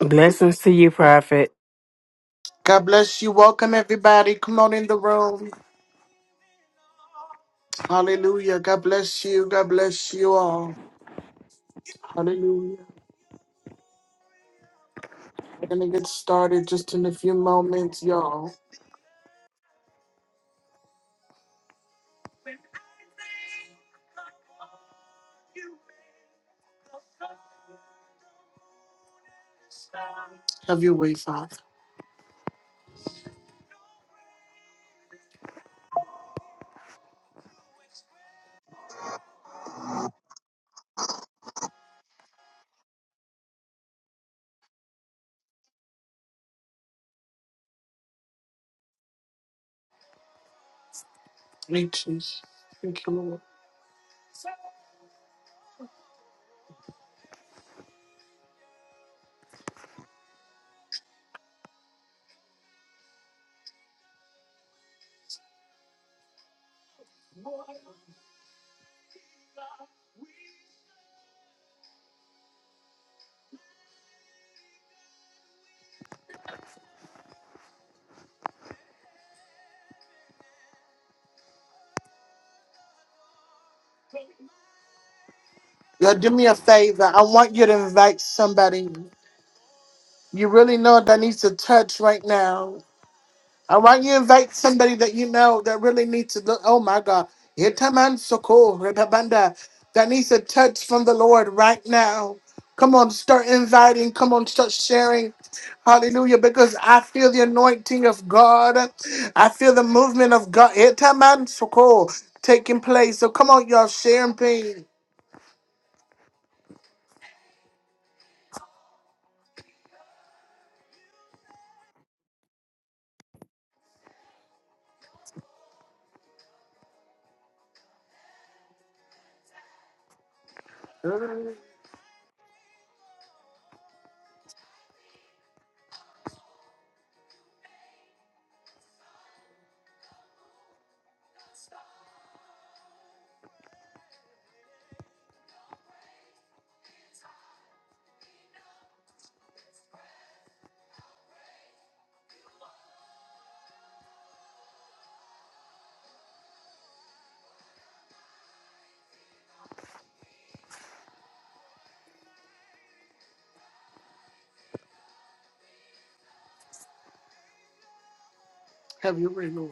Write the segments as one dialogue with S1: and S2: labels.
S1: Blessings to you, Prophet.
S2: God bless you. Welcome, everybody. Come on in the room. Hallelujah. God bless you. God bless you all. Hallelujah. We're going to get started just in a few moments, y'all. Have your way, Father. Thank you, Jesus. Thank you, Lord. Y'all, do me a favor. I want you to invite somebody you really know that needs a touch right now. I want you to invite somebody that you know that really needs to look? Oh my God. Yetaman soko rebabanda. That needs a touch from the Lord right now. Come on, start inviting. Come on, start sharing. Hallelujah. Because I feel the anointing of God. I feel the movement of God. Yetaman soko taking place. So come on, y'all, share and pain. Have you read, Lord?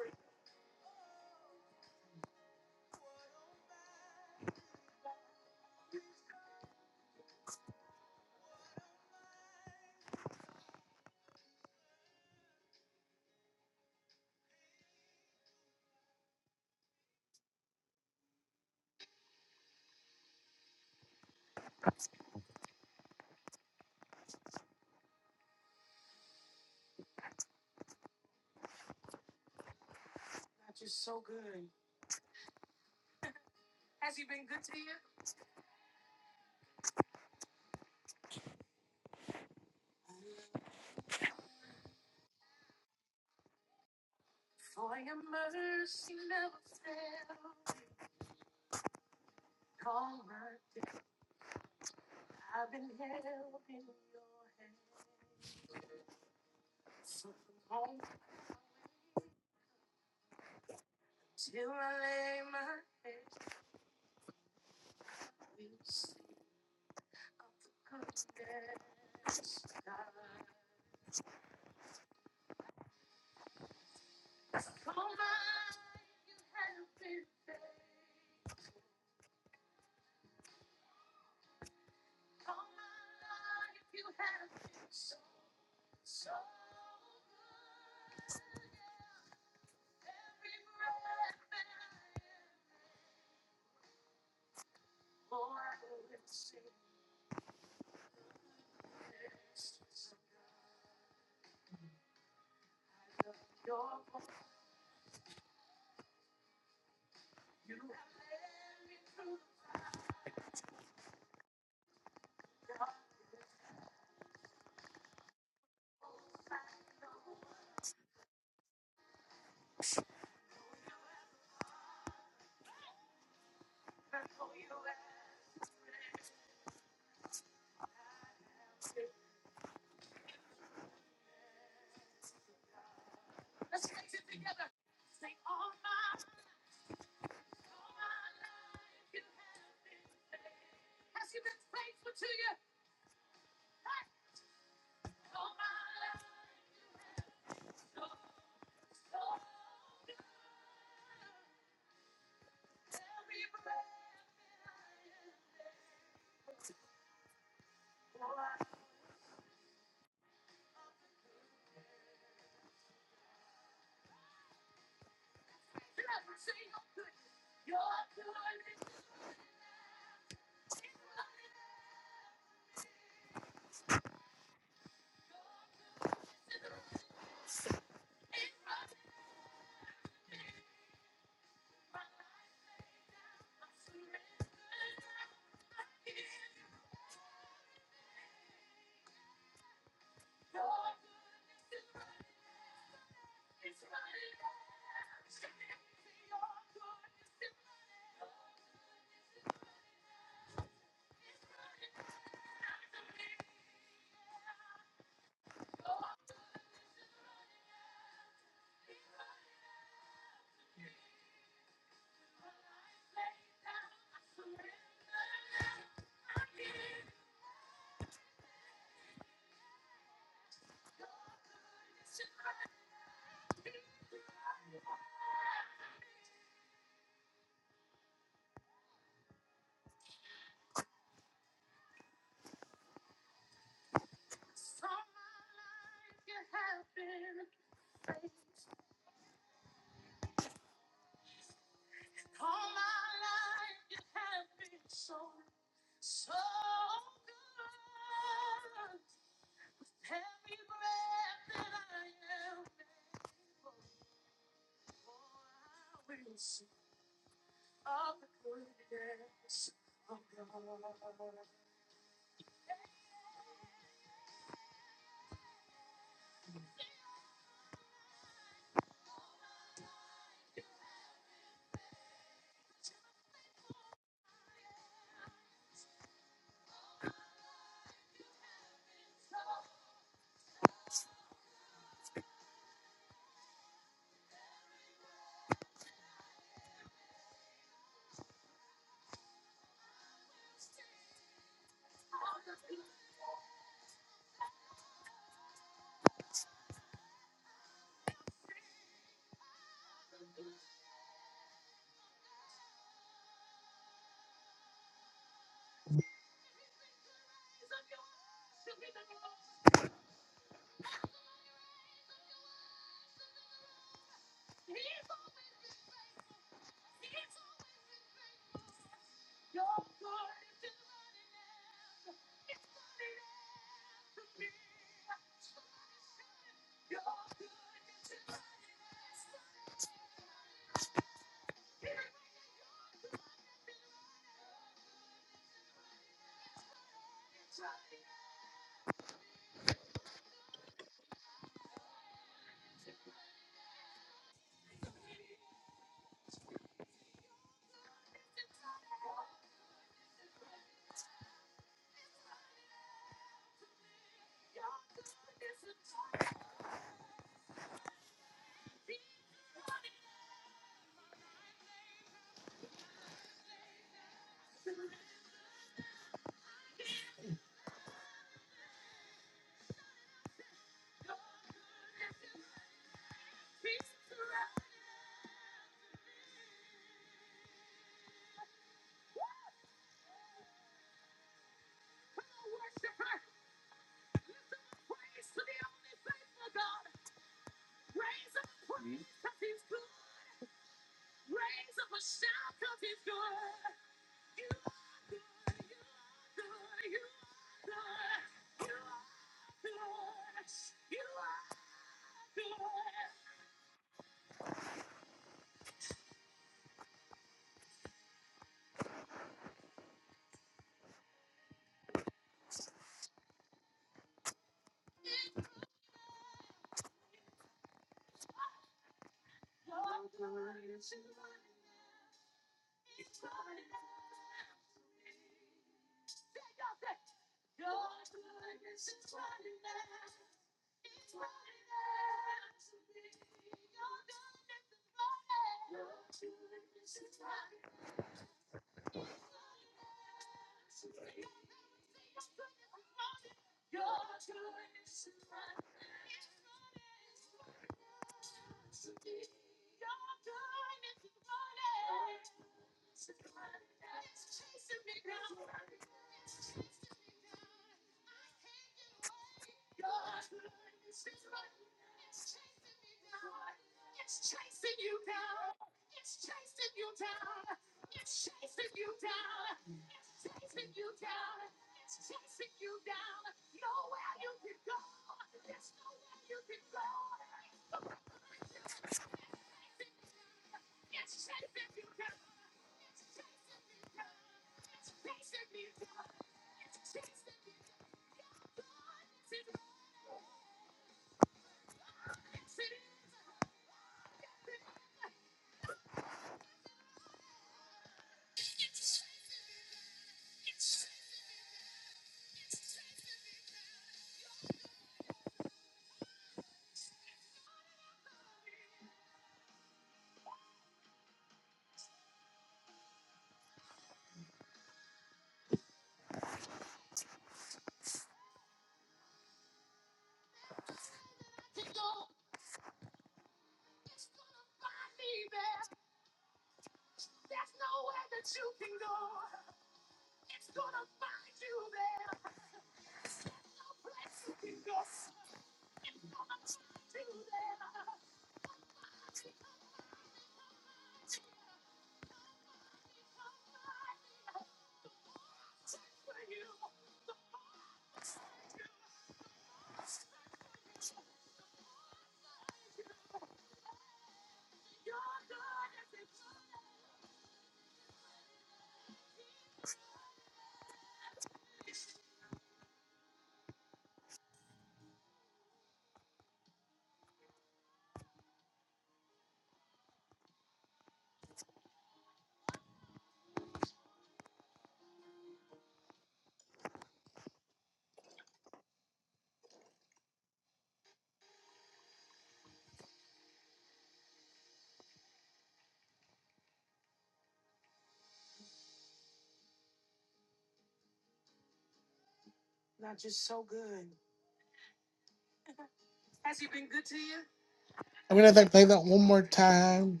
S2: I'm going to play that one more time.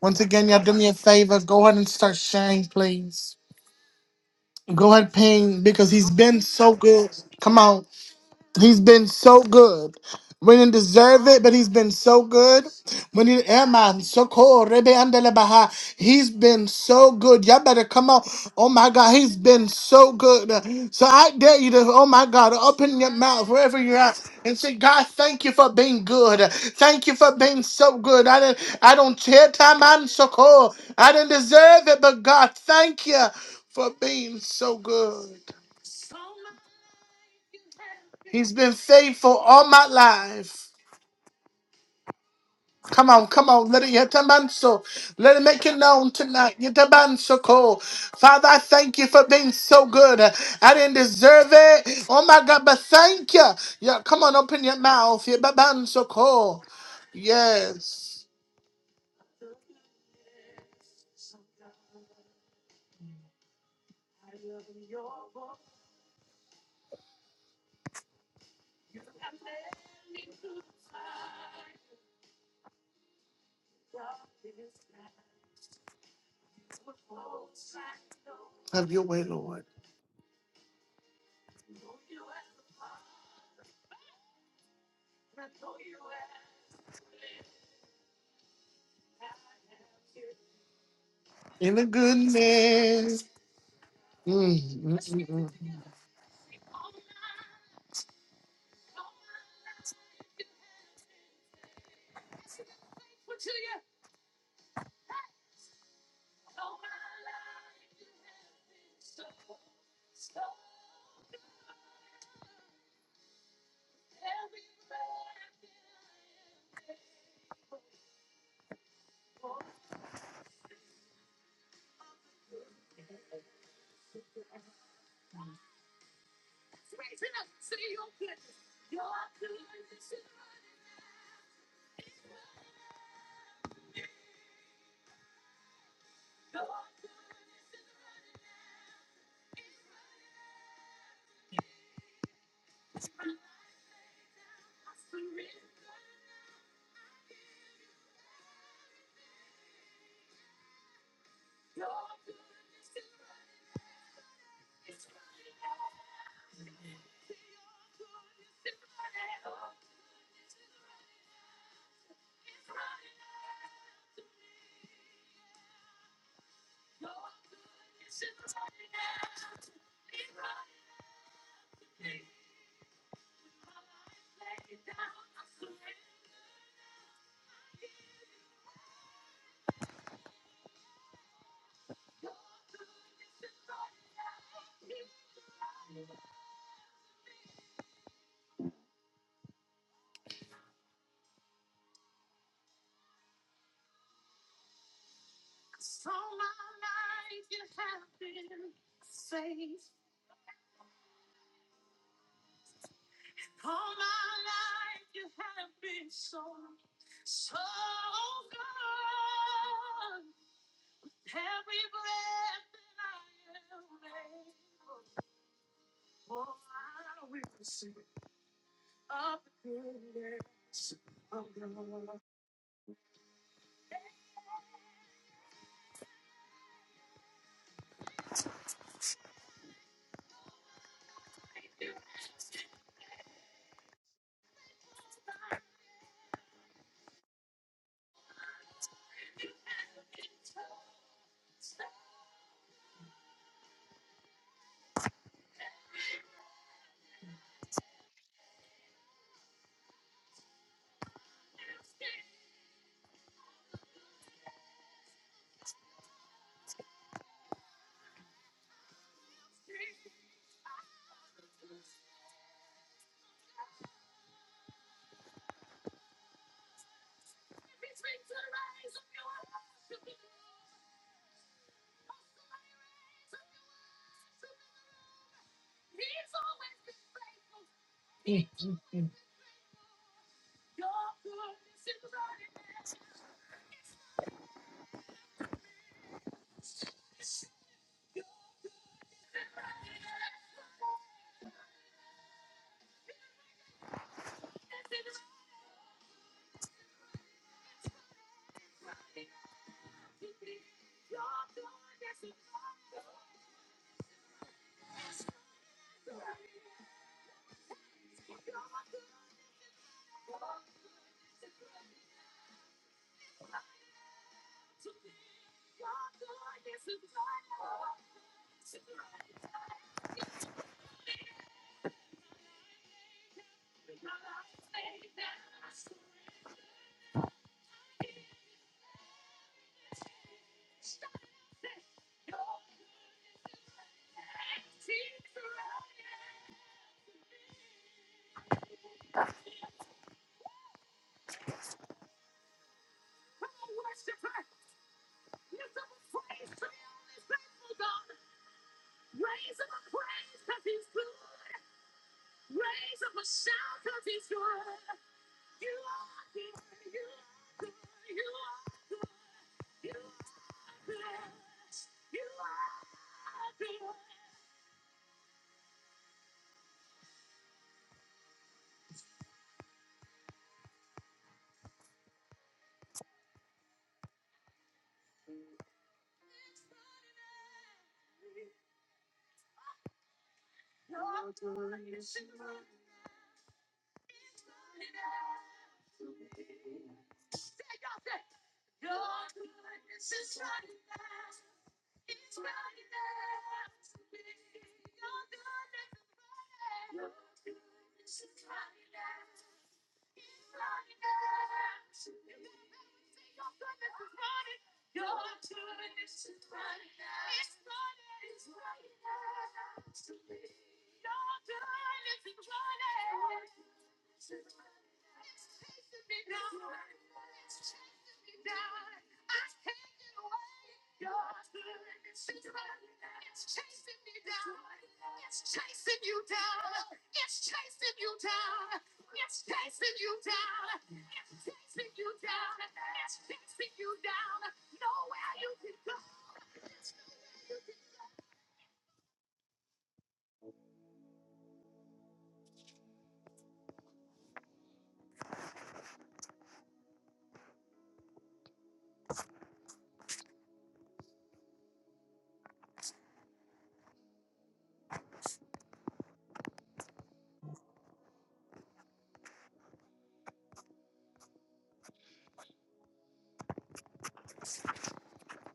S2: Once again, y'all do me a favor. Go ahead and start sharing, please. Go ahead, ping, because he's been so good. Come on. He's been so good. We didn't deserve it, but he's been so good. When you Eman, Soko, Rebe Andele Baha, he's been so good. Y'all better come on. Oh my God, he's been so good. So I dare you to, oh my God, open your mouth wherever you're at and say, God, thank you for being good. Thank you for being so good. I didn't I don't care time I'm Soko. I didn't deserve it, but God, thank you for being so good. He's been faithful all my life. Come on, come on, let it get a man so. Let it make it known tonight. Get a man so cold. Father, I thank you for being so good. I didn't deserve it. Oh my God, but thank you. Yeah, come on, open your mouth. Yeah, ba- man so cold. Yes. Have your way, Lord. In the goodness. Mm, mm, mm, mm,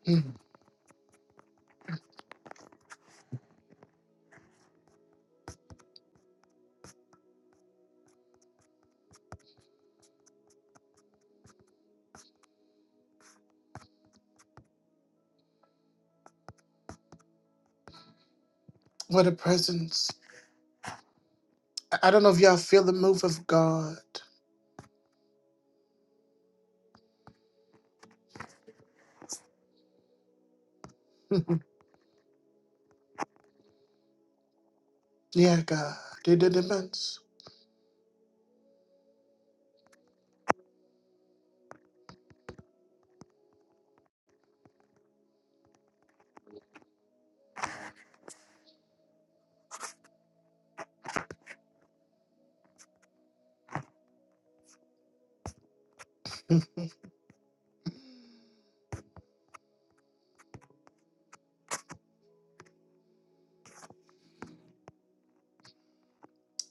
S2: mm. What a presence. I I don't know if y'all feel the move of God. Yeah, God. Did the demands.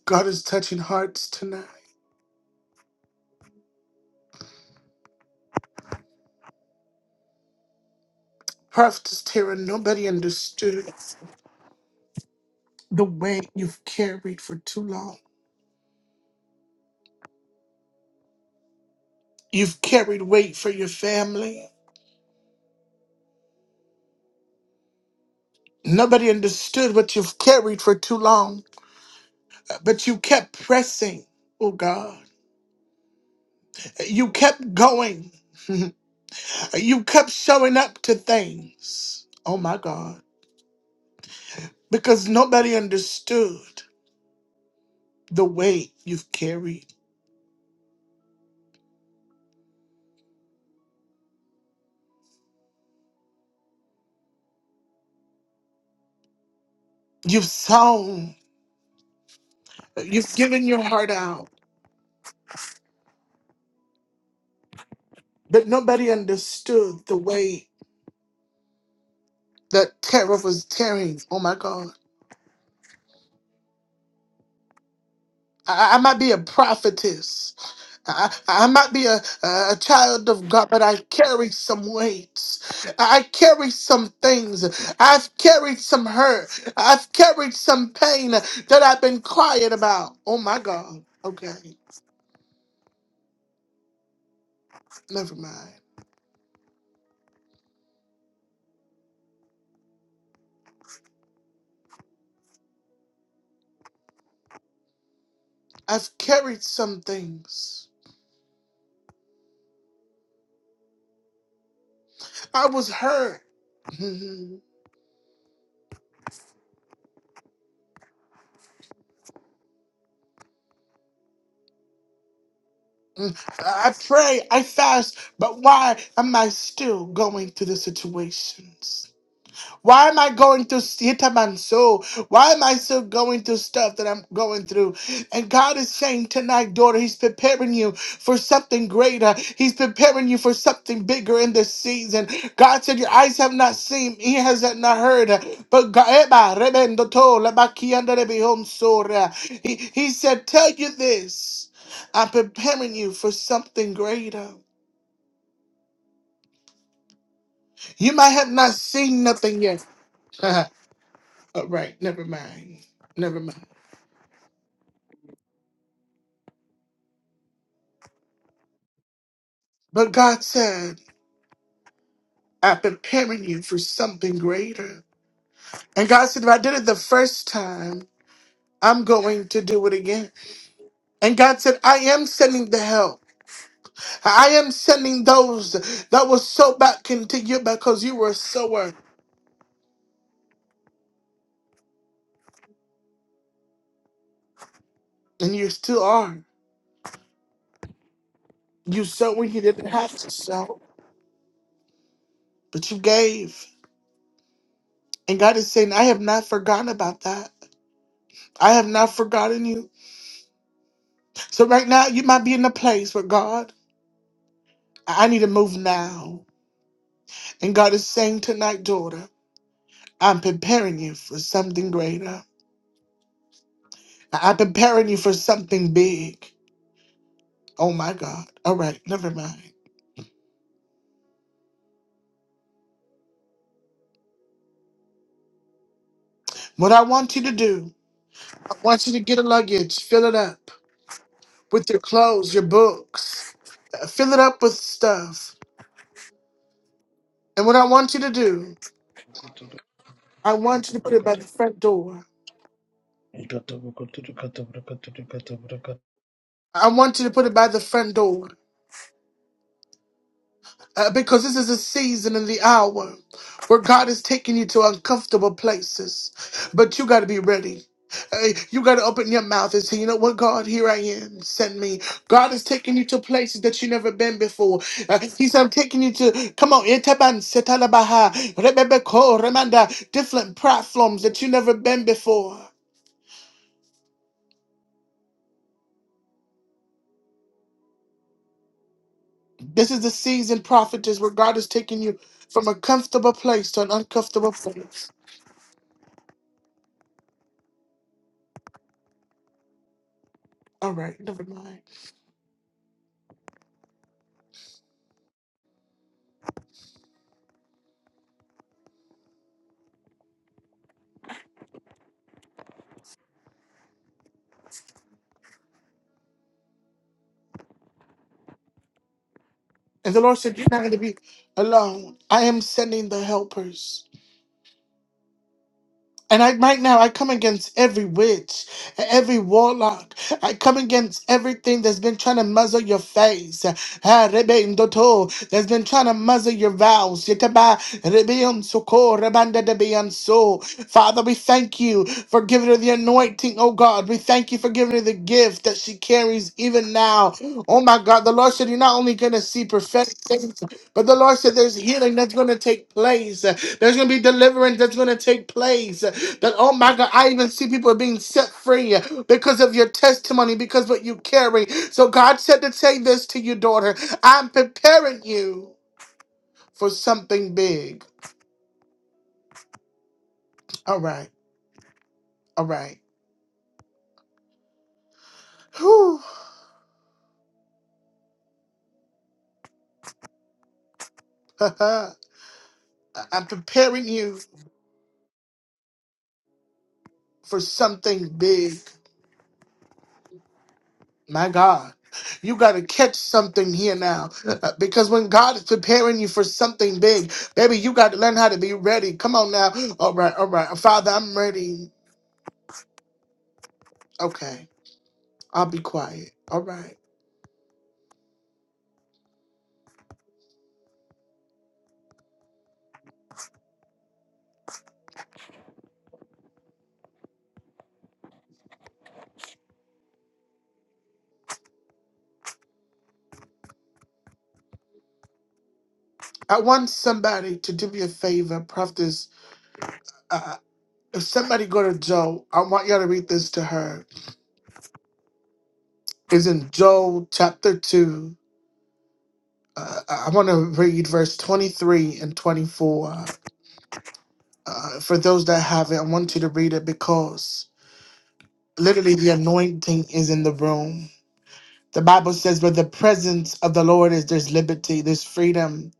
S2: God is touching hearts tonight. Prophetess Tara, nobody understood the weight you've carried for too long. You've carried weight for your family. Nobody understood what you've carried for too long, but you kept pressing, oh God. You kept going. you kept showing up to things, oh my God, because nobody understood the weight you've carried. You've sown, you've given your heart out, but nobody understood the weight. The terror was tearing. Oh my God. I, I might be a prophetess. I I might be a, a child of God, but I carry some weights. I carry some things. I've carried some hurt. I've carried some pain that I've been quiet about. Oh my God. Okay, never mind. I've carried some things. I was hurt. Mm, I pray, I fast, but why am I still going through the situations? Why am I going through Hitamanso? Why am I still going through stuff that I'm going through? And God is saying tonight, daughter, He's preparing you for something greater. He's preparing you for something bigger in this season. God said, Your eyes have not seen, He has not heard. But God, Eba, rebendo to, lebakianda rebihom sora. he, he said, Tell you this. I'm preparing you for something greater. You might have not seen nothing yet. All right, never mind. Never mind. But God said, I'm preparing you for something greater. And God said, if I did it the first time, I'm going to do it again. And God said, I am sending the help. I am sending those that will sow back into you because you were a sower and you still are. You sowed when you didn't have to sow, but you gave. And God is saying, I have not forgotten about that. I have not forgotten you. So right now, you might be in a place where God, I need to move now. And God is saying tonight, daughter, I'm preparing you for something greater. I'm preparing you for something big. Oh my God. All right, never mind. What I want you to do, I want you to get a luggage, fill it up with your clothes, your books, uh, fill it up with stuff. And what I want you to do,
S3: Ikata
S2: I want you to put it by
S3: brakata
S2: the front door.
S3: brakata brakata brakata brakata
S2: I want you to put it by the front door. Uh, because this is a season and the hour where God is taking you to uncomfortable places. But you got to be ready. Uh, you got to open your mouth and say, you know what, God, here I am. Send me. God is taking you to places that you have never been before. Uh, he said, I'm taking you to, come on, Etaban, Setalabaha, Rebebeko, Remanda, different platforms that you never been before. This is the season, prophetess, where God is taking you from a comfortable place to an uncomfortable place. All right, never mind. And the Lord said, You're not going to be alone. I am sending the helpers. And I, right now, I come against every witch, every warlock. I come against everything that's been trying to muzzle your face. Ah, rebe indoto, That's been trying to muzzle your vows. Yetaba, rebe unsoko, rebanda debe unso. Father, we thank you for giving her the anointing, oh God. We thank you for giving her the gift that she carries even now. Oh my God, the Lord said, You're not only going to see prophetic things, but the Lord said, There's healing that's going to take place. There's going to be deliverance that's going to take place. That, oh my God, I even see people being set free because of your testimony, because what you carry. So God said to say this to you, daughter I'm preparing you for something big. All right, all right. Whew. I'm preparing you for something big. My God, you got to catch something here now. Uh, Because when God is preparing you for something big, baby, you got to learn how to be ready. Come on now. All right, all right. Father, I'm ready. Okay, I'll be quiet. All right. I want somebody to do me a favor, Prophetess. Uh, if somebody go to Joe, I want y'all to read this to her. It's in Joel chapter 2. Uh, I want to read verse 23 and 24. Uh, for those that have it, I want you to read it because Literally, the anointing is in the room. The Bible says, where the presence of the Lord is, there's liberty, there's freedom.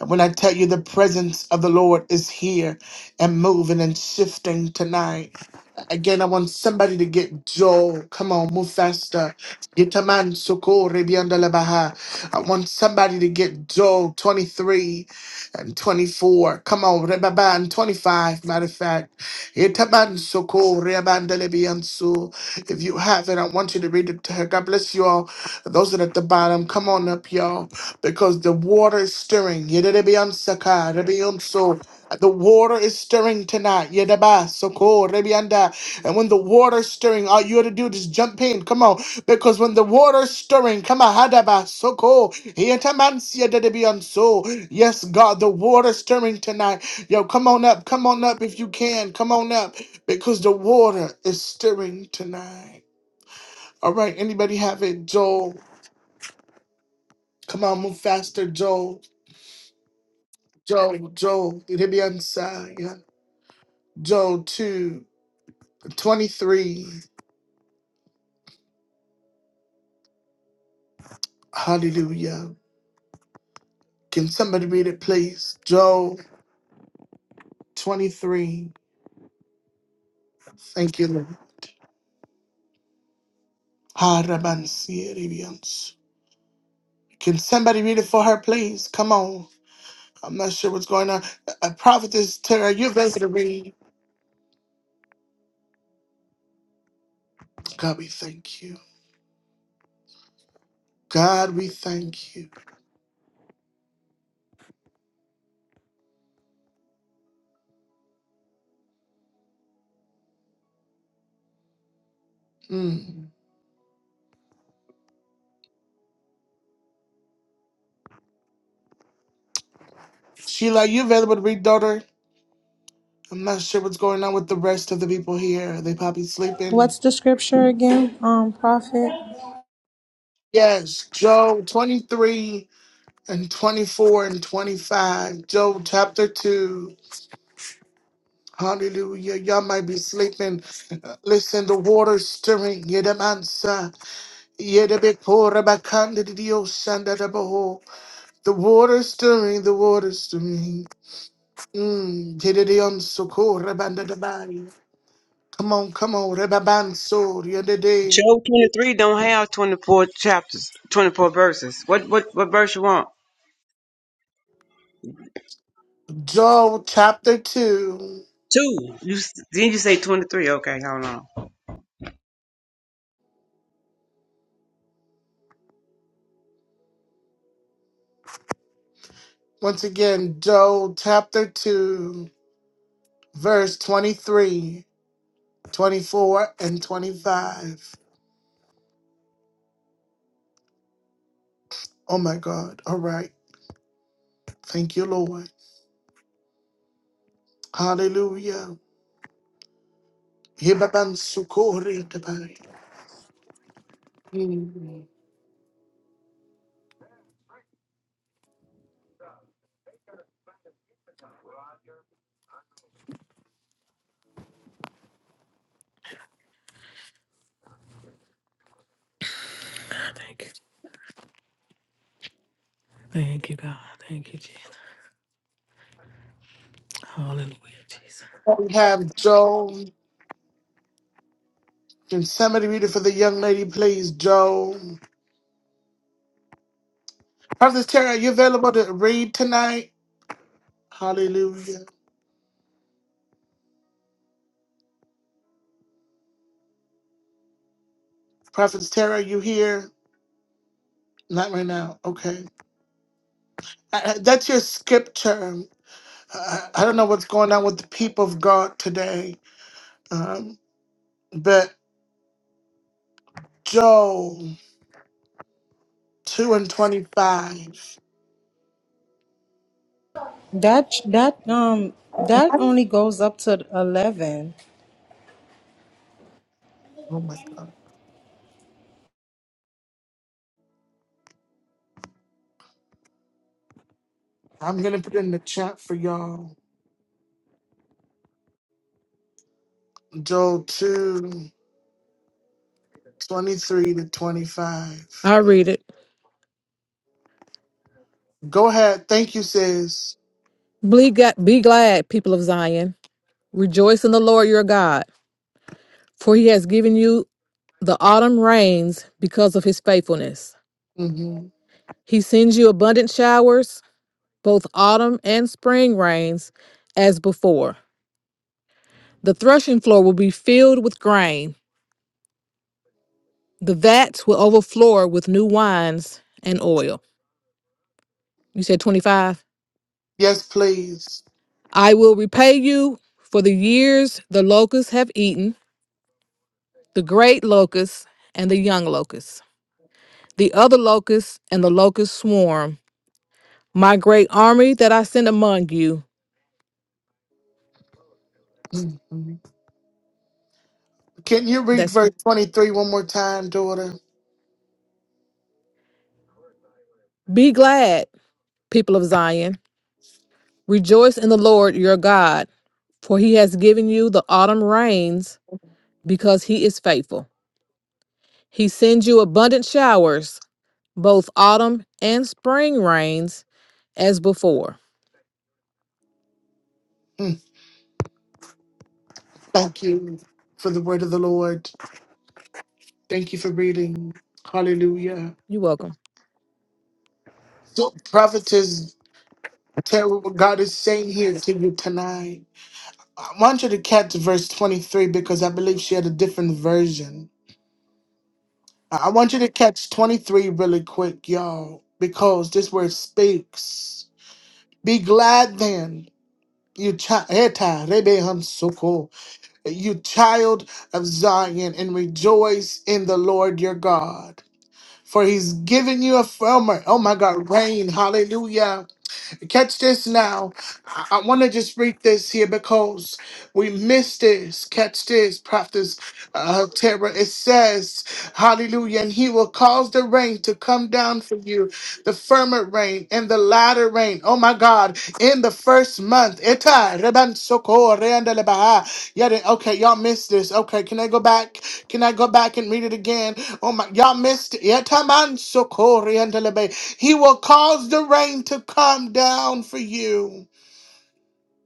S2: And when I tell you the presence of the Lord is here and moving and shifting tonight, Again, I want somebody to get Joe. Come on, move faster. Get a man, Soko, Rebianda Labaha. I want somebody to get Joe 23 and 24. Come on, Rebaba and 25, matter of fact. Get a man, Soko, Rebianda Lebiansu. If you have it, I want you to read it to her. God bless you all. Those that are at the bottom, come on up, y'all, because the water is stirring. Yedelebiansaka, Rebiansu. The water is stirring tonight. Yedaba, soko, rebianda. And when the water's stirring, all you have to do is jump in. Come on. Because when the water's stirring, come on, hadaba, soko. yetamansia dedebianso. Yes, God, the water's stirring tonight. Yo, come on up. Come on up if you can. Come on up. Because the water is stirring tonight. All right, anybody have it? Joel. Come on, move faster, Joel. Joel, Joel. Dedebiansa, yeah. Joel 2 23. Hallelujah. Can somebody read it, please? Joel 23. Thank you, Lord. Harabansirians. Can somebody read it for her, please? Come on. I'm not sure what's going on. Uh, uh, Prophetess Tara, you're ready to read. God, we thank you. God, we thank you. Mm. Sheila, are you available to read, daughter? I'm not sure what's going on with the rest of the people here. Are they probably sleeping?
S4: What's the scripture again, um, prophet?
S2: Yes, Joel 23. and 24 and 25, Job chapter 2. Hallelujah. Y'all might be sleeping. Uh, Listen, the water stirring. Yedamansa. Yedabikorabakandidiosandadabaho. The water stirring, the water stirring. Mm. Yededeon sokora banda da rabandadabai Come on, come on. Rebabanso. Yedede.
S5: Job 23 don't have 24 chapters, 24 verses. What what what verse you want?
S2: Job chapter 2.
S5: Two. You s- Then you say 23. Okay, hold on.
S2: Once again, Job chapter 2, verse 23. 24 and 25. Oh my God. All right. Thank you, Lord. Hallelujah. Yibabansukuri tabai. Mm.
S6: Thank you. Thank you, God. Thank you, Jesus. Hallelujah, Jesus.
S2: We have Joe. Can somebody read it for the young lady, please? Joe. Prophetess Tara, are you available to read tonight? Hallelujah. Prophetess Tara, are you here? Not right now. Okay. Uh, uh, That's your scripture. Uh, uh, I don't know what's going on with the people of God today, um, but Joe. Two and twenty-five.
S4: That that um that only goes up to eleven.
S2: Oh my god. I'm gonna put it in the chat for y'all. Joel two twenty-three to twenty-five.
S6: I read it.
S2: Go ahead. Thank you, sis.
S6: Be, ga- be glad, people of Zion. Rejoice in the Lord your God, for he has given you the autumn rains because of his faithfulness.
S2: hmm
S6: He sends you abundant showers, both autumn and spring rains, as before. The threshing floor will be filled with grain, the vats will overflow with new wines and oil. You said 25?
S2: Yes, please.
S6: I will repay you for the years the locusts have eaten, the great locust and the young locust, the other locust and the locust swarm, my great army that I send among you.
S2: hmm Can you read
S6: That's
S2: verse twenty-three one more time, daughter?
S6: be glad, people of Zion. Rejoice in the Lord your God, for he has given you the autumn rains because he is faithful. He sends you abundant showers, both autumn and spring rains, as before.
S2: Mm. Thank you for the word of the Lord. Thank you for reading. Hallelujah.
S6: You're welcome.
S2: So, prophetess, tell what God is saying here to you tonight. I want you to catch verse 23 because I believe she had a different version. I I want you to catch 23 really quick, y'all, because this word speaks. Be glad then, you child, you child of Zion, and rejoice in the Lord your God. For he's given you a firmer, oh my God, rain, hallelujah Catch this now. I, want to just read this here because we missed this. Catch this, Prophet uh, Terra. It says, Hallelujah. And he will cause the rain to come down for you, the firmer rain and the latter rain. Oh my God. In the first month. Eta reban soko reandele baha. Yet it- Okay, y'all missed this. Okay, can I go back? Can I go back and read it again? Oh my, y'all missed it. Eta man soko reandele baha. He will cause the rain to come down for you,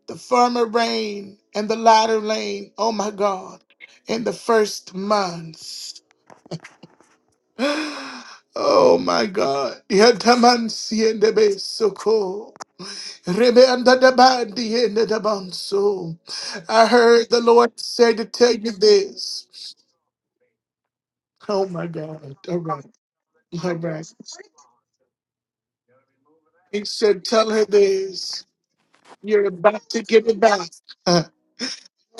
S2: the former rain and the latter rain. Oh my God, in the first months. Oh my God. Yatamansi and the Besoko. Rebenda da bandi and the Banso. I heard the Lord say to tell you this. Oh my God. All right. All right. He said, Tell her this. You're about to get it back.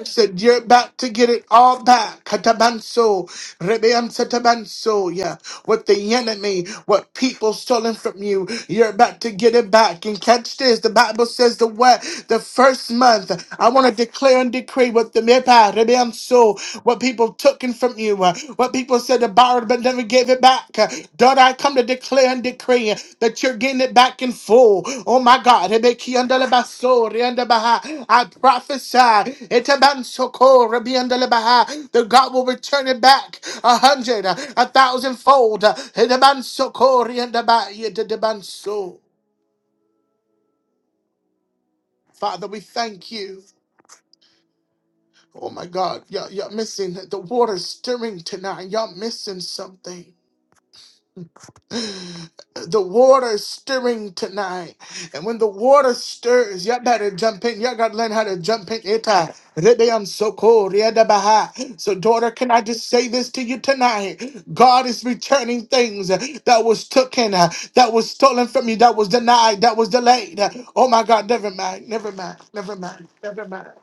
S2: said you're about to get it all back katabanso rebean satabanso yeah what the enemy what people stolen from you you're about to get it back and catch this the bible says the what the first month i want to declare and decree what the mepa Rebeam so what people took in from you uh, what people said to borrow but never gave it back uh, daughter i come to declare and decree that you're getting it back in full. Oh my God. Ebekiandelebaso, riandebaha. I prophesy. Etabansoko, rabiandelebaha, That God will return it back a hundred, a thousandfold. Etabansoko, Father, we thank you. Oh my God. Y'all, y'all missing the water stirring tonight. Y'all missing something. The water is stirring tonight. And when the water stirs, you all better jump in. You all gotta learn how to jump in. Ita. Rebeam soko, riada baha. So, daughter, can I just say this to you tonight? God is returning things that was taken, uh, that was stolen from you, that was denied, that was delayed. Oh my God, never mind, never mind, never mind, never mind.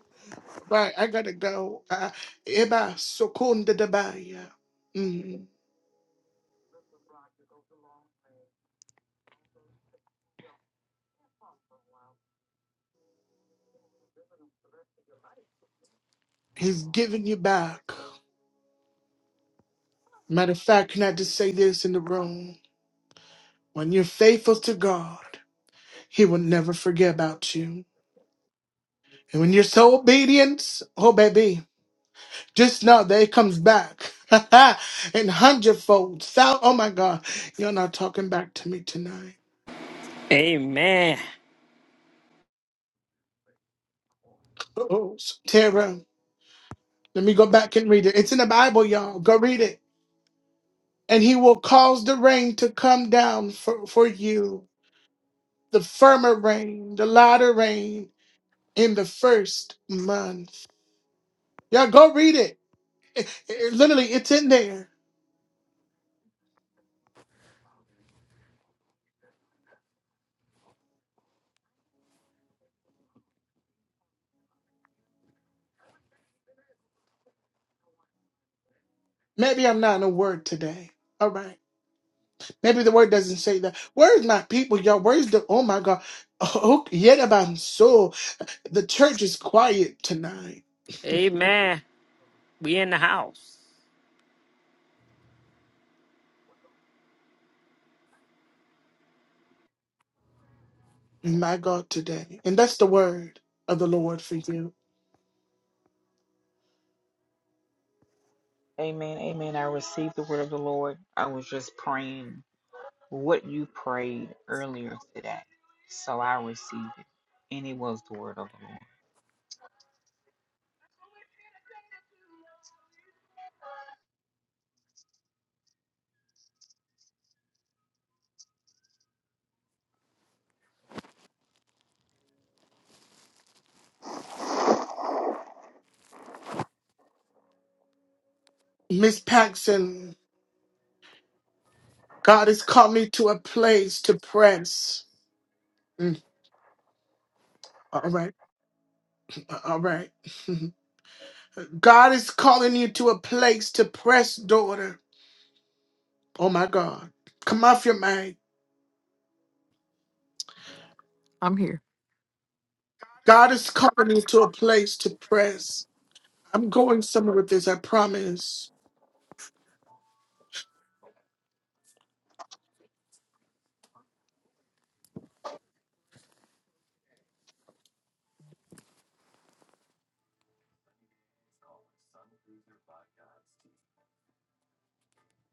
S2: Right, I gotta go. Uh, Eba sokunda dabaya. Mm. He's giving you back. Matter of fact, can I just say this in the room? When you're faithful to God, He will never forget about you. And when you're so obedient, oh baby, just know that it comes back. and hundredfold. So, oh my God, you're not talking back to me tonight.
S7: Amen.
S2: Oh, Tara, let me go back and read it. It's in the Bible, y'all. Go read it. And he will cause the rain to come down for, for you, the firmer rain, the latter rain in the first month. Yeah, go read it. It- it- Literally, it's in there. Maybe I'm not in a word today. All right. Maybe the word doesn't say that. Where's my people, y'all? Where's the oh my god? Oh, yet about soul. The church is quiet tonight.
S7: Amen. We in the house.
S2: My God, today. And that's the word of the Lord for you.
S8: Amen. Amen. I received the word of the Lord. I was just praying what you prayed earlier today. So I received it. And it was the word of the Lord.
S2: Miss Paxson, God has called me to a place to press. Mm, All right. All right. God is calling you to a place to press, daughter. Oh my God. Come off your mind.
S6: I'm here.
S2: God is calling you to a place to press. I'm going somewhere with this, I promise.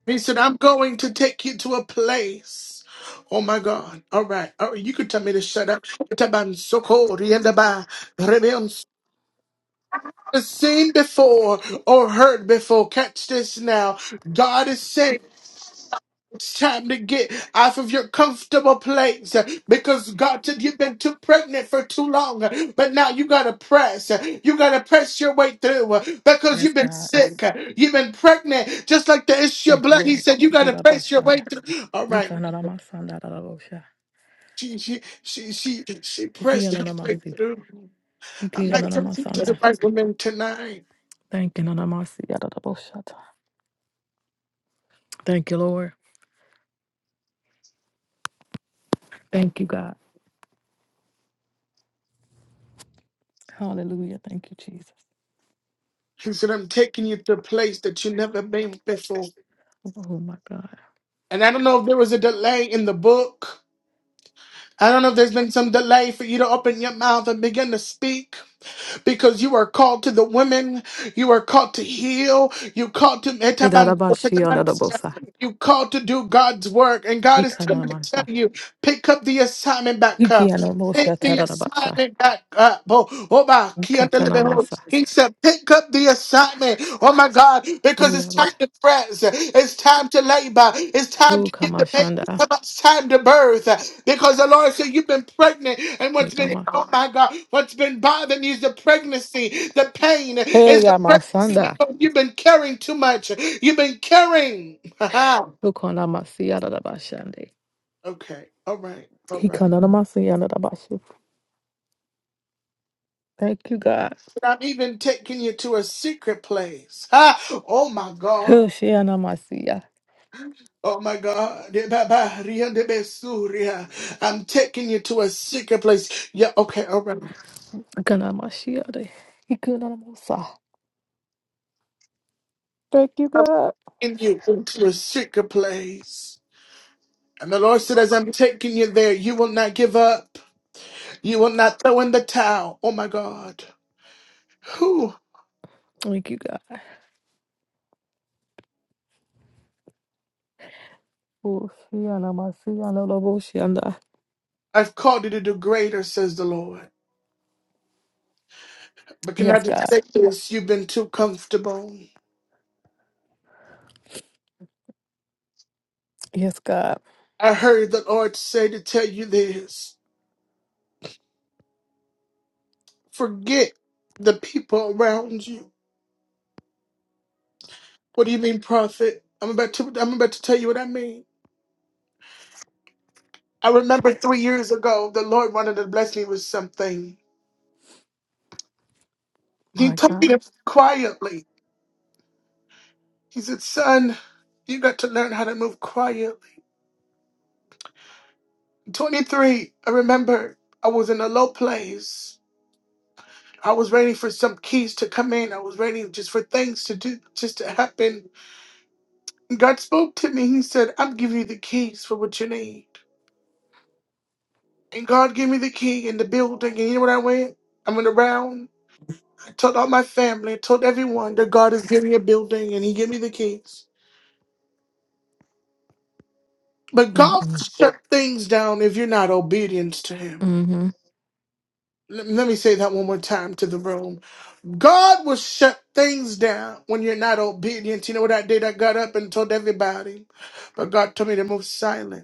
S2: He said, I'm going to take you to a place. Oh my God. All right. All right. You could tell me to shut up. Taban soko riendaba rebeon s- Seen before or heard before. Catch this now. God is saying. It's time to get off of your comfortable place uh, because God said you've been too pregnant for too long. uh, But now you gotta press. uh, You gotta press your way through uh, because
S6: Yes,
S2: you've been
S6: God.
S2: sick. uh, You've been pregnant, just like the issue of
S6: Thank you,
S2: blood. He
S6: Lord.
S2: said you gotta
S6: Ora
S2: press your way
S6: bashanda.
S2: through. All right,
S6: Gikana namasanda darabosha.
S2: she she she she she pressed
S6: Gikana
S2: her way
S6: namasi.
S2: through. I'm not
S6: Gikana
S2: talking to
S6: namasanda.
S2: the right woman tonight.
S6: Thank you, namasi yadaraboshata. Thank you, Lord. Thank you, God. Hallelujah. Thank you, Jesus.
S2: He said I'm taking you to a place that you never been before.
S6: Oh my God.
S2: And I don't know if there was a delay in the book. I don't know if there's been some delay for you to open your mouth and begin to speak because you are called to the women. You are called to heal. You called to
S6: Idarabashi yadarabosa.
S2: you called to do God's work, and God is
S6: Gikana
S2: telling me to tell
S6: namasa.
S2: you pick up the assignment back up.
S6: Gikana
S2: Take
S6: namosha
S2: the
S6: tarabasa.
S2: assignment back up. Oh, oh my key under
S6: Gikana
S2: the door.
S6: namasa.
S2: He said, pick up the assignment. Oh my God, because it's
S6: Uyaba.
S2: time to press. It's time to labor. It's time to get the baby.
S6: Ukamashanda.
S2: It's time to birth. Because the Lord said, You've been pregnant. And what's been,
S6: Tegama.
S2: oh my God, what's been bothering you is the pregnancy. The pain
S6: Hey,
S2: is the pregnancy.
S6: yamasanda.
S2: You've been carrying too much. You've been carrying. okay.
S6: Ukonamasi yadarabashande.
S2: All right. All
S6: He
S2: right.
S6: kanamasi yada da bashi. Thank you, God.
S2: I'm even taking you to a secret place. Ha! Oh my God.
S6: Hoshianamasiya.
S2: Oh my God. De ba ba ria de be su ria. I'm taking you to a secret place. Yeah, okay, all right.
S6: Ikanamashiade. Ikanamosa. Thank you, God.
S2: In you into a secret place. And the Lord said, as I'm taking you there, you will not give up. You will not throw in the towel. Oh my God. Who?
S6: Thank you, God. Hoshianamasiyanaloboshianda.
S2: I've called you to do greater, says the Lord. But can I
S6: Yes,
S2: just
S6: God.
S2: say this? You've been too comfortable.
S6: Yes, God.
S2: I heard the Lord say to tell you this. Forget the people around you. What do you mean, prophet? I'm about to I'm about to tell you what I mean. I remember three years ago the Lord wanted to bless me with something. He
S6: My
S2: told me
S6: God.
S2: to quietly. He said, Son, you got to learn how to move quietly. 23, I remember I was in a low place. I was waiting for some keys to come in. I was waiting just for things to do, just to happen. God spoke to me. He said, I'm giving you the keys for what you need. And God gave me the key in the building. And you know what I went? I went around. I told all my family, I told everyone that God is giving me a building and He gave me the keys. But God will
S6: Mm-mm.
S2: shut things down if you're not obedient to Him.
S6: Mm-hmm.
S2: Let let me say that one more time to the room. God will shut things down when you're not obedient. You know what I did? I got up and told everybody. But God told me to move silent.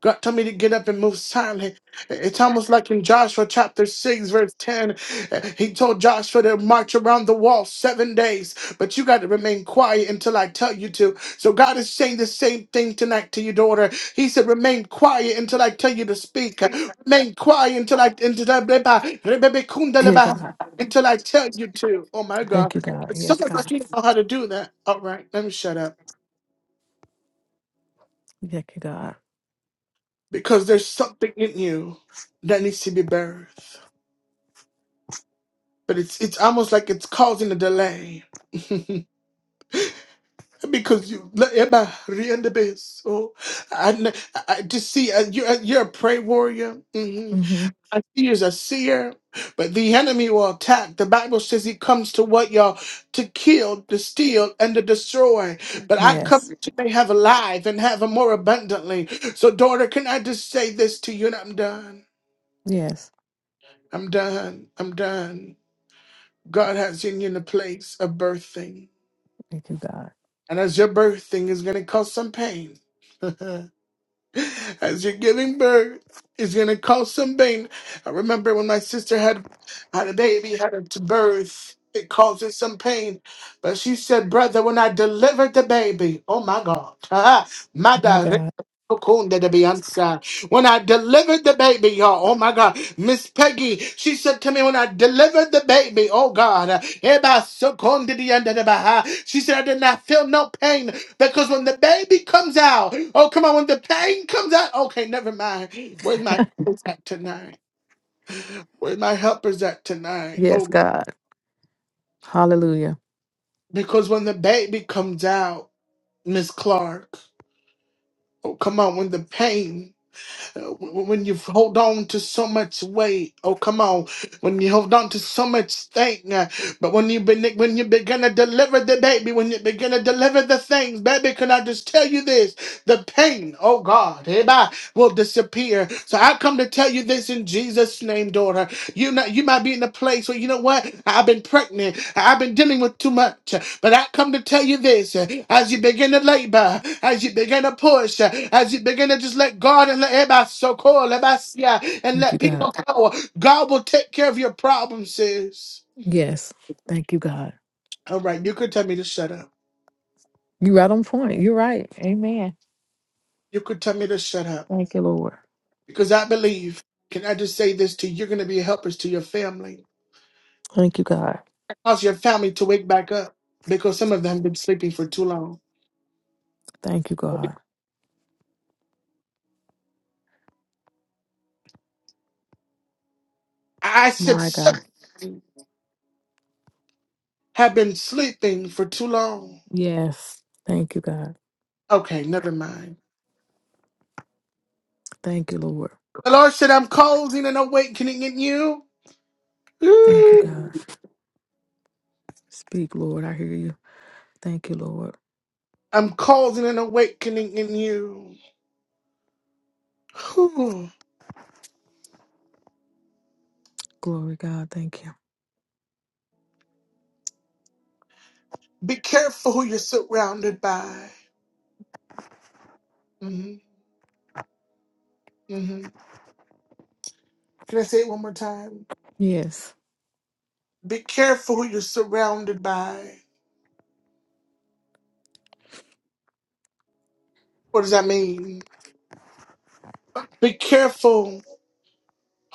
S2: God told me to get up and move silently. It's almost like in Joshua chapter 6, verse 10. uh, He told Joshua to march around the wall seven days, but you got to remain quiet until I tell you to. So God is saying the same thing tonight to your daughter. He said, Remain quiet until I tell you to speak. Remain quiet until I until
S6: Dear
S2: I,
S6: God.
S2: until I tell you to. Oh my God.
S6: Thank you, God. Yes,
S2: Some of us
S6: God.
S2: don't know how to do that. All right, let me shut up.
S6: Thank you, God.
S2: Because there's something in you that needs to be birthed. but it's it's almost like it's causing a delay because you la- eba, rienda bes. oh I, kn- I I just see uh, you're uh, you're a prey warrior hmm
S6: Mm-hmm.
S2: I see you as a seer but the enemy will attack the Bible says he comes to what y'all to kill to steal and to destroy but I come
S6: Yes.
S2: that you may have a and have it more abundantly so daughter can I just say this to you and I'm done
S6: Yes.
S2: I'm done I'm done God has you in a place of birthing
S6: Thank you, God.
S2: And as your birth thing is going to cause some pain. As you're giving birth, it's gonna cause some pain. I remember when my sister had had a baby, had it to birth. It causes some pain, but she said, "Brother, when I delivered the baby, oh my God, ah, my
S6: My
S2: direct."
S6: God.
S2: When I delivered the baby, y'all, oh my God, Miss Peggy, she said to me, when I delivered the baby, oh God, eh, by so con did the end of the bah- ah, she said, I did not feel no pain because when the baby comes out, oh come on, when the pain comes out, okay, never mind. Where's my helpers at tonight? Where's my helpers at tonight?
S6: Yes,
S2: Oh,
S6: God. Hallelujah.
S2: because when the baby comes out, Miss Clark, oh come on, when the pain When you hold on to so much weight, oh come on. When you hold on to so much thing, uh, but when you begin, when you begin to deliver the baby, when you begin to deliver the things, baby, can I just tell you this? The pain, oh God, eh, bye, will disappear. So I come to tell you this in Jesus' name, daughter. You know, you might be in a place where you know what? I've been pregnant. I've been dealing with too much. But I come to tell you this: as you begin to labor, as you begin to push, as you begin to just let God and let everybody so call, let everybody see, and
S6: Thank you,
S2: let
S6: God.
S2: people go, God will take care of your problems, sis.
S6: Yes. Thank you, God.
S2: All right, you could tell me to shut up.
S6: You're right on point. You're right. Amen.
S2: You could tell me to shut up
S6: Thank you, Lord.
S2: because I believe. Can I just say this to you? You're going to be helpers to your family.
S6: Thank you, God.
S2: Cause your family to wake back up because some of them have been sleeping for too long.
S6: Thank you, God.
S2: I said.
S6: My
S2: so
S6: God.
S2: have been sleeping for too long.
S6: Yes. Thank you, God.
S2: Okay, never mind.
S6: Thank you, Lord.
S2: The Lord said, I'm causing an awakening in you.
S6: Thank you, God.
S2: Ooh.
S6: Speak, Lord. I hear you. Thank you, Lord.
S2: I'm causing an awakening in you. Ooh.
S6: Glory, God. Thank you.
S2: Be careful who you're surrounded by. hmm hmm Can I say it one more time?
S6: Yes.
S2: Be careful who you're surrounded by. What does that mean? Be careful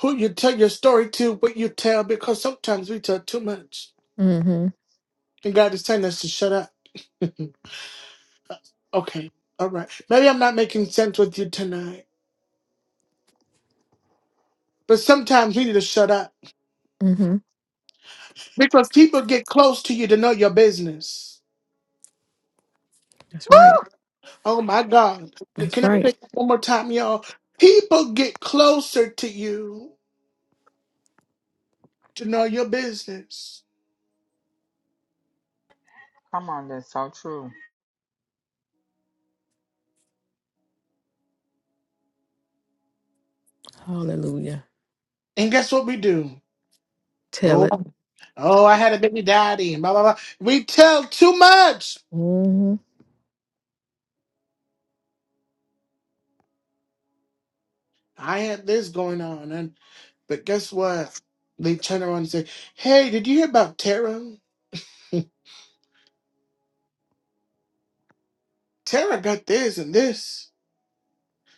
S2: who you tell your story to, what you tell, because sometimes we tell too much.
S6: Mm-hmm.
S2: And God is telling us to shut up. Okay. All right. Maybe I'm not making sense with you tonight, but sometimes we need to shut up
S6: Mm-hmm.
S2: because people get close to you to know your business.
S6: That's right.
S2: Oh my God.
S6: That's
S2: Can I say
S6: right.
S2: that one more time, y'all? People get closer to you to know your business.
S8: Come on, that's so true.
S6: Hallelujah.
S2: And guess what we do?
S6: Tell
S2: Oh,
S6: it.
S2: oh, I had a baby daddy. Blah, blah, blah. We tell too much.
S6: Mm-hmm.
S2: I had this going on. And but guess what? They turn around and say, Hey, did you hear about Tara? Tara got this and this.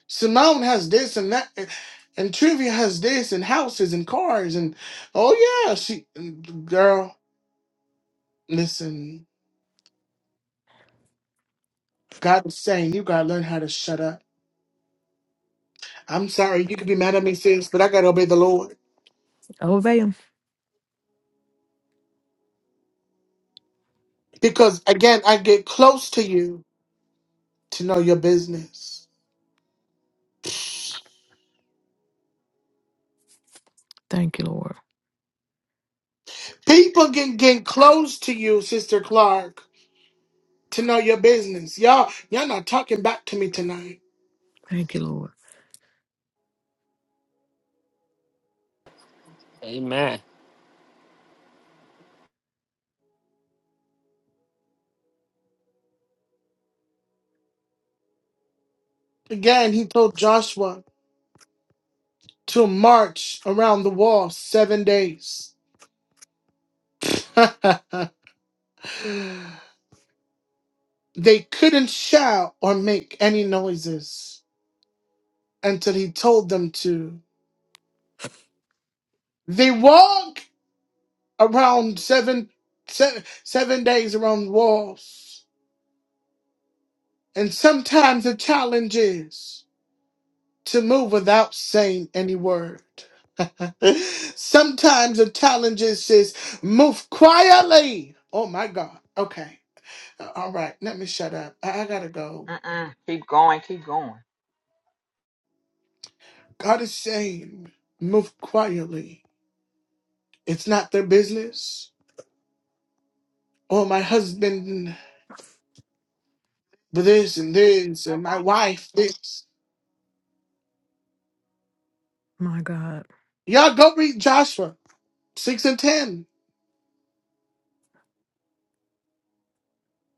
S2: Simone has this and that. And, and Trivia has this and houses and cars. And oh, yeah, she, girl, listen, God is saying you got to learn how to shut up. I'm sorry, you could be mad at me, sis, but I got to obey the Lord.
S6: Obey him.
S2: Because again, I get close to you to know your business.
S6: Thank you, Lord.
S2: People can get close to you, Sister Clark, to know your business. Y'all, y'all not talking back to me tonight.
S6: Thank you, Lord.
S7: Amen.
S2: Again, he told Joshua. to march around the wall seven days. they couldn't shout or make any noises until he told them to. They walked around seven, seven, seven days around the walls. And sometimes the challenge is to move without saying any word. sometimes the challenge is, is move quietly. Oh my God. Okay. Uh, All right, let me shut up. I, I gotta go.
S8: Uh-uh. Keep going, keep going.
S2: God is saying, move quietly. It's not their business. Oh, my husband, this and this, and my wife, this.
S6: My God.
S2: Y'all go read Joshua 6 and 10.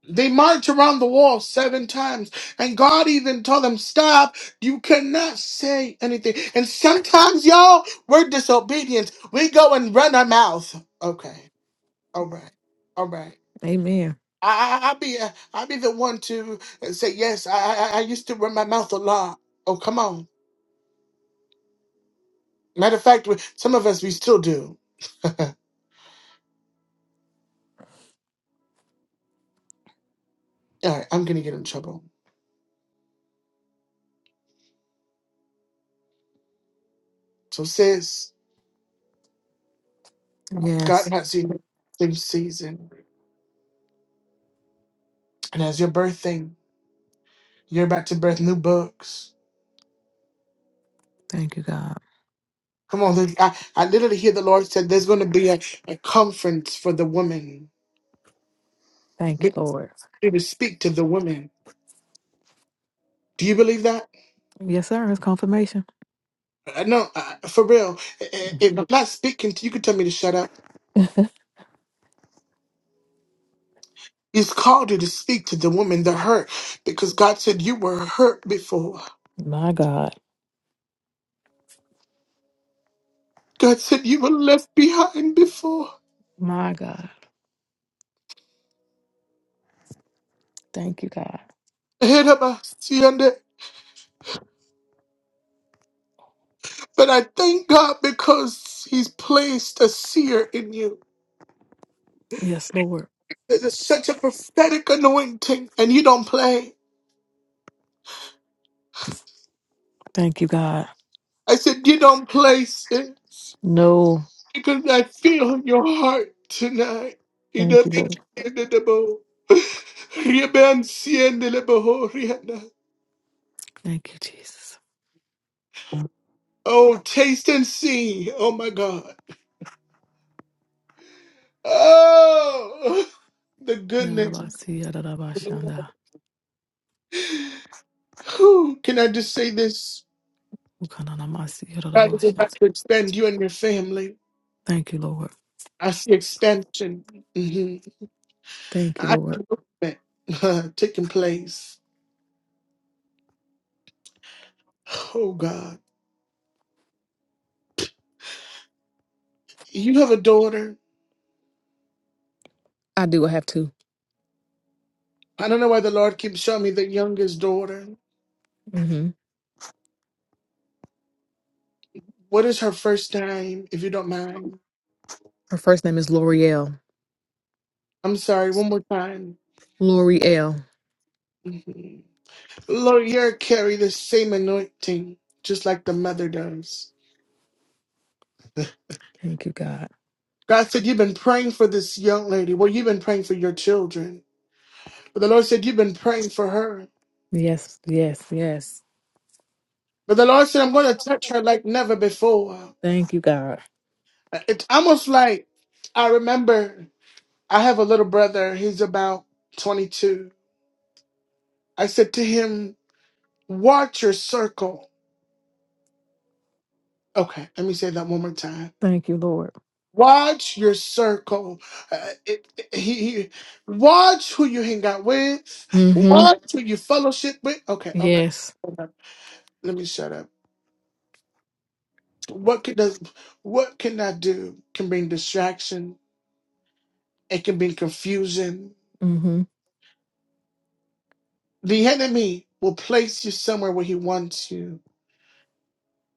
S2: They march around the wall seven times, and God even told them, Stop, you cannot say anything. And sometimes, y'all, we're disobedient. We go and run our mouth. Okay, all right, all right.
S6: Amen.
S2: I, I, I be uh, I be the one to uh, say yes. I, I I used to run my mouth a lot. Oh come on. Matter of fact, we- some of us we still do. All right, I'm gonna get in trouble. So sis, God
S6: Yes.
S2: has you new season, and as your birthing, you're about to birth new books.
S6: Thank you, God.
S2: Come on, look, I, I literally hear the Lord said there's going to be a, a conference for the women.
S6: Thank you,
S2: Be-
S6: Lord.
S2: To speak to the women. Do you believe that?
S6: Yes, sir. It's confirmation.
S2: Uh, No, uh, for real. I- I- If I'm not speaking to you, can tell me to shut up. He's called you to speak to the woman that hurt because God said you were hurt before.
S6: My God.
S2: God said you were left behind before.
S6: My God. Thank you, God.
S2: Ahead of us, you under- But I thank God because He's placed a seer in you.
S6: Yes, Lord.
S2: There's such a prophetic anointing, and you don't play.
S6: Thank you, God.
S2: I said, You don't play, sis,
S6: No.
S2: because I feel your heart tonight. You
S6: Thank you,
S2: don't-
S6: Lord.
S2: You've been seeing the Lord.
S6: Thank you, Jesus.
S2: Oh, taste and see. Oh my God. Oh, the goodness.
S6: Yadabasi, yadabashanda,
S2: Whew. Can I just say this?
S6: ukananamasi,
S2: God is
S6: yadabosha.
S2: about to extend you and your family.
S6: Thank you, Lord.
S2: I see extension. hmm
S6: Thank you,
S2: I see
S6: Lord.
S2: movement uh, taking place. Oh God. You have a daughter.
S6: I do I have 2
S2: I don't know why the Lord keeps showing me the youngest daughter.
S6: Mm-hmm.
S2: What is her first name, if you don't mind?
S6: Her first name is L'Oreal.
S2: I'm sorry, one more time.
S6: L'Oreal.
S2: Mm-hmm. Lord, you carry the same anointing, just like the mother does.
S6: Thank you, God.
S2: God said, You've been praying for this young lady. Well, you've been praying for your children. But the Lord said, You've been praying for her.
S6: Yes, yes, yes.
S2: But the Lord said, I'm going to touch her like never before.
S6: Thank you, God.
S2: It's almost like I remember I have a little brother. He's about 22. I said to him, Watch your circle. Okay, let me say that one more time.
S6: Thank you, Lord.
S2: Watch your circle. Uh, it, it- he, he- watch who you hang out with.
S6: Mm-hmm.
S2: Watch who you fellowship with. Okay, all right.
S6: Yes.
S2: All right. Let me shut up. What can does what can I do? Can bring distraction. It can bring confusion.
S6: Mm-hmm.
S2: The enemy will place you somewhere where he wants you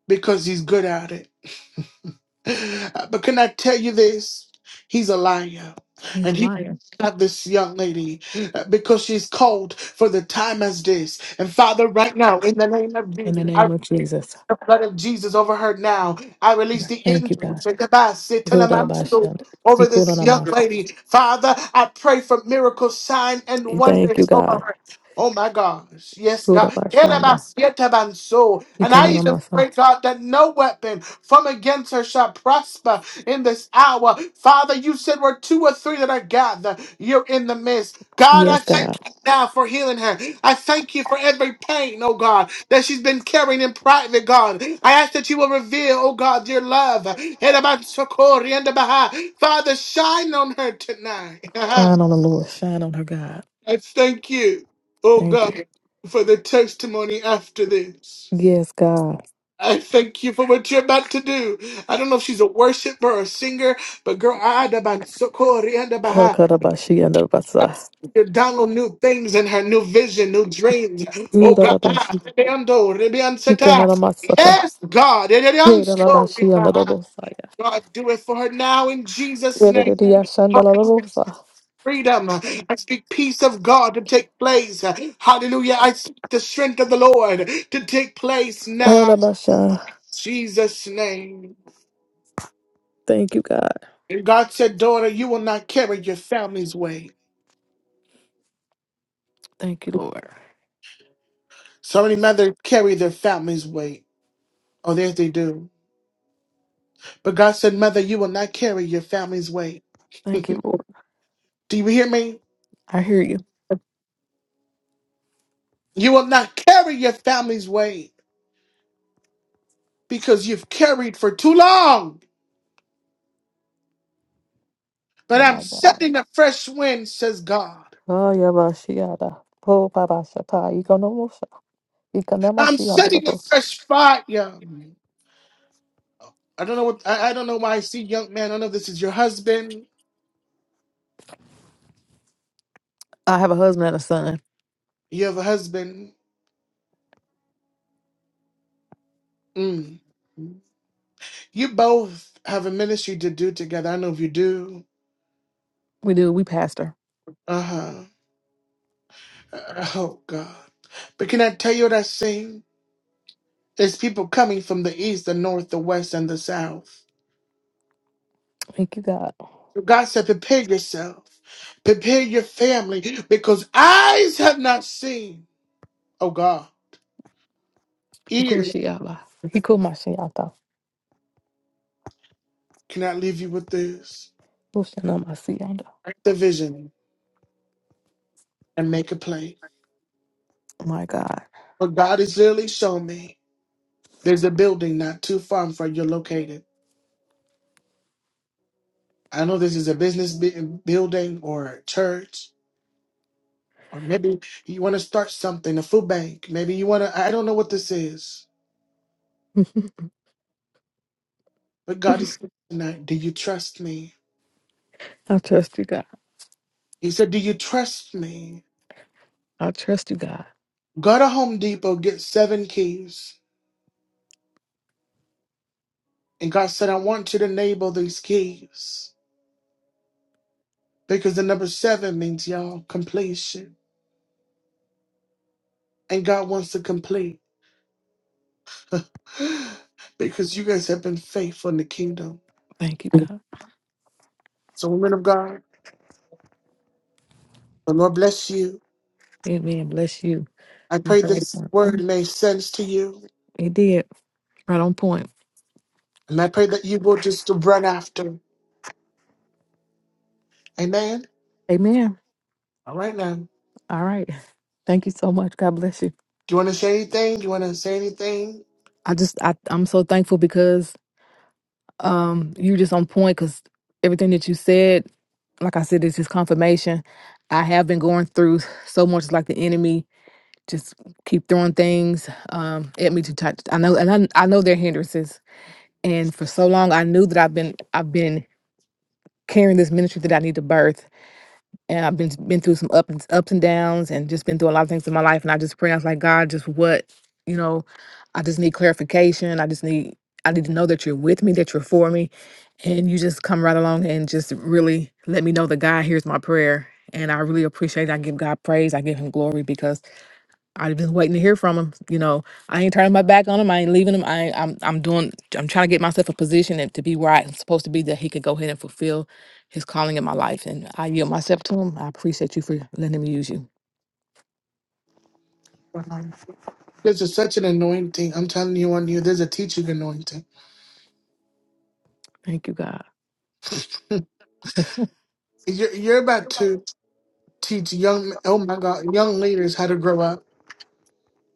S2: because he's good at it. Uh, But can I tell you this? He's a liar.
S6: He's a
S2: And he
S6: liar.
S2: got this young lady uh, because she's called for the time as this. And Father, right now, in the name of
S6: In the
S2: Jesus, I
S6: name of
S2: release
S6: Jesus.
S2: the blood of Jesus over her now. I release the
S6: Thank
S2: angels
S6: you, God.
S2: Shekabasi,
S6: Good
S2: Telemansu, over this young lady. Father, I pray for miracles, sign, and
S6: Thank you,
S2: wonders over
S6: God.
S2: her. Oh my gosh. Yes, God.
S6: Rudabashanda.
S2: Kerabasietabanso. And I even
S6: Ikananamasa.
S2: pray, God, that no weapon from against her shall prosper in this hour. Father, you said where two or three that are gathered, you're in the midst. God, I
S6: Yes,
S2: thank
S6: God.
S2: you now for healing her. I thank you for every pain, oh God, that she's been carrying in private, God. I ask that you will reveal, oh God, your love. Yerabansokori and the Baha. Father, shine on her tonight.
S6: Shine on the Lord. Shine on her, God.
S2: I thank you, oh
S6: Thank you.
S2: God, for the testimony after this.
S6: Yes, God.
S2: I thank you for what you're about to do. I don't know if she's a worshiper or a singer, but girl, I had about Sokori and about her.
S6: Hakadabashi and the Basa.
S2: you download new things in her, new vision, new dreams. Oh God, Ah,
S6: Rudadabashi.
S2: Rebeando, Rebeansata.
S6: Ikananamasata.
S2: yes, God, Rebeanso,
S6: Hedalabashi and the Bosaya.
S2: God, do it for her now in Jesus' name.
S6: Yedadidiyashanda la Bosa.
S2: freedom. I speak peace of God to take place. Hallelujah. I speak the strength of the Lord to take place now.
S6: Halabasha.
S2: Jesus' name.
S6: Thank you, God.
S2: And God said, Daughter, you will not carry your family's weight.
S6: Thank you, Lord.
S2: So many mothers carry their family's weight. Oh, yes, they do. But God said, Mother, you will not carry your family's weight.
S6: Thank you,
S2: do
S6: Lord.
S2: you hear me?
S6: I hear you.
S2: You will not carry your family's weight because you've carried for too long. But I'm
S6: My God.
S2: setting a fresh wind, says God.
S6: Oh, Yabashiada. Po Babashata. Ikonomosa.
S2: I'm
S6: Ikonomasi
S2: setting a fresh fire. I don't know what I, I don't know why I see young man. I don't know if this is your husband.
S6: I have a husband and a son.
S2: You have a husband. Mm. You both have a ministry to do together. I know if you do.
S6: We do. We pastor.
S2: Uh-huh. Uh, Oh God. But can I tell you what I see? There's people coming from the east, the north, the west, and the south.
S6: Thank you, God.
S2: God said, prepare yourself. Prepare your family. Because eyes have not seen. Oh God. Ears
S6: Goshiaba. He called my shiata.
S2: cannot leave you with this.
S6: Goshanamasianda.
S2: the vision and make a play.
S6: My God.
S2: What God has really shown me, there's a building not too far from you're located. I know this is a business bu- building or a church, or maybe you want to start something, a food bank. Maybe you want to, I don't know what this is, but God is saying tonight, do you trust me?
S6: I trust you, God.
S2: He said, do you trust me?
S6: I trust you, God.
S2: Go to Home Depot, get seven keys. And God said, I want you to enable these keys because the number seven means y'all completion. And God wants to complete. because you guys have been faithful in the kingdom.
S6: Thank you, God.
S2: So, women of God, the Lord bless you.
S6: Amen. Bless you.
S2: I
S6: You
S2: pray
S6: so on
S2: this
S6: point.
S2: word made sense to you.
S6: It did. Right on point.
S2: And I pray that you will just run after. Amen.
S6: Amen.
S2: All right now.
S6: All right. Thank you so much. God bless you.
S2: Do you want to say anything? Do you want to say anything?
S6: I just I, I'm so thankful because um you just on point because everything that you said, like I said, it's just confirmation. I have been going through so much like the enemy just keep throwing things um, at me to touch. I know, and I, I know they're hindrances. And for so long, I knew that I've been I've been carrying this ministry that I need to birth, and I've been been through some ups and ups and downs, and just been through a lot of things in my life. And I just pray, I was like, God, just what you know, I just need clarification. I just need I need to know that you're with me, that you're for me, and you just come right along and just really let me know that God hears my prayer. And I really appreciate. It. I give God praise. I give Him glory because I've been waiting to hear from him. You know, I ain't turning my back on him. I ain't leaving him. I, I'm I'm doing. I'm trying to get myself a position and to be where I'm supposed to be, that he could go ahead and fulfill his calling in my life. And I yield myself to him. I appreciate you for letting him use you.
S2: Um, This is such an anointing. I'm telling you on you, there's a teaching anointing.
S6: Thank you, God.
S2: You're, you're about to teach young, oh my God, young leaders how to grow up.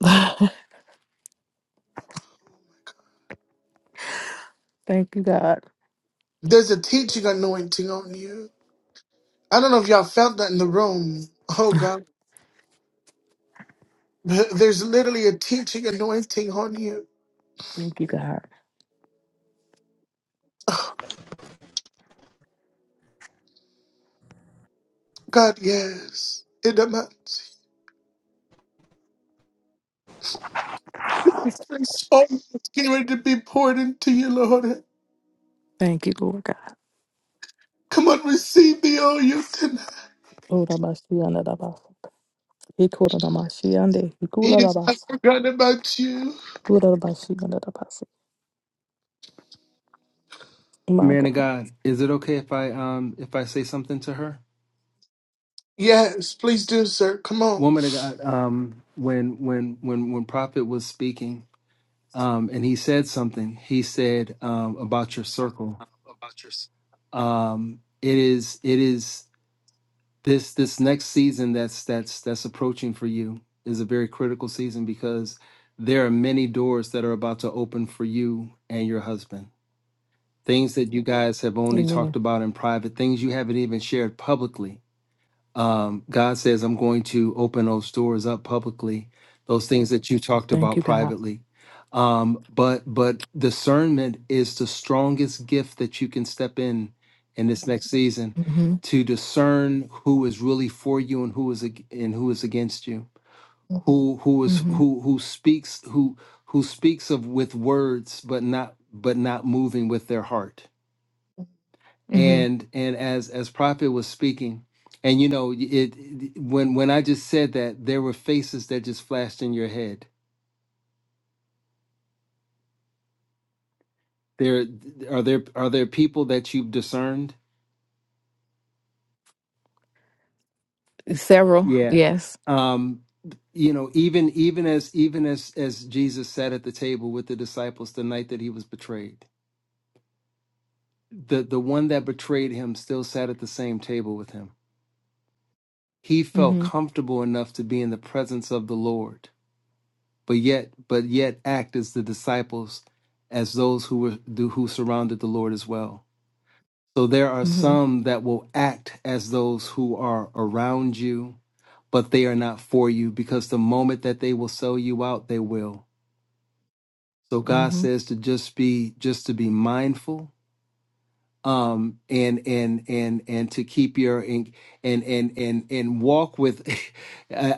S6: Thank you, God.
S2: There's a teaching anointing on you. I don't know if y'all felt that in the room. Oh God. Th- There's literally a teaching anointing on you.
S6: Thank you, God.
S2: God, yes. In the months. It's getting ready to be poured into you, Lord.
S6: Thank you, Lord God.
S2: Come on, receive the oil tonight.
S6: Ora bashianda da basa. Ikora da mashiande.
S2: He
S6: Ikula da
S2: has not
S6: basa.
S2: forgotten about you.
S6: Ora da bashianda da basa. My
S9: Man of
S6: God.
S9: God, is it okay if I um if I say something to her?
S2: Yes, please do, sir. Come on.
S9: Woman of God, um when when when when Prophet was speaking, um and he said something. He said um about your circle. Um it is it is this this next season that's that's that's approaching for you is a very critical season because there are many doors that are about to open for you and your husband. Things that you guys have only
S6: Amen.
S9: talked about in private, things you haven't even shared publicly um, God says, I'm going to open those doors up publicly, those things that you talked
S6: Thank
S9: about
S6: you, God.
S9: privately. Um, but but discernment is the strongest gift that you can step in in this next season
S6: Mm-hmm.
S9: to discern who is really for you and who is ag- and who is against you, who who is
S6: Mm-hmm.
S9: who who speaks who who speaks of with words but not but not moving with their heart and and as as prophet was speaking and you know it, it- when when i just said that there were faces that just flashed in your head there are there are there people that you've discerned
S6: Several,
S9: yeah
S6: yes.
S9: um you know even even as even as as jesus sat at the table with the disciples the night that he was betrayed the the one that betrayed him still sat at the same table with him he felt
S6: Mm-hmm.
S9: comfortable enough to be in the presence of the lord but yet but yet act as the disciples as those who were do- who surrounded the lord as well so there are
S6: Mm-hmm.
S9: some that will act as those who are around you but they are not for you because the moment that they will sell you out they will so god
S6: Mm-hmm.
S9: says to just be just to be mindful um and and and and to keep your and and and and, and walk with uh,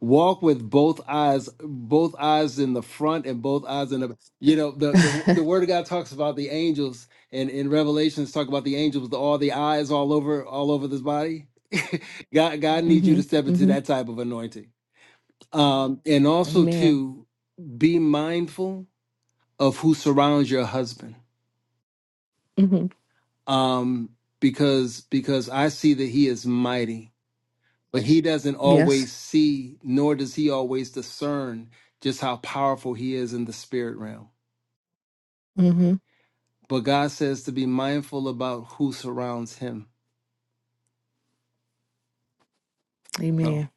S9: walk with both eyes both eyes in the front and both eyes in the you know the the, the word of god talks about the angels and in revelations talk about the angels with all the eyes all over all over this body god god needs you
S6: mm-hmm.
S9: to step into
S6: Mm-hmm.
S9: that type of anointing um and also
S6: Amen.
S9: to be mindful of who surrounds your husband
S6: Mm-hmm.
S9: um, because because I see that he is mighty, but he doesn't
S6: Yes.
S9: always see, nor does he always discern just how powerful he is in the spirit realm.
S6: Mm-hmm.
S9: But God says to be mindful about who surrounds him. So
S6: Amen.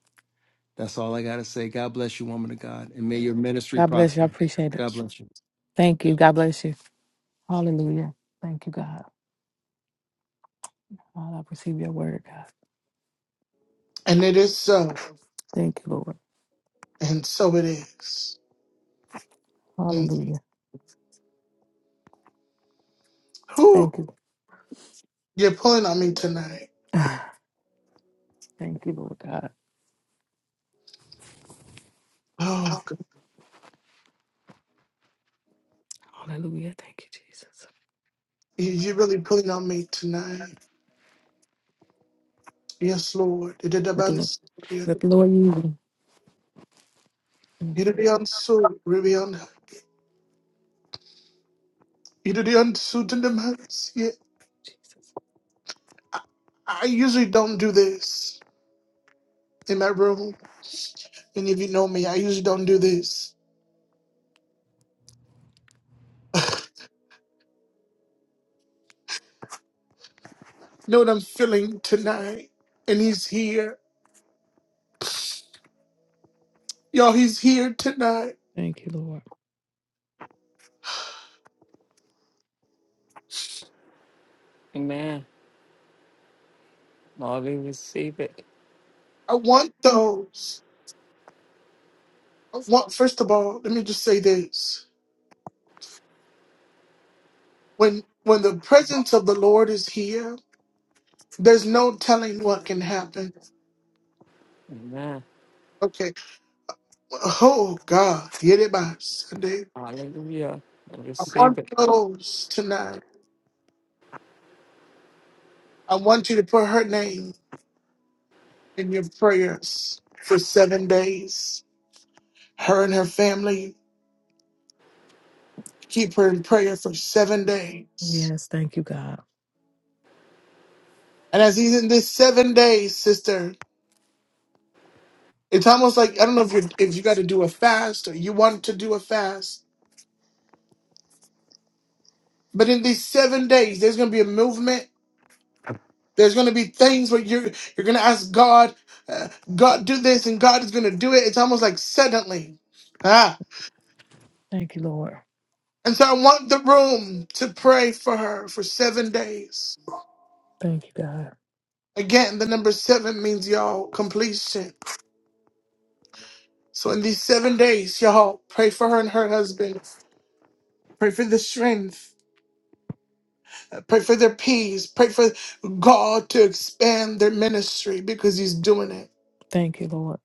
S9: that's all I gotta say. God bless you, woman of God, and may your ministry
S6: God bless you. I
S9: prosper.
S6: appreciate it.
S9: God bless you,
S6: Thank you. God bless you. Hallelujah. Thank you, God. Father, I receive your word, God.
S2: And it is so.
S6: Thank you, Lord.
S2: And so it is. Mm.
S6: Hallelujah.
S2: Whew.
S6: Thank you.
S2: You're pulling on me tonight.
S6: Thank you, Lord God.
S2: Oh, God.
S6: Hallelujah. Thank you, Jesus.
S2: You- You're really pulling on me tonight. Yes, Lord. It is
S6: Let the
S2: about-
S6: Lord, let
S2: It
S6: the Lord use you. Thank
S2: is beyond so. You did the unsuit and the mess. Yeah,
S6: you, Jesus.
S2: I, I usually don't do this in my room. And if you know me, I usually don't do this. Know what I'm feeling tonight. And he's here. Y'all, he's here tonight.
S6: Thank you, Lord.
S7: Amen. Lord, we receive it.
S2: I want those. I want, first of all, let me just say this. When when the presence of the Lord is here, there's no telling what can happen.
S7: Amen.
S2: Okay. Oh God. get it, by Sunday.
S7: Hallelujah. I
S2: I want
S7: receive it.
S2: those tonight. I want you to put her name. in your prayers for seven days. Her and her family, keep her in prayer for seven days.
S6: Yes. Thank you, God.
S2: And as he's in this seven days, sister, it's almost like I don't know if you if you got to do a fast or you want to do a fast, but in these seven days, there's going to be a movement. There's going to be things where you're you're going to ask God, uh, God do this, and God is going to do it. It's almost like suddenly, ah.
S6: Thank you, Lord.
S2: And so I want the room to pray for her for seven days
S6: Thank you, God.
S2: Again, the number seven means y'all completion. So in these seven days, y'all pray for her and her husband. Pray for the strength. Uh, Pray for their peace. Pray for God to expand their ministry because He's doing it.
S6: Thank you, Lord.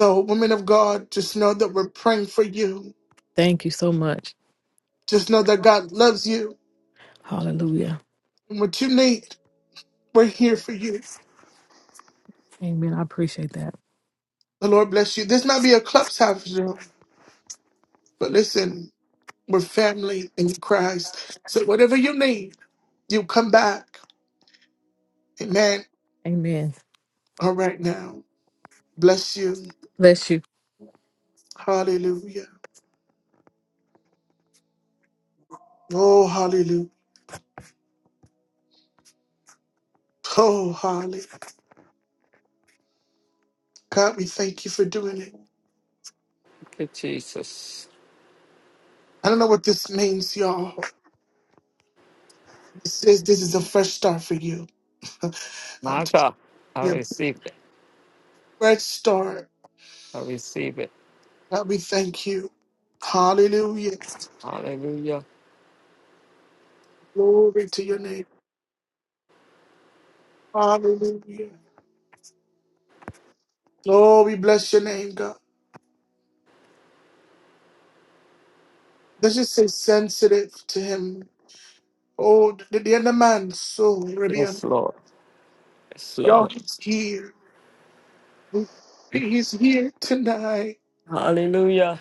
S2: So, women of God, just know that we're praying for you.
S6: Thank you so much.
S2: Just know that God loves you.
S6: Hallelujah.
S2: And what you need, we're here for you.
S6: Amen. I appreciate that.
S2: The Lord bless you. This might be a clubhouse room, but listen, we're family in Christ. So, whatever you need, you come back. Amen.
S6: Amen.
S2: All right now. Bless you.
S6: Bless you.
S2: Hallelujah. Oh, hallelujah. Oh, hallelujah. God, we thank you for doing it.
S7: Thank you, Jesus.
S2: I don't know what this means, y'all. This says this is a fresh start for you. I'm
S7: My
S2: just
S7: God. I
S2: here.
S7: receive it.
S2: Fresh start.
S7: I receive it.
S2: God, we thank you. Hallelujah.
S7: Hallelujah.
S2: Glory to your name. Hallelujah. Oh, we bless your name, God. Let's just say sensitive to him. Oh, the, the other man, so Arabian.
S7: Yes, Lord. Yes,
S2: Y'all,
S7: Lord.
S2: he's here. He's here tonight.
S7: Hallelujah.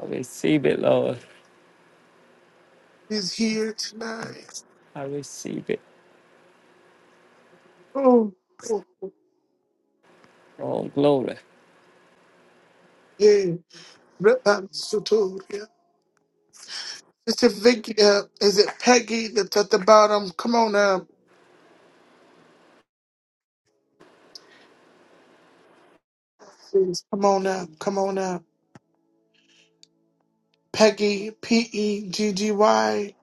S7: I receive it, Lord.
S2: He's here tonight.
S7: I receive it.
S2: Oh, oh
S7: Oh, glory.
S2: yeah. Rabbi Sotoria. Sister Vicky, uh, is it Peggy that's at the bottom? Come on up. please. Come on up. Come on up. Peggy, P E G G Y.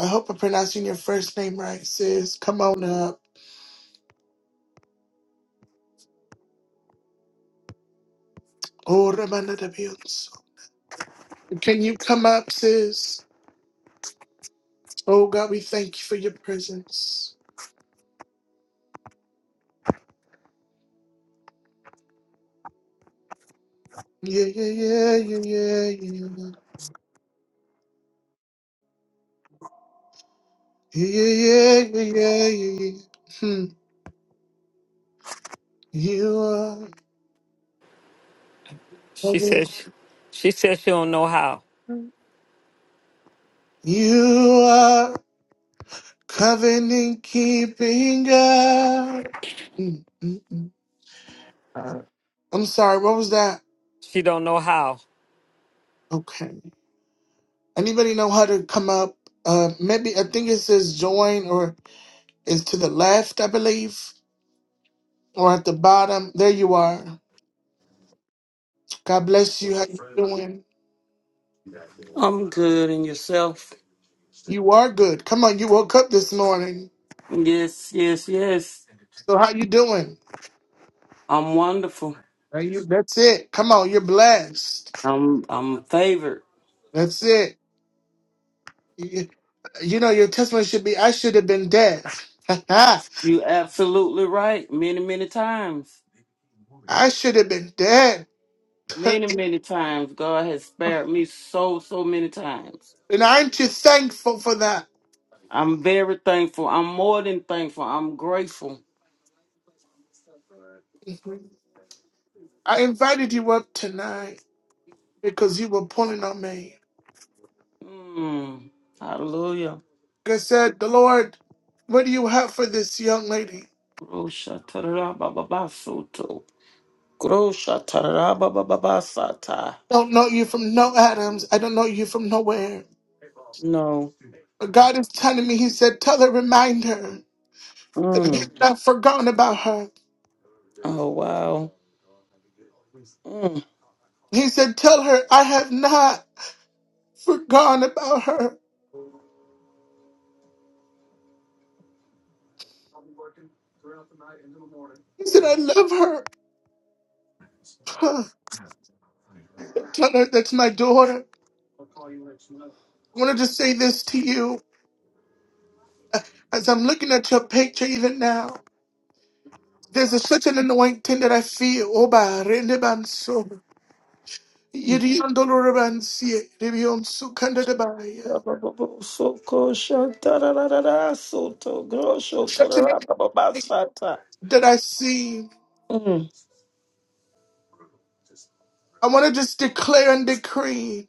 S2: I hope I'm pronouncing your first name right, sis. Come on up. Oh, Ramana de Dios. Can you come up, sis? Oh, God, we thank you for your presence. Yeah, yeah, yeah, yeah, yeah, yeah. Yeah, yeah, yeah, yeah, yeah. yeah. yeah. Hmm. You are,
S7: She says she, she says she don't know how.
S2: you are covenant keeping God. Hmm, hmm, hmm. Uh, I'm sorry, what was that?
S7: She don't know how.
S2: Okay. Anybody know how to come up? Uh, maybe I think it says join or it's to the left, I believe, or at the bottom. There you are. God bless you. How you doing?
S10: I'm good and yourself.
S2: You are good. Come on, you woke up this morning.
S10: Yes, yes, yes.
S2: So how you doing?
S10: I'm wonderful.
S2: Now you- That's it. Come on, you're blessed.
S10: I'm I'm favored.
S2: That's it. You, you know, your testimony should be I should have been dead.
S10: You absolutely right. Many, many times.
S2: I should have been dead.
S10: Many, many times. God has spared me so, so many times.
S2: And aren't you thankful for that?
S10: I'm very thankful. I'm more than thankful. I'm grateful.
S2: I invited you up tonight because you were pulling on me.
S10: Mm. Hallelujah.
S2: Like I said, the Lord, what do you have for this young lady?
S10: Grosha tarara
S2: don't know you from no Adams. I don't know you from nowhere.
S10: No.
S2: But God is telling me, He said, tell her, remind her that
S10: Mm.
S2: I've not forgotten about her.
S10: Oh wow. Mm.
S2: He said, Tell her I have not forgotten about her. He said, I love her. Tell her that's my daughter. I want to just say this to you as I'm looking at your picture even now. There's a, such an anointing that I feel. Oba, rende banso. Yiriondo lorabansie, ribionsu kandadabaya.
S10: Soko shantararara soto grosho
S2: Such an anointing
S10: tararababasata.
S2: that I see.
S10: Mm.
S2: I want to just declare and decree.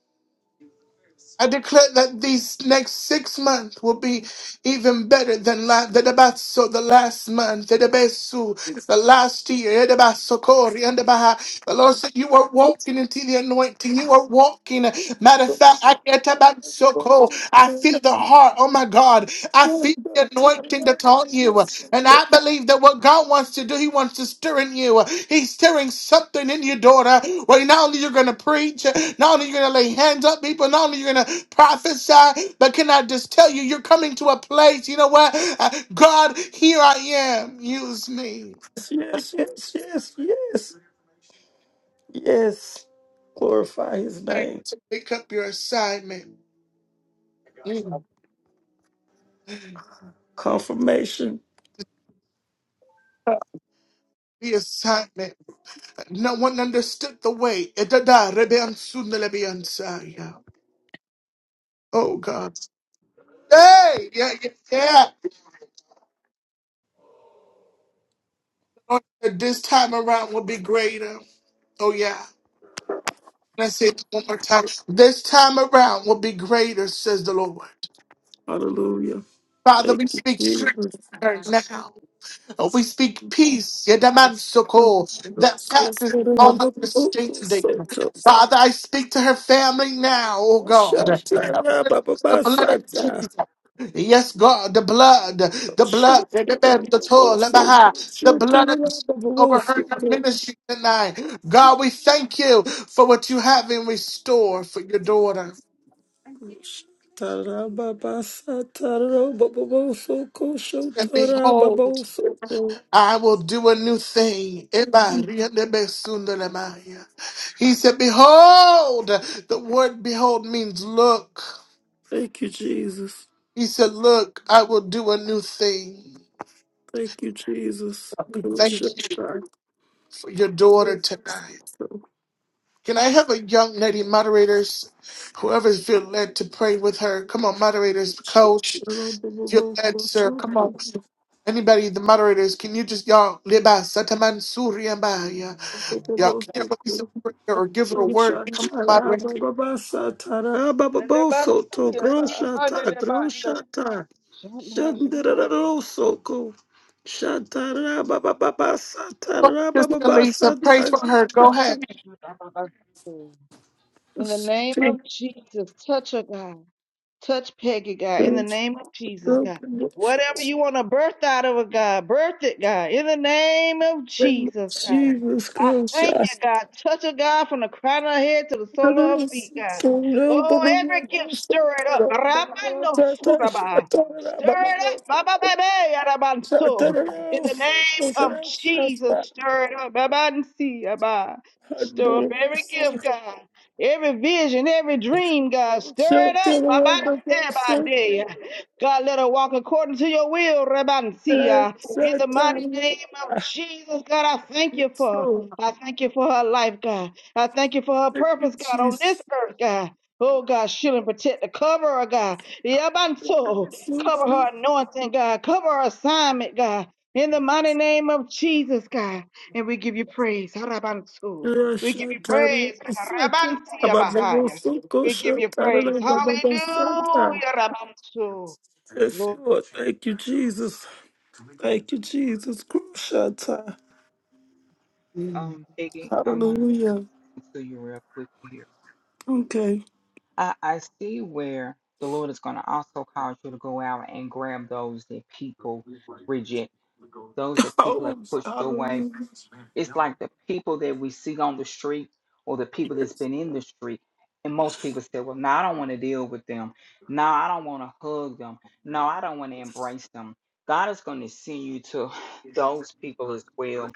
S2: I declare that these next six months will be even better than la- the debasso, the last month, the debesu, the last year, the debasso, kori, and the baha. The Lord said, You are walking into the anointing. You are walking. Matter of fact, I get about so cold. I feel the heart. Oh my God. I feel the anointing that's on you. And I believe that what God wants to do, He wants to stir in you. He's stirring something in your daughter. Where not only you're going to preach, not only you're going to lay hands on people, not only you're going to prophesy, but can I just tell you, you're coming to a place. You know what? Uh, God, here I am. Use me.
S10: Yes, yes, yes, yes, yes, yes. Glorify his name.
S2: Pick up your assignment. Mm,
S10: Confirmation.
S2: The assignment. No one understood the way. Edada rebeansunelebeansaya. Oh God. Hey, yeah, yeah, yeah. Lord, This time around will be greater. Oh yeah. I say it one more time. This time around will be greater, says the Lord.
S10: Hallelujah.
S2: Father,
S10: Thank
S2: we
S10: you,
S2: speak strength to
S10: Jesus.
S2: her now. If We speak peace, Yedamansoko, that passes all
S10: Soto
S2: understanding. Father, I speak to her family now, oh
S10: grosho
S2: God. I release The blood of
S10: tararababasata.
S2: Jesus. Yes, God, the blood, the
S10: Thank
S2: blood, the toil,
S10: you,
S2: the blood of Jesus over her and her ministry tonight. God, we thank you for what you have in restore for your daughter. And behold. I will do a new thing. Ebariyadebesundalamaya. He said, Behold, the word behold means look.
S10: Jesus.
S2: He said, Look, I will do a new thing.
S10: Thank you, Jesus.
S2: Thank
S10: Grosha
S2: you for your daughter tonight. Can I have a young lady, moderators, whoever's feel led to pray with her? Come on, moderators, coach, feel led, sir. Come on, Anybody, the moderators, can you just y'all liba sataman Y'all can release a prayer or give her a word. Come to my Go ahead,
S11: And the Bible says, uh, how did
S10: ta,
S11: the Bible
S10: grosha
S11: do?
S10: ta, Shandarararosoko.
S2: Sister Lisa, pray for her. Go ahead.
S10: Shatarababababasatarabababasatakata.
S11: In the name of Jesus, touch her, God. Touch Peggy, God, in the name of Jesus, God. Whatever you want to birth out of her, God, birth it, God, in the name of Jesus, God.
S10: Jesus
S11: I thank you,
S10: Christ.
S11: God. Touch her, God, from the crown of her head to the sole of her feet, God. Oh, every gift, stir it up. Rabando suraba. Stir it up, Baba
S10: Shatarababababasatarabababasatakata.
S11: Baby, Arabanso. In the name of Jesus, stir it up. Babansi, Abba. Stir up every gift, God. Every vision, every dream, God, stir it up. Rabban, stir by day,
S10: Shatarababababasatarabababasatakata.
S11: God, let her walk according to your will, Rabban. See, uh, in the mighty name of Jesus, God, I thank you
S10: Yes,
S11: for.
S10: Lord.
S11: I thank you for her life, God. I thank you for her
S10: Thank you,
S11: purpose, God, on this
S10: Jesus.
S11: earth, God. Oh, God, shield and protect the cover, her, God. Yabanto,
S10: Yes, Lord.
S11: cover her
S10: Thank
S11: anointing, God. Cover her assignment, God. In the mighty name of Jesus, God. And we give you praise. Harabantu. We give you praise. Rabansia Bahaya. We give you praise. Hallelujah. Rabansu.
S10: you, Jesus. Thank you, Jesus. Kushata.
S2: Mm.
S8: Um, Peggy, I want to
S10: Hallelujah.
S8: say something to you real quick here.
S10: Okay.
S8: I, I see where the Lord is going to also cause you to go out and grab those that people reject, those that people have
S10: Oh,
S8: pushed away,
S10: hallelujah.
S8: It's like the people that we see on the street or the people that's been in the street. And most people say, well, no, I don't want to deal with them. No, I don't want to hug them. No, I don't want to embrace them. God is going to send you to those people as well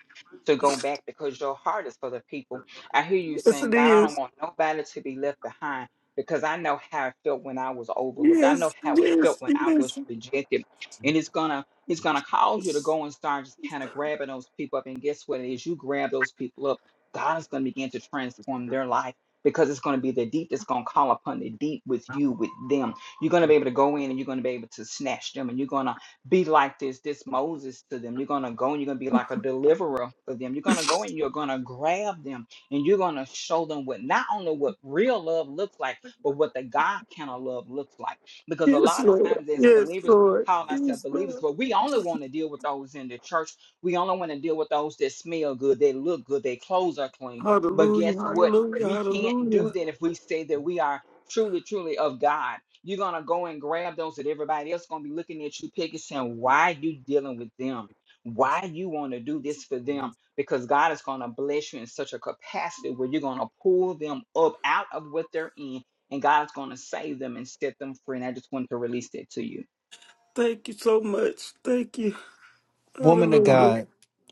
S8: to go back because your heart is for the people. I hear you
S10: Yes,
S8: saying,
S10: it
S8: God, I don't
S10: is.
S8: want nobody to be left behind because I know how it felt when I was overlooked. I know
S10: Yes,
S8: how it felt
S10: yes,
S8: when I
S10: yes,
S8: was rejected. And it's going to He's going to cause you to go and start just kind of grabbing those people up. And guess what? As you grab those people up, God is going to begin to transform their life because it's going to be the deep that's going to call upon the deep with you, with them. You're going to be able to go in and you're going to be able to snatch them and you're going to be like this, this Moses to them. You're going to go and you're going to be like a deliverer for them. You're going to go and you're going to grab them and you're going to show them what not only what real love looks like, but what the God kind of love looks like. Because a
S10: yes,
S8: lot of
S10: Lord.
S8: times as
S10: Yes,
S8: believers,
S10: Lord.
S8: call ourselves
S10: Yes,
S8: believers,
S10: Lord.
S8: but we only want to deal with those in the church. We only want to deal with those that smell good, they look good, their clothes are clean. But
S10: Hallelujah,
S8: guess what?
S10: hallelujah,
S8: We can't
S10: hallelujah.
S8: do that if we say that we are truly, truly of God. You're gonna go and grab those that everybody else gonna be looking at you, picking, saying, "Why you dealing with them? Why you want to do this for them?" Because God is gonna bless you in such a capacity where you're gonna pull them up out of what they're in, and God's gonna save them and set them free. And I just wanted to release that to you.
S10: Thank you so much. Thank you.
S9: Woman of
S10: Hallelujah.
S9: God,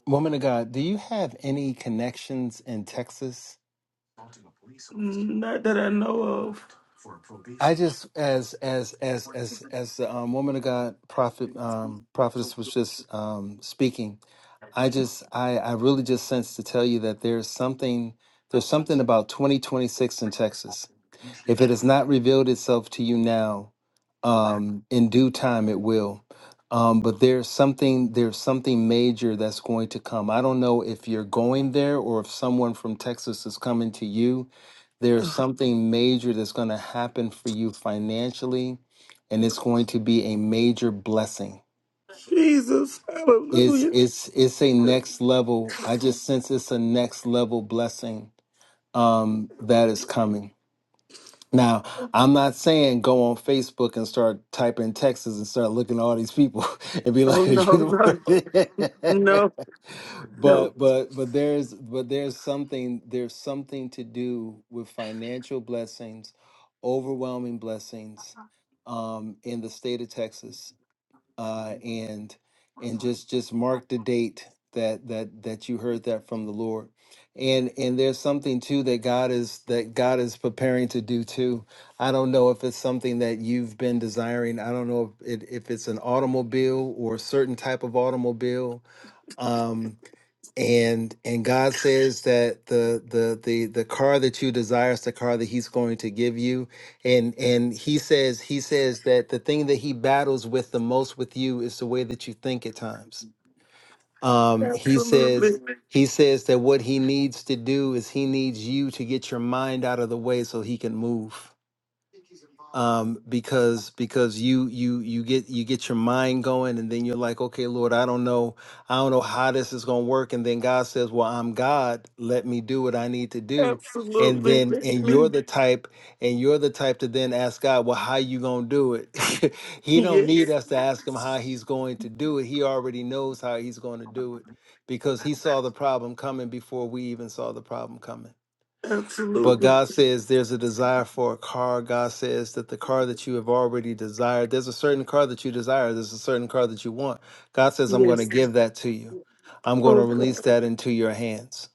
S9: woman of God, do you have any connections in Texas?
S10: Not that I know of.
S9: I just as as as as as the um, woman of God prophet um, prophetess was just um, speaking. I just I I really just sense to tell you that there's something there's something about 2026 in Texas. If it has not revealed itself to you now, um, in due time it will. Um, but there's something there's something major that's going to come. I don't know if you're going there or if someone from Texas is coming to you. There's something major that's going to happen for you financially, and it's going to be a major blessing.
S10: Jesus.
S9: It's
S10: Hallelujah.
S9: it's it's a next level. I just sense it's a next level blessing um, that is coming. Now, I'm not saying go on Facebook and start typing Texas and start looking at all these people and be
S10: Oh,
S9: like, "Are you
S10: no, no.
S9: the one?"
S10: No, no.
S9: but but but there's but there's something there's something to do with financial blessings, overwhelming blessings, um, in the state of Texas uh, and and just just mark the date that that that you heard that from the Lord. And and there's something too that God is that God is preparing to do too. I don't know if it's something that you've been desiring. I don't know if it, if it's an automobile or a certain type of automobile. Um, and and God says that the the the the car that you desire is the car that He's going to give you, and and He says He says that the thing that He battles with the most with you is the way that you think at times. Um, he says
S10: Absolutely.
S9: He says that what He needs to do is He needs you to get your mind out of the way so He can move um, because because you you you get you get your mind going, and then you're like, okay, Lord, I don't know, I don't know how this is gonna work, and then God says, well, I'm God, let me do what I need to do, and
S10: Absolutely.
S9: then
S10: That's
S9: and you're
S10: me.
S9: the type, and you're the type to then ask God, well, how you gonna do it? he don't need
S10: Yes.
S9: us to ask him how he's going to do it. He already knows how he's going to do it because he saw the problem coming before we even saw the problem coming. But
S10: Absolutely.
S9: God says there's a desire for a car. God says that the car that you have already desired, there's a certain car that you desire, there's a certain car that you want. God says, I'm going to
S10: Yes.
S9: give that to you. I'm going
S10: Oh,
S9: to release
S10: God.
S9: that into your hands.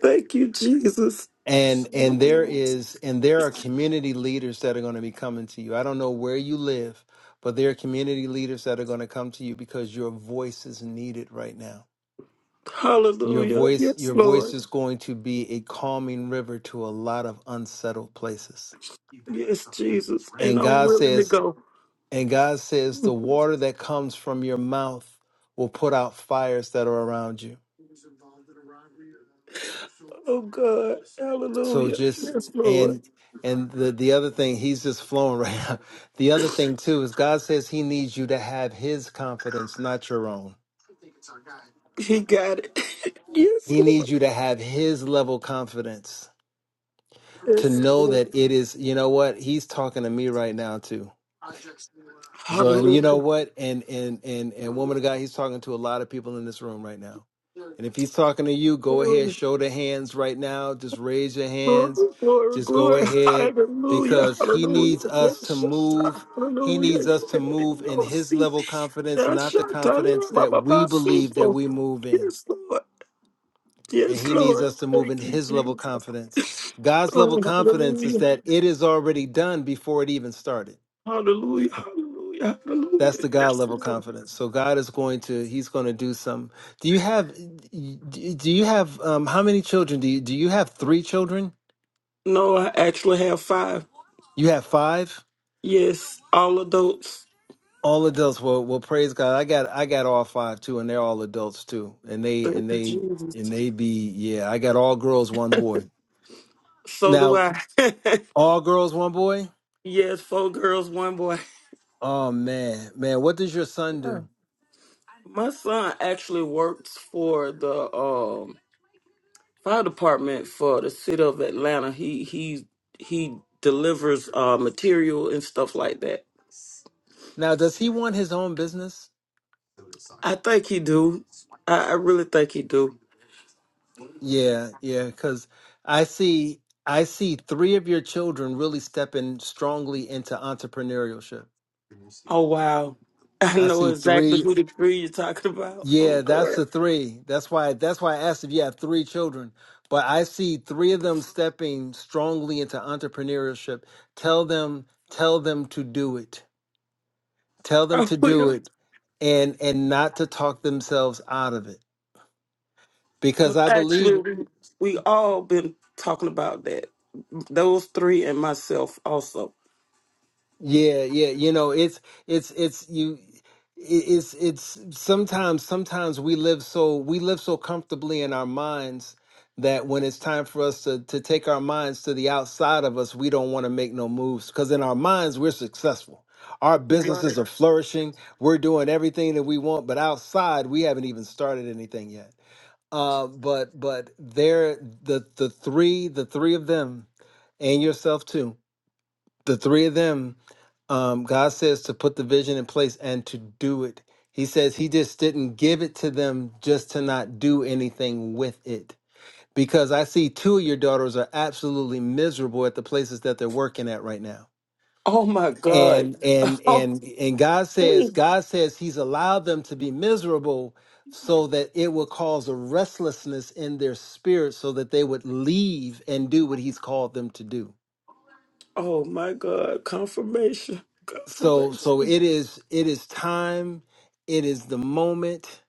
S10: Thank you, Jesus.
S9: And and there is and there are community leaders that are going to be coming to you. I don't know where you live, but there are community leaders that are going to come to you because your voice is needed right now. Your
S10: Hallelujah.
S9: voice
S10: Yes,
S9: your voice
S10: Lord.
S9: is going to be a calming river to a lot of unsettled places
S10: Yes, Jesus. And
S9: And
S10: I'm
S9: God
S10: willing to
S9: says,
S10: go.
S9: and God says, the water that comes from your mouth will put out fires that are around you.
S10: Oh God,
S9: So
S10: hallelujah.
S9: just
S10: Yes, Lord.
S9: and and the the other thing, he's just flowing right now. The other thing too is God says he needs you to have his confidence, not your own.
S10: He got it. Yes,
S9: He
S10: Lord.
S9: needs you to have his level confidence to
S10: Yes,
S9: know
S10: Lord.
S9: that it is, you know what, he's talking to me right now too So, and you know
S10: Hallelujah.
S9: what? And and and and woman of God, he's talking to a lot of people in this room right now. And if he's talking to you, go ahead,
S10: Glory,
S9: show the hands right now. Just raise your
S10: glory,
S9: hands.
S10: glory,
S9: Just go
S10: glory.
S9: ahead
S10: Hallelujah.
S9: because he
S10: Hallelujah.
S9: needs us to
S10: Yes, Shatta.
S9: move. He
S10: hallelujah.
S9: needs us to move in
S10: No,
S9: his
S10: see.
S9: level confidence,
S10: Yes,
S9: not the
S10: Shatta.
S9: confidence
S10: Ba,
S9: that
S10: ba,
S9: we
S10: ba, see,
S9: believe that
S10: Lord.
S9: we move in.
S10: Yes, Lord.
S9: And
S10: Yes,
S9: he needs
S10: Lord.
S9: us to move in
S10: Thank you,
S9: his level
S10: Jesus.
S9: confidence. God's level
S10: Oh,
S9: confidence is
S10: hallelujah.
S9: that it is already done before it even started.
S10: Hallelujah. Hallelujah.
S9: That's
S10: Hallelujah.
S9: the God
S10: Yes,
S9: level
S10: Lord.
S9: confidence. So God is going to He's going to do some. Do you have? Do you have? Um, how many children do you do you have? Three children?
S10: No, I actually have five.
S9: You have five?
S10: Yes, all adults.
S9: All adults. Well, well, praise God. I got I got all five too, and they're all adults too. And they
S10: Thank
S9: and
S10: you,
S9: they
S10: Jesus.
S9: and they be yeah. I got all girls, one boy.
S10: So do
S9: Now
S10: I.
S9: all girls, one boy.
S10: yes, four girls, one boy.
S9: Oh man, man. What does your son
S10: Yeah.
S9: do?
S10: My son actually works for the um, fire department for the city of Atlanta. He he he delivers uh, material and stuff like that.
S9: Now does he want his own business?
S10: I think he do. I, I really think he do.
S9: Yeah, yeah, because I see I see three of your children really stepping strongly into entrepreneurship.
S10: Oh wow. I
S9: I
S10: know
S9: see
S10: exactly
S9: three.
S10: who the three you're talking about.
S9: Yeah,
S10: Oh,
S9: that's the three. That's why that's why I asked if you have three children. But I see three of them stepping strongly into entrepreneurship. Tell them, tell them to do it. Tell them to
S10: God.
S9: do it and and not to talk themselves out of it. Because
S10: Because
S9: I believe
S10: actually, we, we all been talking about that. Those three and myself also.
S9: Yeah, yeah, you know, it's it's it's you it- it's it's sometimes sometimes we live so we live so comfortably in our minds that when it's time for us to to take our minds to the outside of us, we don't want to make no moves because in our minds we're successful. Our
S10: Right.
S9: businesses are flourishing. We're doing everything that we want, but outside we haven't even started anything yet. Uh, but but they're the the three the three of them and yourself too. The three of them um, God says to put the vision in place and to do it. He says he just didn't give it to them just to not do anything with it. Because I see two of your daughters are absolutely miserable at the places that they're working at right now.
S10: Oh my God.
S9: And and
S10: Oh,
S9: and and God says God says he's allowed them to be miserable so that it will cause a restlessness in their spirit so that they would leave and do what he's called them to do.
S10: oh my God. Confirmation.
S9: so so
S10: Confirmation.
S9: it is it is time it is the moment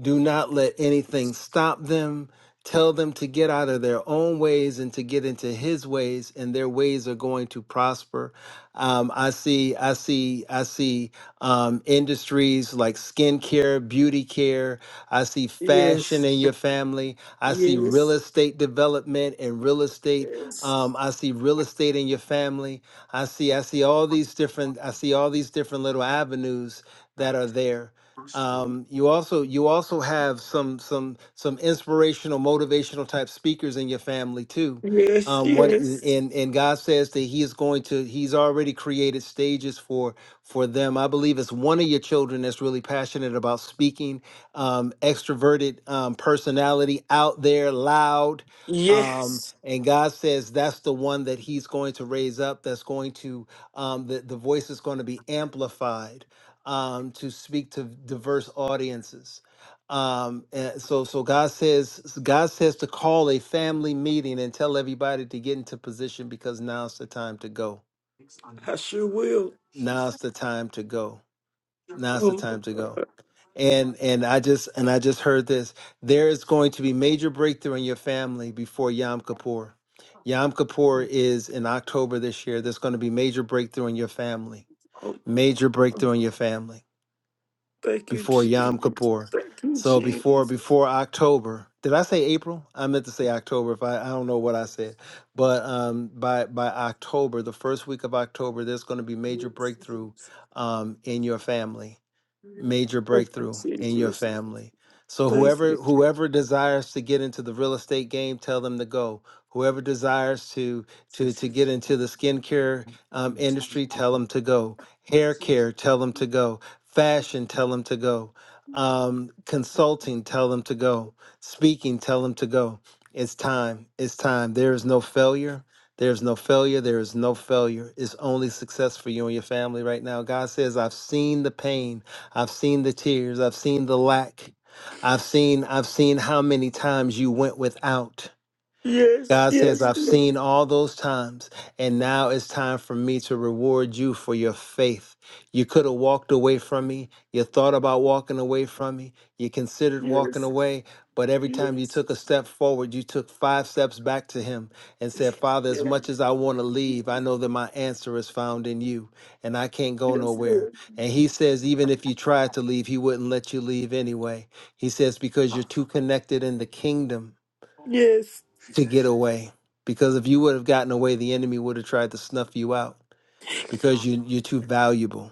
S9: do not let anything stop them. Tell them to get out of their own ways and to get into His ways, and their ways are going to prosper. Um, I see, I see, I see um, industries like skincare, beauty care. I see fashion
S10: Yes.
S9: in your family. I see real
S10: Yes.
S9: estate development and real estate.
S10: Yes.
S9: Um, I see real estate in your family. I see, I see all these different, I see all these different little avenues that are there um, you also you also have some some some inspirational motivational type speakers in your family too
S10: Yes.
S9: um, one
S10: Yes.
S9: and and God says that He is going to He's already created stages for for them. I believe it's one of your children that's really passionate about speaking, um, extroverted um, personality, out there, loud. Um,
S10: Yes.
S9: and God says that's the one that He's going to raise up. That's going to um, the the voice is going to be amplified um, to speak to diverse audiences. Um, and so, so God says, God says to call a family meeting and tell everybody to get into position because now's the time to go.
S10: I sure will.
S9: Now's the time to go. Now's the
S10: Oh my
S9: time to go.
S10: God.
S9: And and I just and I just heard this. There is going to be major breakthrough in your family before Yom Kippur. Yom Kippur is in October this year. There's going to be major breakthrough in your family.
S10: Oh,
S9: Major
S10: oh,
S9: breakthrough in your family
S10: thank you,
S9: before
S10: Jesus.
S9: Yom Kippur.
S10: Thank you,
S9: So before
S10: Jesus.
S9: before October, did I say April? I meant to say October. If I I don't know what I said, but um, by by October, the first week of October, there's going to be major breakthrough um, in your family major
S10: Thank you,
S9: breakthrough in your
S10: Jesus.
S9: family. So
S10: thank you,
S9: whoever whoever desires to get into the real estate game, tell them to go. Whoever desires to to to get into the skincare um, industry, tell them to go. Hair care, tell them to go. Fashion, tell them to go. Um, consulting, tell them to go. Speaking, tell them to go. It's time. It's time. There is no failure. There is no failure. There is no failure. It's only success for you and your family right now. God says, "I've seen the pain." I've seen the tears. I've seen the lack. I've seen I've seen how many times you went without.
S10: Yes,
S9: God says,
S10: yes,
S9: I've
S10: yes,
S9: seen all those times, and now it's time for me to reward you for your faith. You could have walked away from me. You thought about walking away from me. You considered walking
S10: yes,
S9: away, but every time you
S10: yes,
S9: took a step forward, you took five steps back to Him and said, Father, as much
S10: yes,
S9: as I want to leave, I know that my answer is found in you, and I can't go
S10: yes,
S9: nowhere.
S10: Lord.
S9: And He says, even if you tried to leave, He wouldn't let you leave anyway. He says, because you're too connected in the kingdom
S10: yes,
S9: to get away because if you would have gotten away the enemy would have tried to snuff you out because you you're too valuable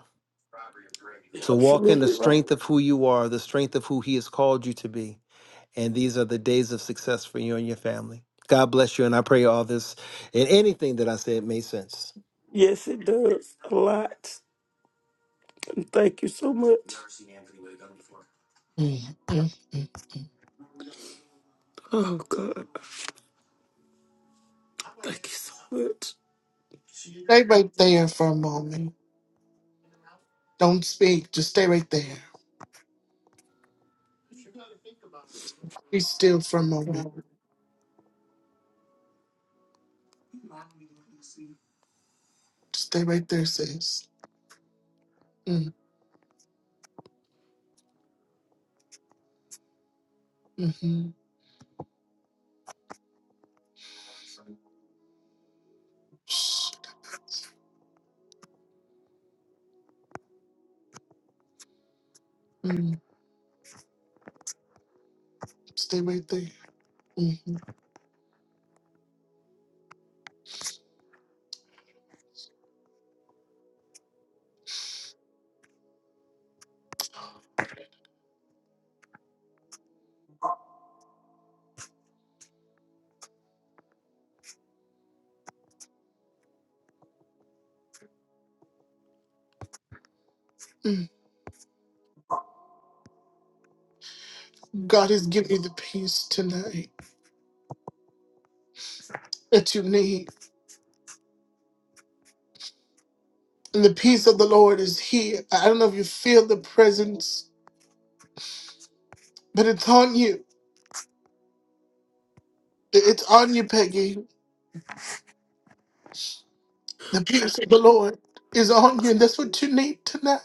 S10: you're
S9: so walk in the
S10: absolutely right.
S9: strength of who you are the strength of who he has called you to be and these are the days of success for you and your family god bless you and i pray all this and anything that i said made sense
S10: Yes, it does a lot. And thank you so much. Oh God, thank you so much.
S2: Stay right there for a moment. Don't speak. Just stay right there. Be still for a moment. Just stay right there, sis. Mm, hmm mm, stay right there. hmm God has given you the peace tonight that you need. And the peace of the Lord is here. I don't know if you feel the presence But it's on you. It's on you, Peggy. The peace of the Lord is on you, and that's what you need tonight.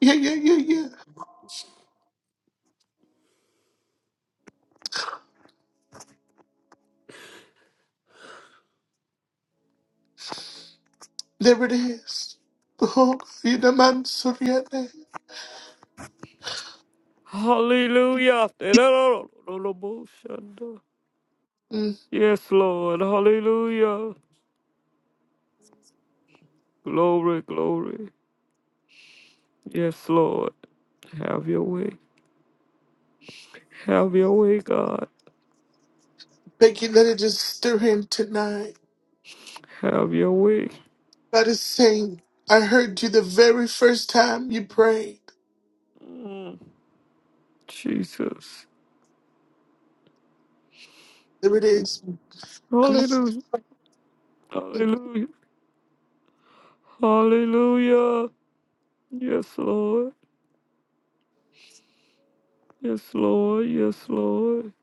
S2: Yeah, yeah, yeah, yeah. There it is. Oh, you the man, Soriana.
S7: Hallelujah.
S2: Mm.
S7: Yes, Lord. Hallelujah. Glory, glory. Yes, Lord. Have your way. Have your way, God.
S2: Peggy, let it just stir him tonight.
S7: Have your way.
S2: God is saying, I heard you the very first time you prayed.
S7: Mm, Jesus.
S2: There it is. Come on.
S7: Hallelujah. Hallelujah. Hallelujah. Yes, Lord. Yes, Lord. Yes, Lord.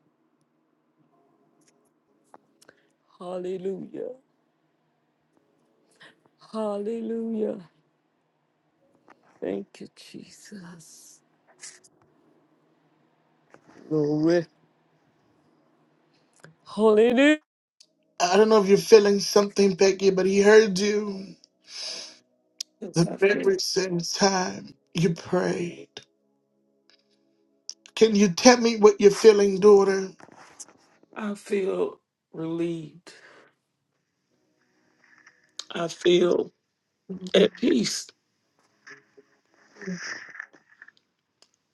S7: Hallelujah. Hallelujah. Thank you, Jesus. Glory. Hallelujah.
S2: I don't know if you're feeling something, Peggy, but he heard you the
S10: Yes, I feel,
S2: very same time you prayed. Can you tell me what you're feeling, daughter?
S10: I feel relieved. I feel at peace.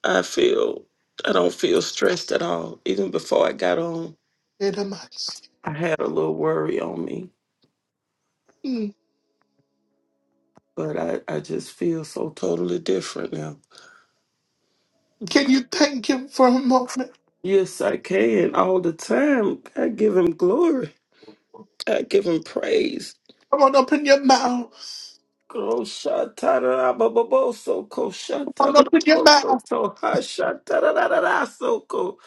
S10: I feel I don't feel stressed at all. Even before I got on,
S2: Edomites.
S10: I had a little worry on me,
S2: Mm.
S10: but I I just feel so totally different now.
S2: Can you thank him for a moment?
S10: Yes, I can all the time. I give him glory. I give him praise.
S2: Come on, open your mouth.
S10: Groshatadarabababosoko,
S2: Come on, open your mouth.
S10: shatarababosoko, hashataradarasoko,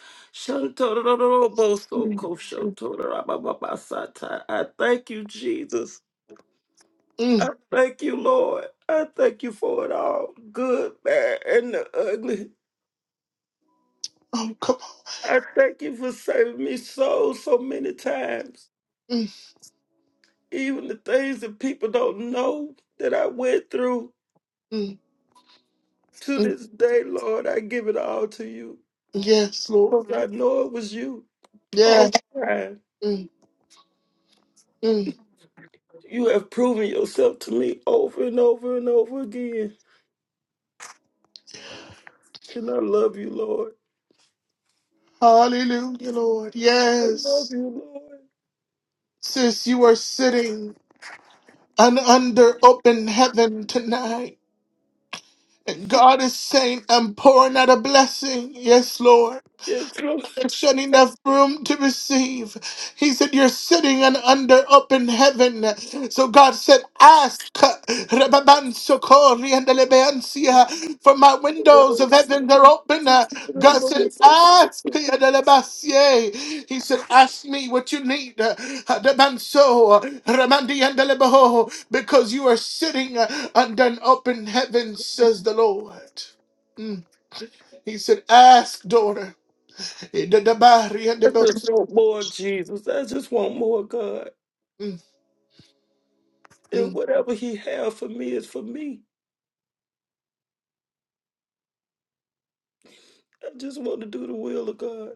S2: Mm.
S10: shantarababosoko, shotorabababasata. I thank you, Jesus. I
S2: Mm.
S10: thank you, Lord. I thank you for it all, good, bad, and the ugly.
S2: Oh, come on.
S10: I thank you for saving me so, so many times.
S2: Mm.
S10: Even the things that people don't know that I went through
S2: Mm.
S10: to
S2: Mm.
S10: this day, Lord, I give it all to you.
S2: Yes, Lord.
S10: Because I know it was you
S2: Yes.
S10: all the time.
S2: Mm. Mm.
S10: You have proven yourself to me over and over and over again. And I love you, Lord.
S2: Hallelujah, Lord.
S10: I love
S2: Yes.
S10: you, Lord.
S2: Sis, you are sitting un- under open heaven tonight. And God is saying, I'm pouring out a blessing. Yes, Lord.
S10: Yes, Lord.
S2: There's not enough room to receive. He said, You're sitting and under open heaven. So God said, Ask for my windows of heaven are open. God said, Ask He said, Ask me what you need. Because you are sitting under an open heaven, says the Lord. Mm. He said, Ask, daughter. Ida da ba ria da
S10: I
S2: ba.
S10: just want more Jesus. I just want more God.
S2: Mm,
S10: And
S2: mm.
S10: whatever He has for me is for me. I just want to do the will of God.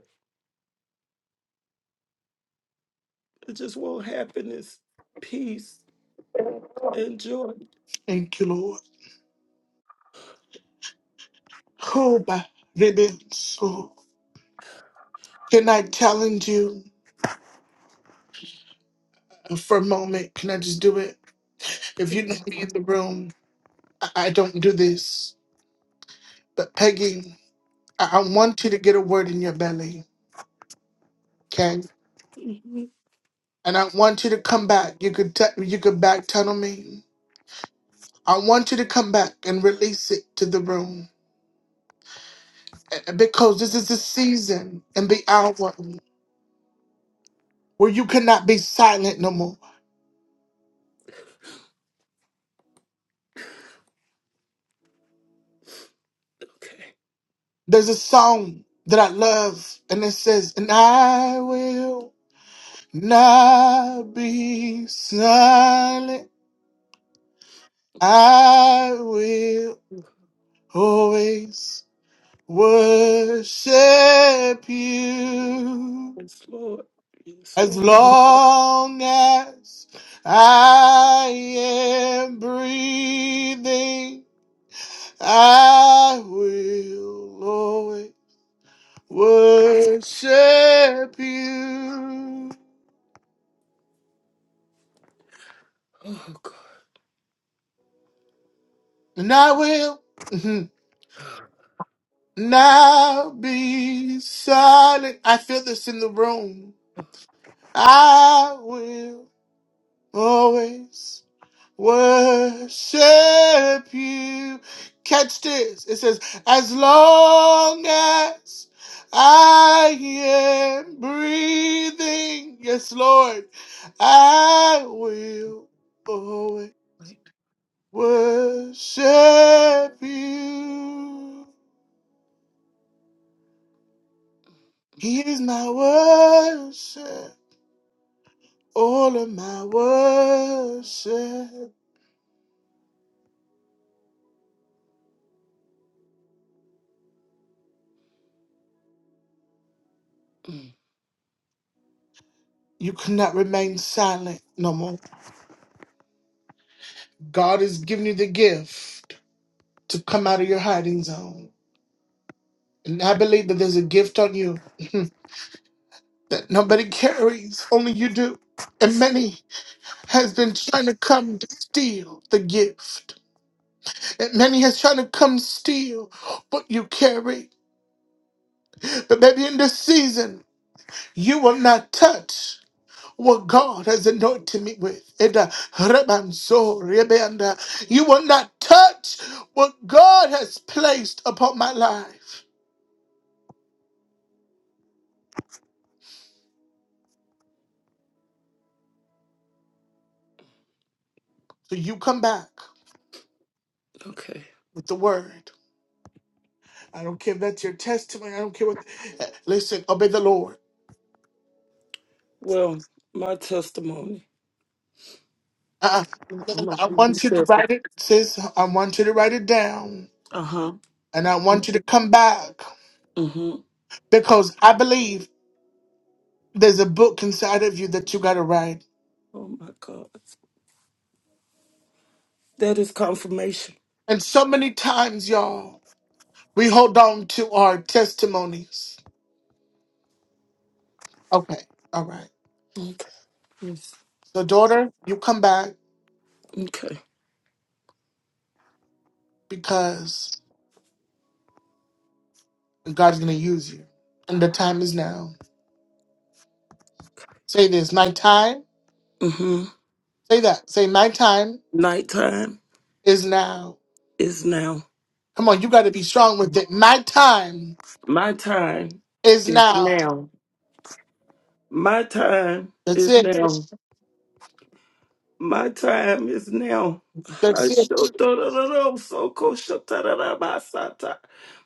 S10: I just want happiness, peace, and joy.
S2: Thank you, Lord. Oh, ba ribbon. So, can I challenge you for a moment? Can I just do it? If you know me in the room, I, I don't do this. But Peggy, I, I want you to get a word in your belly, okay?
S10: Mhm.
S2: And I want you to come back. You could t- you could back tunnel me. I want you to come back and release it to the room Uh, because this is the season and the hour where you cannot be silent no more.
S10: Okay.
S2: There's a song that I love, and it says, And I will not be silent. I will always worship you
S10: Yes, Lord. Yes,
S2: as
S10: Lord.
S2: long as I am breathing. I will always worship you.
S10: Oh, God.
S2: And I will mm-hmm, now be silent. I feel this in the room.
S10: Oh,
S2: I will always worship you. Catch this. It says, as long as I am breathing, yes, Lord, I will always
S10: wait.
S2: worship you. He is my worship, all of my worship.
S10: Mm.
S2: You cannot remain silent no more. God is giving you the gift to come out of your hiding zone. And I believe that there's a gift on you that nobody carries, only you do. And many has been trying to come to steal the gift. And many has trying to come steal what you carry. But maybe in this season, you will not touch. what God has anointed me with. And, uh, Rebanso, Rebanda, You will not touch what God has placed upon my life. So you come back
S10: Okay.
S2: with the word. I don't care if that's your testimony. I don't care what. uh, Listen, obey the Lord.
S10: Well, my testimony.
S2: Uh,
S10: I'm a
S2: I want you to write it, sis. I want you to write it down.
S10: Uh huh.
S2: And I want you to come back
S10: Mm-hmm.
S2: because I believe there's a book inside of you that you got to write.
S10: Oh, my God. That is confirmation.
S2: And so many times, y'all. We hold on to our testimonies. Okay. All right.
S10: Okay. Yes.
S2: So, daughter, you come back
S10: Okay.
S2: because God's going to use you. And the time is now. Say this nighttime.
S10: Mm-hmm.
S2: Say that. Say, my time
S10: Nighttime
S2: is now.
S10: is now.
S2: Come on, you got to be strong with it. My time
S10: My time
S2: is
S10: is
S2: now.
S10: now. My time
S2: That's
S10: is
S2: it.
S10: now. My time is now.
S2: That's it.
S10: Ashotorororosokoshotararamasa.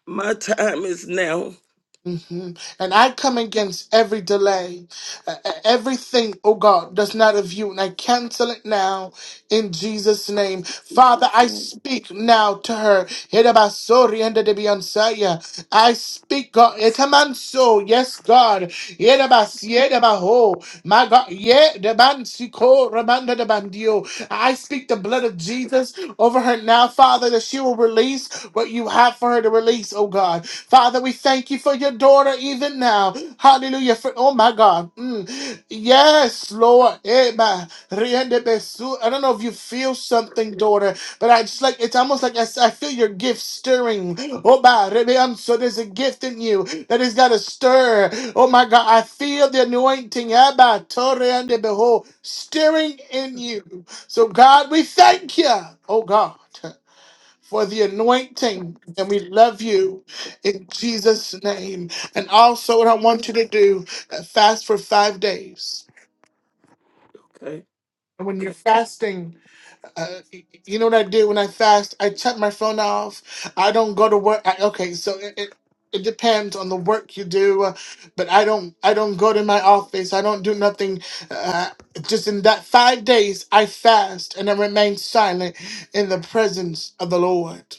S10: My time is now.
S2: hmm And I come against every delay, uh, uh, everything, oh God, that's not of you. And I cancel it now in Jesus' name. Father, I speak now to her. Yerabasori and the Debiansaya. I speak, God. Etamanso. Yes, God. Yerabas, yerabaho. My God. Yedabansiko, Ramanda de Bandio. I speak the blood of Jesus over her now, Father, that she will release what you have for her to release, oh God. Father, we thank you for your daughter even now. Hallelujah. For, oh my God. Mm. Yes, Lord. Eba. Riende besu. I don't know if you feel something, daughter, but I just like it's almost like I, s- I feel your gift stirring. Oh my Rebeam. so there's a gift in you that has got to stir. Oh my God. I feel the anointing. Eba. Torre and behold. Stirring in you. So, God, we thank you, oh God, for the anointing, and we love you in Jesus' name. And also, what I want you to do, uh, fast for five days.
S10: Okay,
S2: And when you're
S10: okay.
S2: fasting, uh, you know what I do when I fast? I shut my phone off. I don't go to work. I, okay, so it, it it depends on the work you do, uh, but I don't I don't go to my office. I don't do nothing. Uh, just in that five days, I fast and I remain silent in the presence of the Lord.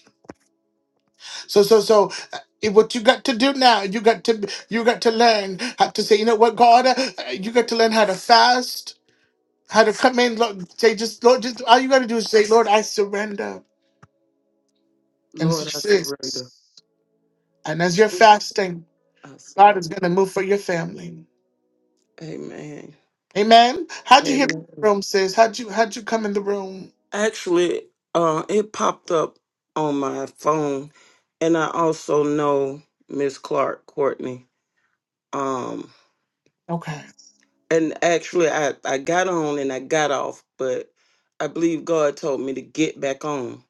S2: So so so. uh, What you got to do now? You got to you got to learn how to say. You know what, God? Uh, You got to learn how to fast, how to come in. Lord, say just Lord, just all you got to do is say, Lord, I surrender. and
S10: Lord, I surrender.
S2: success. And as you're
S10: I
S2: fasting, God
S10: surrender.
S2: is going to move for your family.
S10: Amen.
S2: Amen. How'd you hear the
S10: Amen.
S2: room, sis? How'd you how'd you come in the room?
S10: Actually, uh, it popped up on my phone, and I also know Miss Clark Courtney. Um,
S2: Okay.
S10: and actually, I I got on and I got off, but I believe God told me to get back on.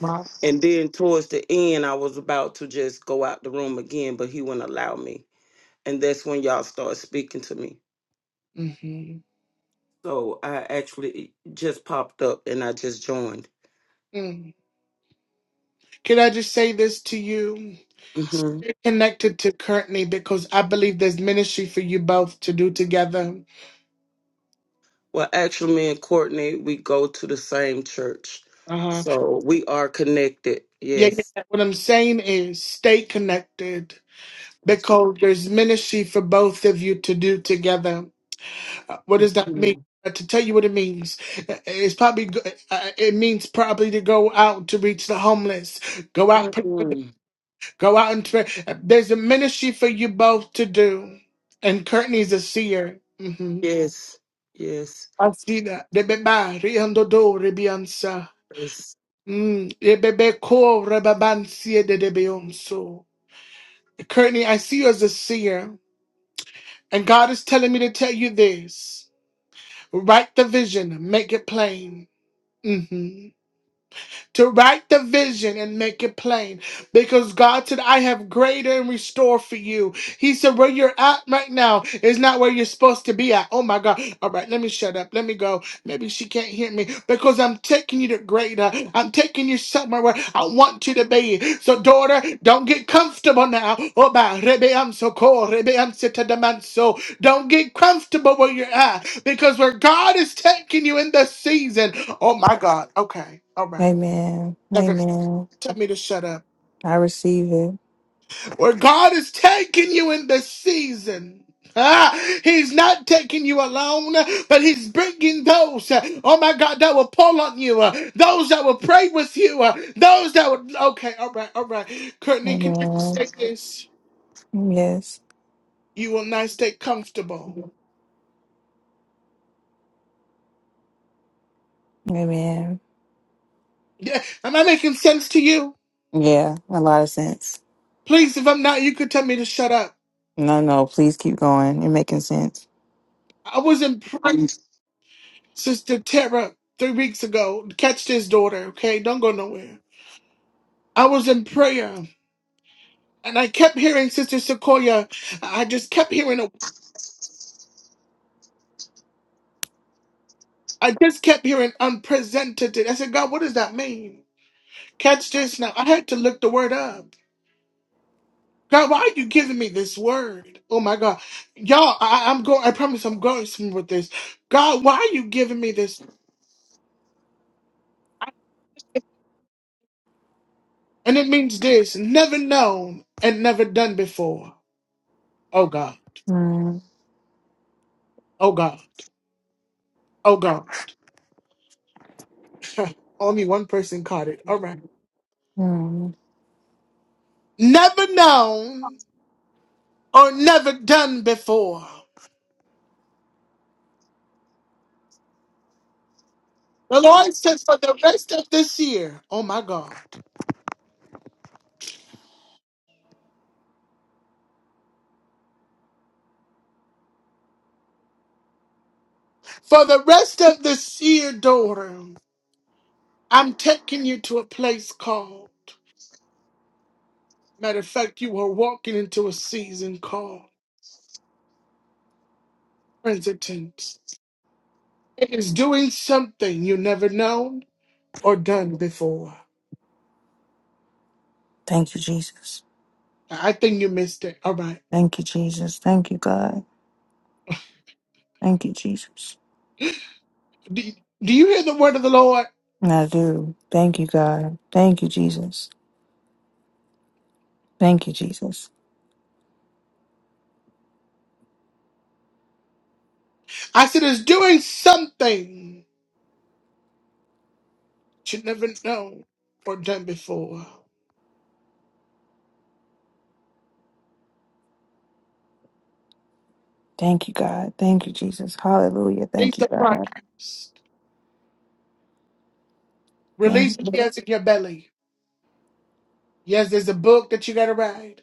S2: Well.
S10: And then towards the end, I was about to just go out the room again, but he wouldn't allow me. And that's when y'all started speaking to me.
S2: hmm
S10: So I actually just popped up and I just joined.
S2: Mm. Can I just say this to you?
S10: hmm
S2: Stay connected to Courtney because I believe there's ministry for you both to do together.
S10: Well, actually, me and Courtney, we go to the same church.
S2: Uh-huh.
S10: So we are connected.
S2: Yeah, yeah.
S10: Yes.
S2: yeah. What I'm saying is stay connected because there's ministry for both of you to do together. Uh, What does that mean?
S10: Mhm.
S2: Uh, To tell you what it means, uh, it's probably go- uh, uh, it means probably to go out to reach the homeless, go out, pr-
S10: Mhm.
S2: go out and pray. Uh, There's a ministry for you both to do, and Courtney's a seer. hmm
S10: Yes. Yes.
S2: I see that. Rebeba riandodo rebiansa.
S10: Yes.
S2: Mm, rebebe ko rebabansie de debeonso. Courtney, I see you as a seer, and God is telling me to tell you this: write the vision, make it plain. Mm-hmm. to write the vision and make it plain. Because God said, I have greater and restore for you. He said, Where you're at right now is not where you're supposed to be at. Oh my God. All right, let me shut up. Let me go. Maybe she can't hear me because I'm taking you to greater. I'm taking you somewhere where I want you to be. So, daughter, don't get comfortable now. Oh, my, Rebe, I'm so cold. Rebe, I'm so to the man, so Don't get comfortable where you're at because where God is taking you in this season. Oh, my God. Okay. All right.
S12: Amen.
S2: Never
S12: Amen.
S2: tell me to shut up.
S12: I receive it.
S2: Where God is taking you in this season. Ah, he's not taking you alone, but he's bringing those, uh, oh my God, that will pull on you, uh, those that will pray with you, uh, those that would, okay, all right, all right. Courtney, can you
S12: Amen.
S2: say this?
S12: Yes.
S2: You will not stay comfortable.
S12: Amen.
S2: Yeah, am I making sense to you?
S12: Yeah, a lot of sense.
S2: Please, if I'm not, you could tell me to shut up.
S12: No, no, please keep going. You're making sense.
S2: I was in prayer, Sister Tara, three weeks ago. Catch this daughter, okay? Don't go nowhere. I was in prayer and I kept hearing Sister Sequoia. I just kept hearing, I just kept hearing unprecedented. I said, God, what does that mean? Catch this now. I had to look the word up. God, why are you giving me this word? Oh my God. Y'all, I, I'm going, I promise I'm going somewhere with this. God, why are you giving me this? And it means this never known and never done before. Oh God.
S12: Mm,
S2: Oh God. Oh God. Only one person caught it. All right.
S12: mm.
S2: Never known or never done before. The Lord says for the rest of this year, oh my God, for the rest of this year, daughter, I'm taking you to a place called, matter of fact, you are walking into a season called Princeton's. It is doing something you never known or done before.
S12: Thank you, Jesus.
S2: I think you missed it. All right.
S12: Thank you, Jesus. Thank you, God. Thank you, Jesus.
S2: Do, do you hear the word of the Lord?
S12: And I do. Thank you, God. Thank you, Jesus. Thank you, Jesus.
S2: I said it's doing something that you never known or done before.
S12: Thank you, God. Thank you, Jesus. Hallelujah.
S2: Release
S12: Thank you,
S2: the
S12: God.
S2: progress.
S12: Thank
S2: Release what
S12: you.
S2: she has in your belly. Yes, there's a book that you gotta write.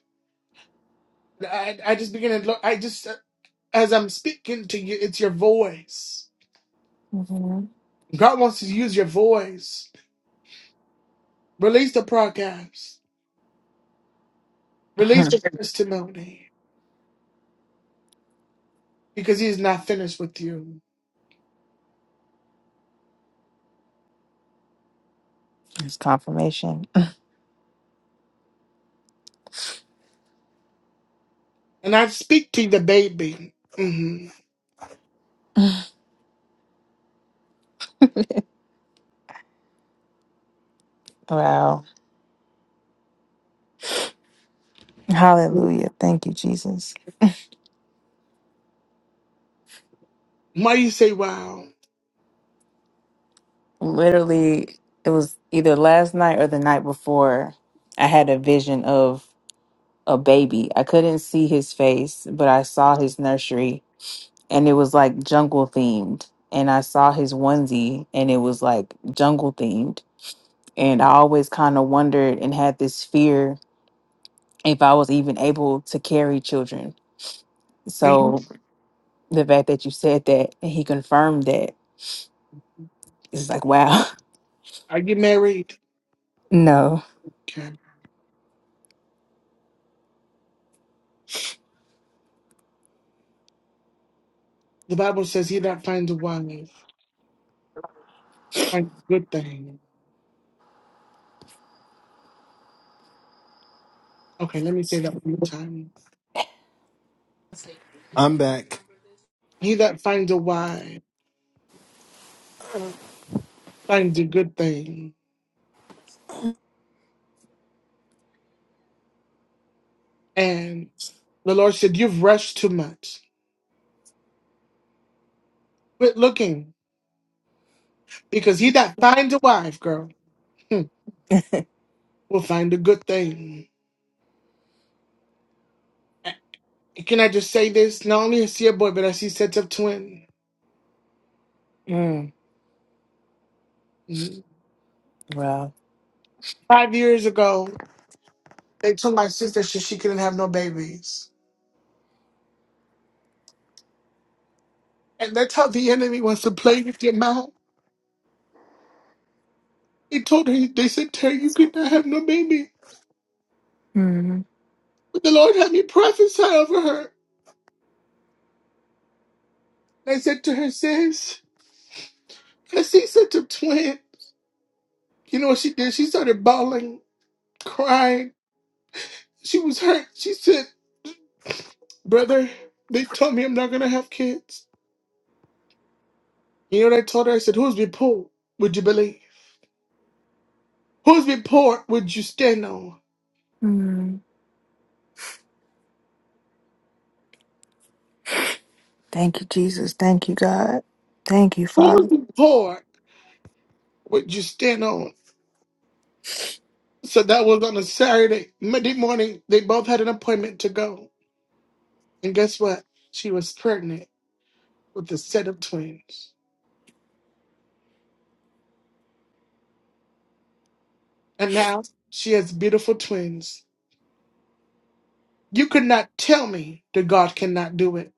S2: I, I just begin to look. I just as I'm speaking to you, it's your voice.
S12: Mhm.
S2: God wants to use your voice. Release the podcast. Release the testimony because He is not finished with you.
S12: it's confirmation.
S2: And I speak to the baby. hmm
S12: Wow. Hallelujah. Thank you, Jesus.
S2: Why you say, "Wow"?
S12: Literally, it was either last night or the night before. I had a vision of a baby. I couldn't see his face, but I saw his nursery and it was like jungle themed. And I saw his onesie and it was like jungle themed. And I always kind of wondered and had this fear if I was even able to carry children.
S2: Are you
S12: So the fact that you said that and he confirmed that, it's like, wow,
S2: are you married?
S12: no.
S2: Okay. The Bible says he that finds a wife finds a good thing. Okay, let me say that one more time.
S9: i'm back
S2: He that finds a wife finds a good thing. And the Lord said, You've rushed too much. Quit looking, because he that finds a wife, girl, hmm, will find a good thing. And Can I just say this? Not only I see a boy, but I see sets of twins.
S12: Mm,
S2: Mhm.
S12: wow.
S2: Five years ago, they told my sister she, she couldn't have no babies. And that's how the enemy wants to play with your mouth. He told her, they said to her, you could not have no baby.
S12: Mhm.
S2: But the Lord had me prophesy over her. And I said to her, sis, I see such a twin. You know what she did? She started bawling, crying. She was hurt. She said, Brother, they told me I'm not gonna have kids. You know what I told her? I said, Who's be poor? Would you believe? Who's be poor would you stand on?
S12: Mhm. Thank you, Jesus. Thank you, God. Thank you,
S2: Who's
S12: Father.
S2: be poor would you stand on? So that was on a Saturday, Monday morning. They both had an appointment to go. And guess what? She was pregnant with a set of twins. And now she has beautiful twins You could not tell me that God cannot do it.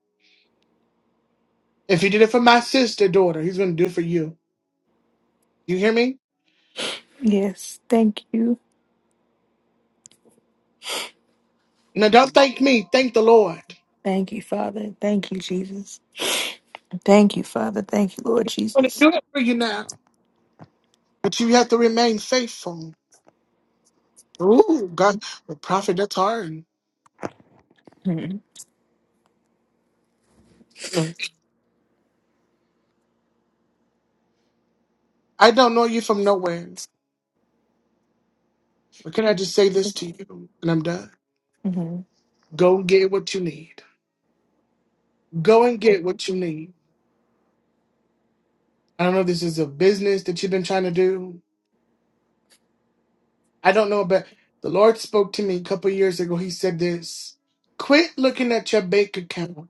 S2: If He did it for my sister daughter, He's going to do it for you. You hear me?
S12: Yes, thank you.
S2: Now, don't thank me. Thank the Lord.
S12: Thank you, Father. Thank you, Jesus. Thank you, Father. Thank you, Lord
S2: I'm going to
S12: Jesus.
S2: do it for you now. But you have to remain faithful. Ooh, God, the prophet, that's hard.
S12: Hmm.
S2: I don't know you from nowhere, but can I just say this to you? And I'm done.
S12: hmm
S2: Go and get what you need. Go and get what you need. I don't know if this is a business that you've been trying to do. I don't know, but the Lord spoke to me a couple years ago. He said this quit looking at your bank account,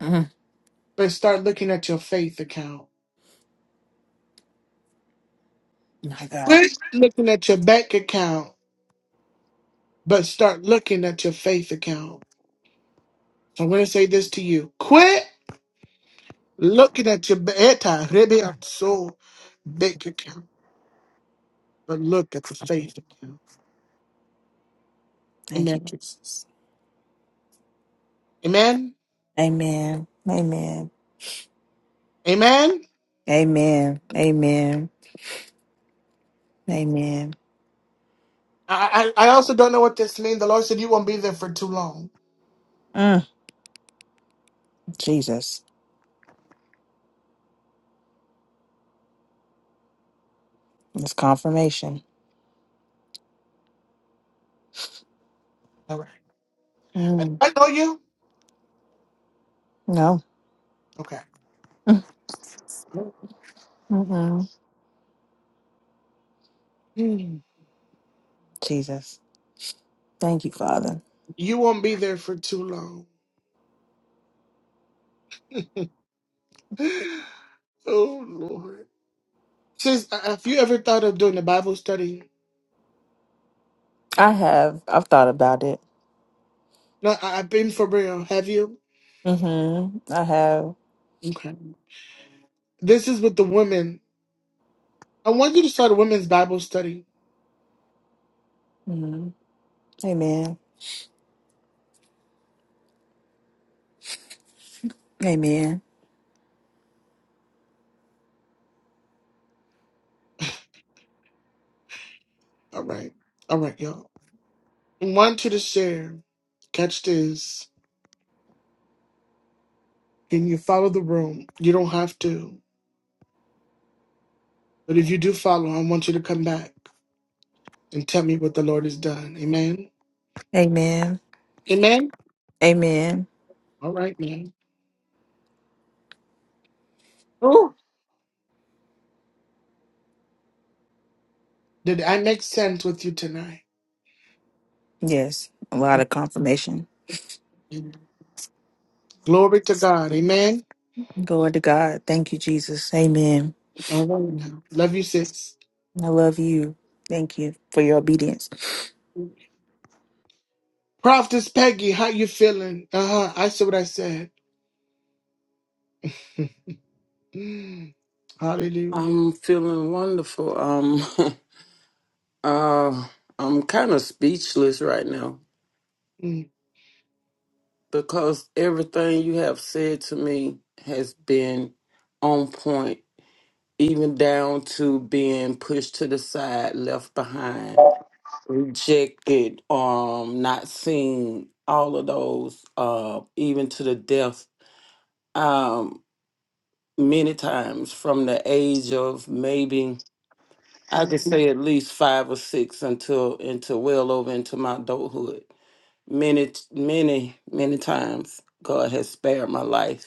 S12: hmm
S2: but start looking at your faith account.
S12: My God.
S2: Quit looking at your bank account, but start looking at your faith account. So I'm going to say this to you quit looking at your beta, maybe I'm so bank account, but look at the faith account.
S12: Thank you,
S2: Amen.
S12: Jesus.
S2: Amen.
S12: Amen. Amen.
S2: Amen.
S12: Amen. Amen. Amen.
S2: I, I I also don't know what this means. The Lord said you won't be there for too long.
S12: Mm. Jesus. It's confirmation.
S2: All right. I
S12: Mm.
S2: I know you.
S12: No.
S2: Okay.
S12: Mm. Mm-mm.
S2: Mm.
S12: Jesus. Thank you, Father.
S2: You won't be there for too long. Oh Lord. Sis, uh, have you ever thought of doing a Bible study?
S12: I have. I've thought about it.
S2: No, I, I've been for real. Have you?
S12: Mm-hmm. I have.
S2: Okay. This is with the women. I want you to start a women's Bible study.
S12: hmm Amen. Amen.
S2: All right. All right, y'all. I want you to share. Catch this. Can you follow the room? You don't have to. But if you do follow, I want you to come back and tell me what the Lord has done. Amen.
S12: Amen.
S2: Amen.
S12: Amen.
S2: All right, man. Did I make sense with you tonight?
S12: Yes. A lot of confirmation.
S2: Glory to God. Amen.
S12: Glory to God. Thank you, Jesus. Amen.
S2: All right now. Love you, sis.
S12: I love you. Thank you for your obedience.
S2: Prophetess Peggy, how you feeling? Uh-huh. I said what I said. Mm. Hallelujah.
S10: I'm feeling wonderful. Um, uh, I'm kind of speechless right now.
S2: Mm.
S10: because everything you have said to me has been on point, even down to being pushed to the side, left behind, rejected, um, not seen, all of those, uh, even to the death, um, many times from the age of maybe I could say at least five or six until into well over into my adulthood. Many, many, many times God has spared my life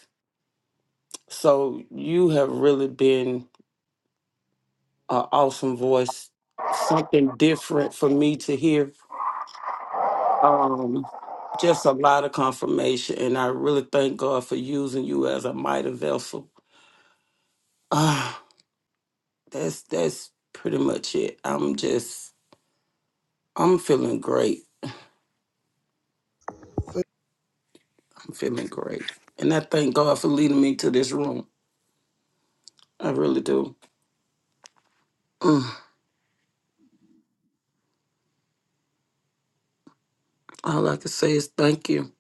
S10: So you have really been an awesome voice, something different for me to hear. Um, just a lot of confirmation, and I really thank God for using you as a mighty vessel. Ah, that's that's pretty much it. I'm just I'm feeling great. I'm feeling great, and I thank God for leading me to this room. I really do. Mm, all I can say is thank you.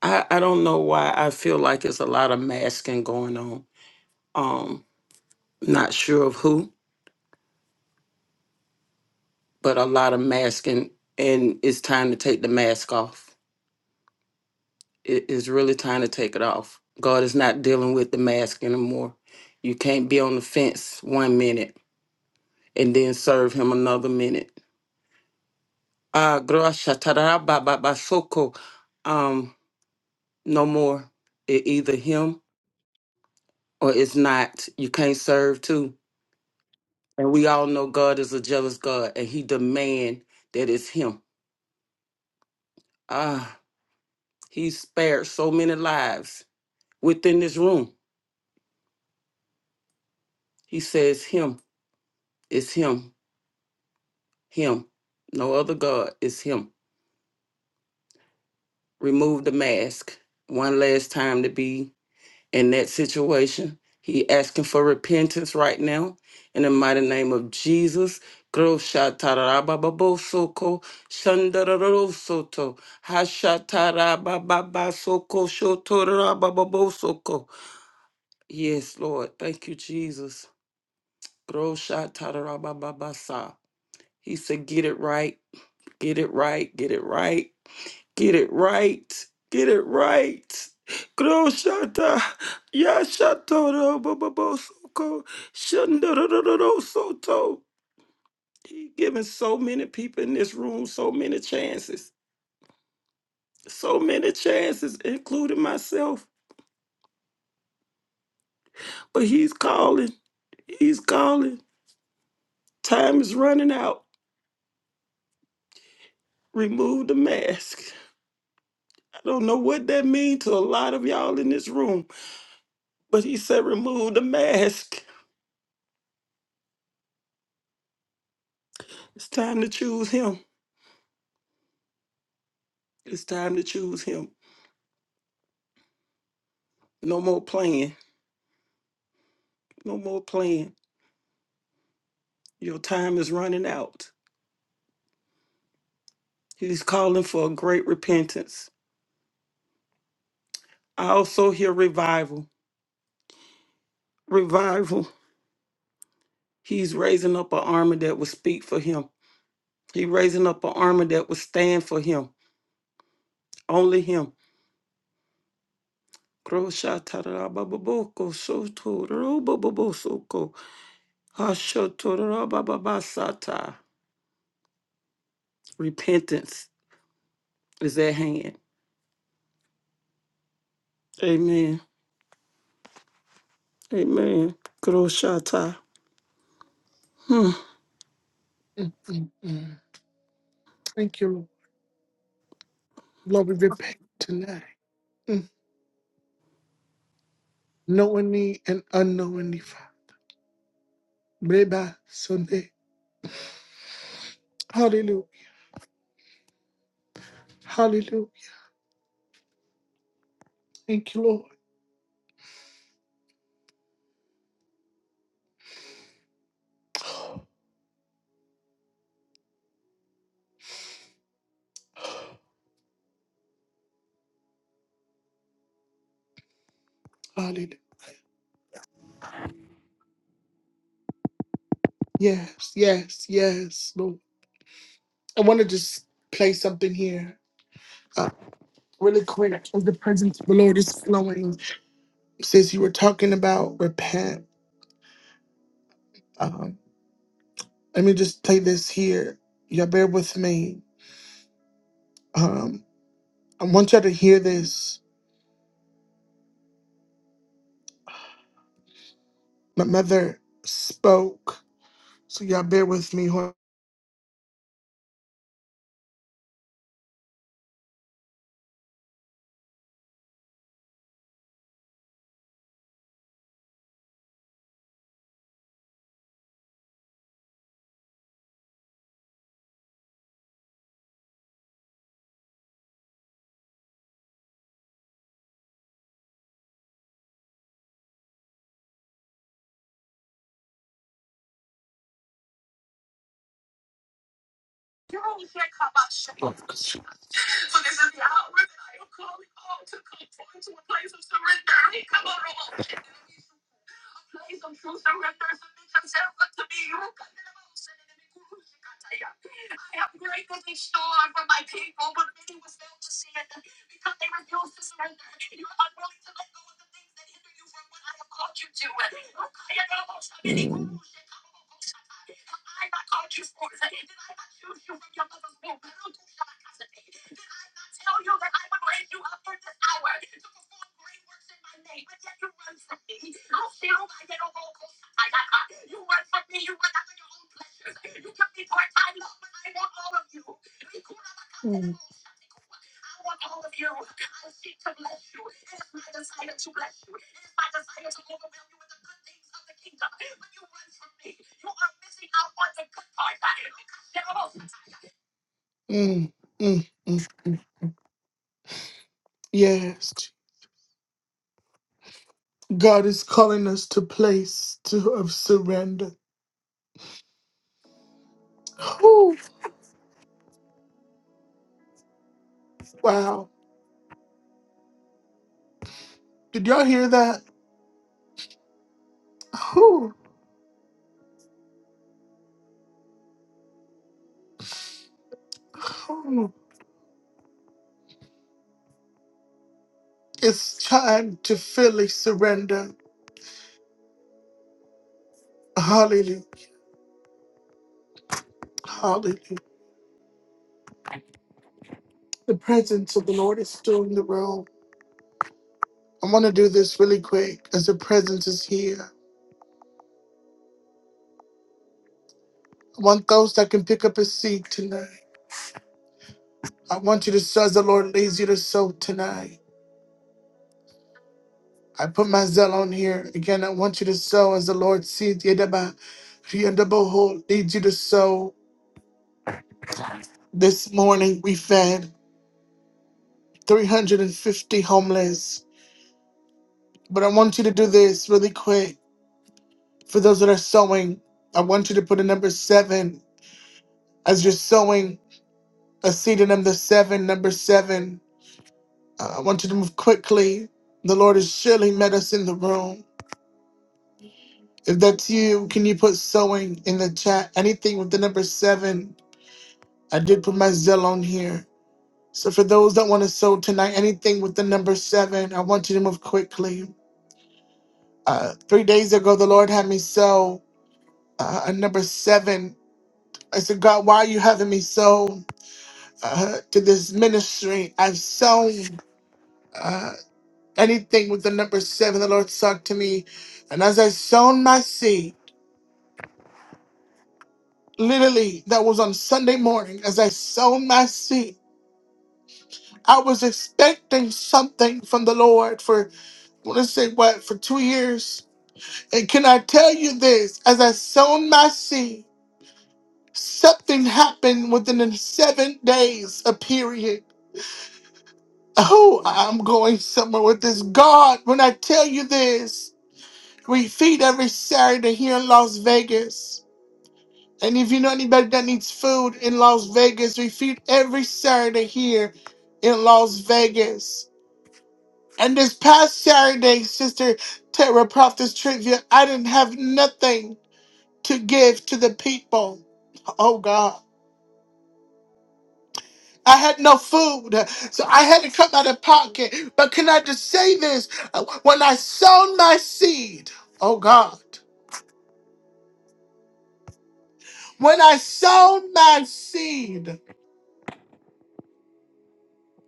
S10: I, I don't know why I feel like it's a lot of masking going on. Um, Not sure of who, but a lot of masking, and it's time to take the mask off. It is really time to take it off. God is not dealing with the mask anymore. You can't be on the fence one minute and then serve Him another minute. Ah, grasha tarara ba ba ba soko. Um, no more. It either Him or it's not. You can't serve two. And we all know God is a jealous God, and He demand that it's Him. Ah, He spared so many lives within this room. He says, Him is Him, Him, no other God is Him. Remove the mask one last time to be in that situation. He asking for repentance right now in the mighty name of Jesus. Groshatarabababosoko, shandarorosoto, hashatarabababasoko, shotorabababosoko. Yes, Lord. Thank you, Jesus. Groshatarabababasa. He said, Get it right, get it right, get it right, get it right, get it right. Groshata, Yashatoro, Bababosoko, Shandororo Soto. He giving so many people in this room so many chances, so many chances, including myself. But he's calling, he's calling. Time is running out. Remove the mask. I don't know what that means to a lot of y'all in this room. But he said, remove the mask. It's time to choose him. It's time to choose him. No more playing. No more playing. Your time is running out. He's calling for a great repentance. I also hear revival. Revival. He's raising up an army that will speak for him. He's raising up an army that will stand for him. Only him. Kroshatarabababoko, sotorobababosoko, hashotorobababasata. Repentance is at hand. Amen. Amen. Groshata. Hmm.
S2: Mm, mm, mm. Thank you, Lord. Lord, we repent tonight. Mm. Knowingly and unknowingly, Father. Reba Sunday. Hallelujah. Hallelujah. Thank you, Lord. Hallelujah. Yes, yes, yes, Lord. I want to just play something here. Uh, really quick, as the presence of the Lord is flowing. Since you were talking about repent, um, let me just play this here. Y'all bear with me. Um, I want y'all to hear this. My mother spoke, so y'all bear with me. Hold- on. Mm, mm, mm. mm. Yes, God is calling us to place to of surrender. Ooh, wow! Did y'all hear that? Ooh, ooh. It's time to fully surrender. Hallelujah! Hallelujah! The presence of the Lord is still in the room. I want to do this really quick, as the presence is here. I want those that can pick up a seed tonight. I want you to, so as the Lord leads you to sow tonight. I put my Zelle on here. Again, I want you to sow as the Lord sees you. Deba. Yendeboho leads you to sow. This morning we fed 350 homeless. But I want you to do this really quick. For those that are sowing, I want you to put a number seven as you're sowing a seed in number seven, number seven. Uh, I want you to move quickly. The Lord has surely met us in the room. If that's you, can you put sowing in the chat? Anything with the number seven I did put my Zelle on here. So for those that want to sow tonight, anything with the number seven, I want you to move quickly. Uh, three days ago, the Lord had me sow uh, a number seven. I said, God, why are you having me sow uh, to this ministry? I've sown uh, anything with the number seven. The Lord talked to me, and as I sown my seed, literally that was on Sunday morning. As I sown my seed, I was expecting something from the Lord for Let's say what for two years. And can I tell you this? As I sown my seed, something happened within the seven days days—a period. Oh, I'm going somewhere with this. God, when I tell you this, we feed every Saturday here in Las Vegas. And if you know anybody that needs food in Las Vegas, we feed every Saturday here in Las Vegas. And this past Saturday, Sister Terra Prophetess Trivia, I didn't have nothing to give to the people. Oh God. I had no food, so I had to come out of pocket. But can I just say this? When I sown my seed, oh God, when I sown my seed,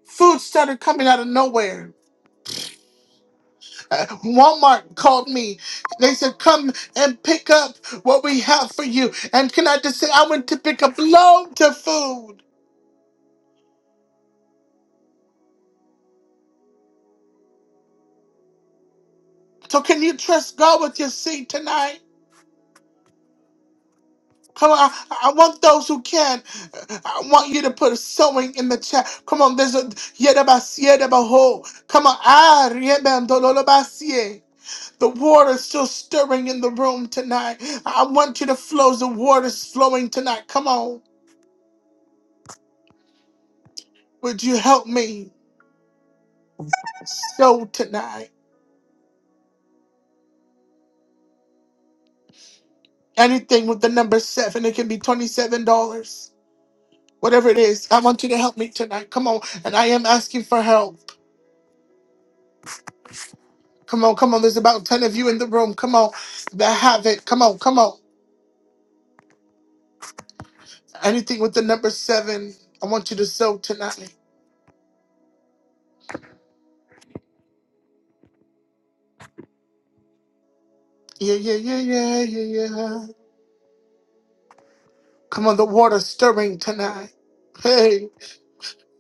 S2: food started coming out of nowhere. Uh, Walmart called me. They said, Come and pick up what we have for you. And can I just say, I went to pick up loads of food. So can you trust God with your seed tonight? Come on, I, I want those who can. I want you to put sewing in the chat. Come on, there's a yedabasie debaho. Come on, ah riebem dololobasie. The water's still stirring in the room tonight. I want you to flow. The water's flowing tonight. Come on, would you help me sew tonight? Anything with the number seven, it can be twenty-seven dollars. Whatever it is, I want you to help me tonight. Come on, and I am asking for help. Come on, come on. There's about 10 of you in the room. Come on. That have it. Come on, come on. Anything with the number seven, I want you to sow tonight. Yeah, yeah, yeah, yeah, yeah, yeah. Come on, the water stirring tonight. Hey.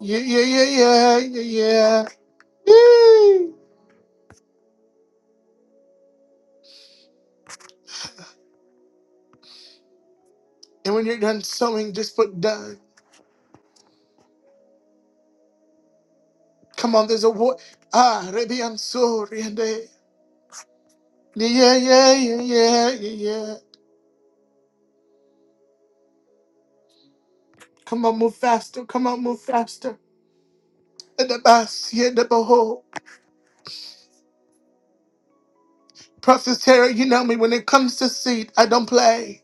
S2: Yeah, yeah, yeah, yeah, yeah, yeah. Yee. And when you're done sewing, just put done. Come on, there's a water. Ah, Rebi, I'm sorry. and, eh, Yeah, yeah, yeah, yeah, yeah, yeah. yeah. Come on, move faster. Come on, move faster. And the bus, yeah, the behold. Prophet Terry, you know me when it comes to seed, I don't play.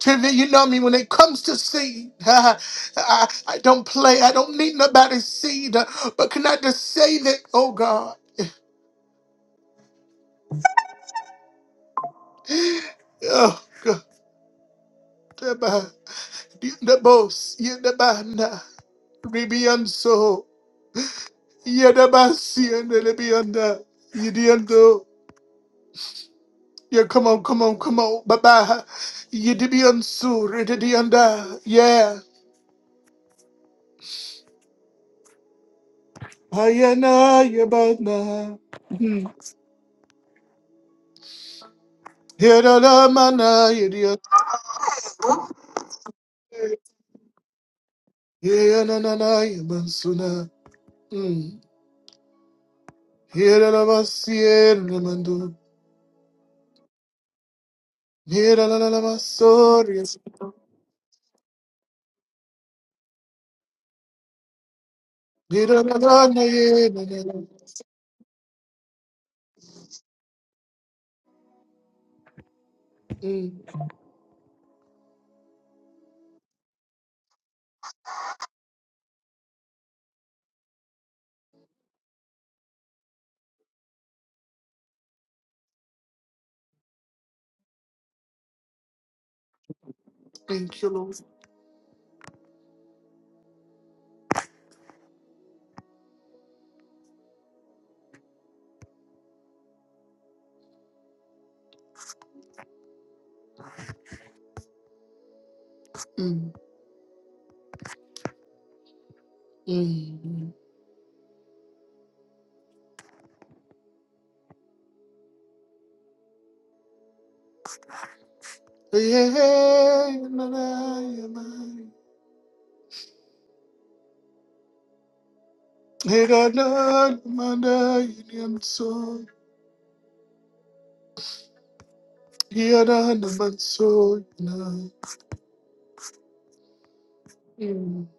S2: Trivia, you know me when it comes to seed. I, I don't play. I don't need nobody's seed. But can I just say that, oh God? Oh God. Abba. The boss, you're the banda. Ribian so. You're the boss, you're the Libianda. You're the ando. Yeah, come on, come on, come on. Baba. You're the Biansu, Ridianda. Yeah. Ayana, Yabana. Yeah, na na mana, yeah, yeah, yeah, na na na, yeah, mansuna. Mm. Yeah, na na mas, yeah, na mandu. Yeah, na na na na mas, sorry, yes. Yeah, na na na na, yeah, na na na. Mm. Thank you, Lord. hmm hmm. Yeah, na na, yeah, man. Yeah, na na na mana, yeah, yeah, I'm sorry. Yeah, na na man, sorry, na. Mm.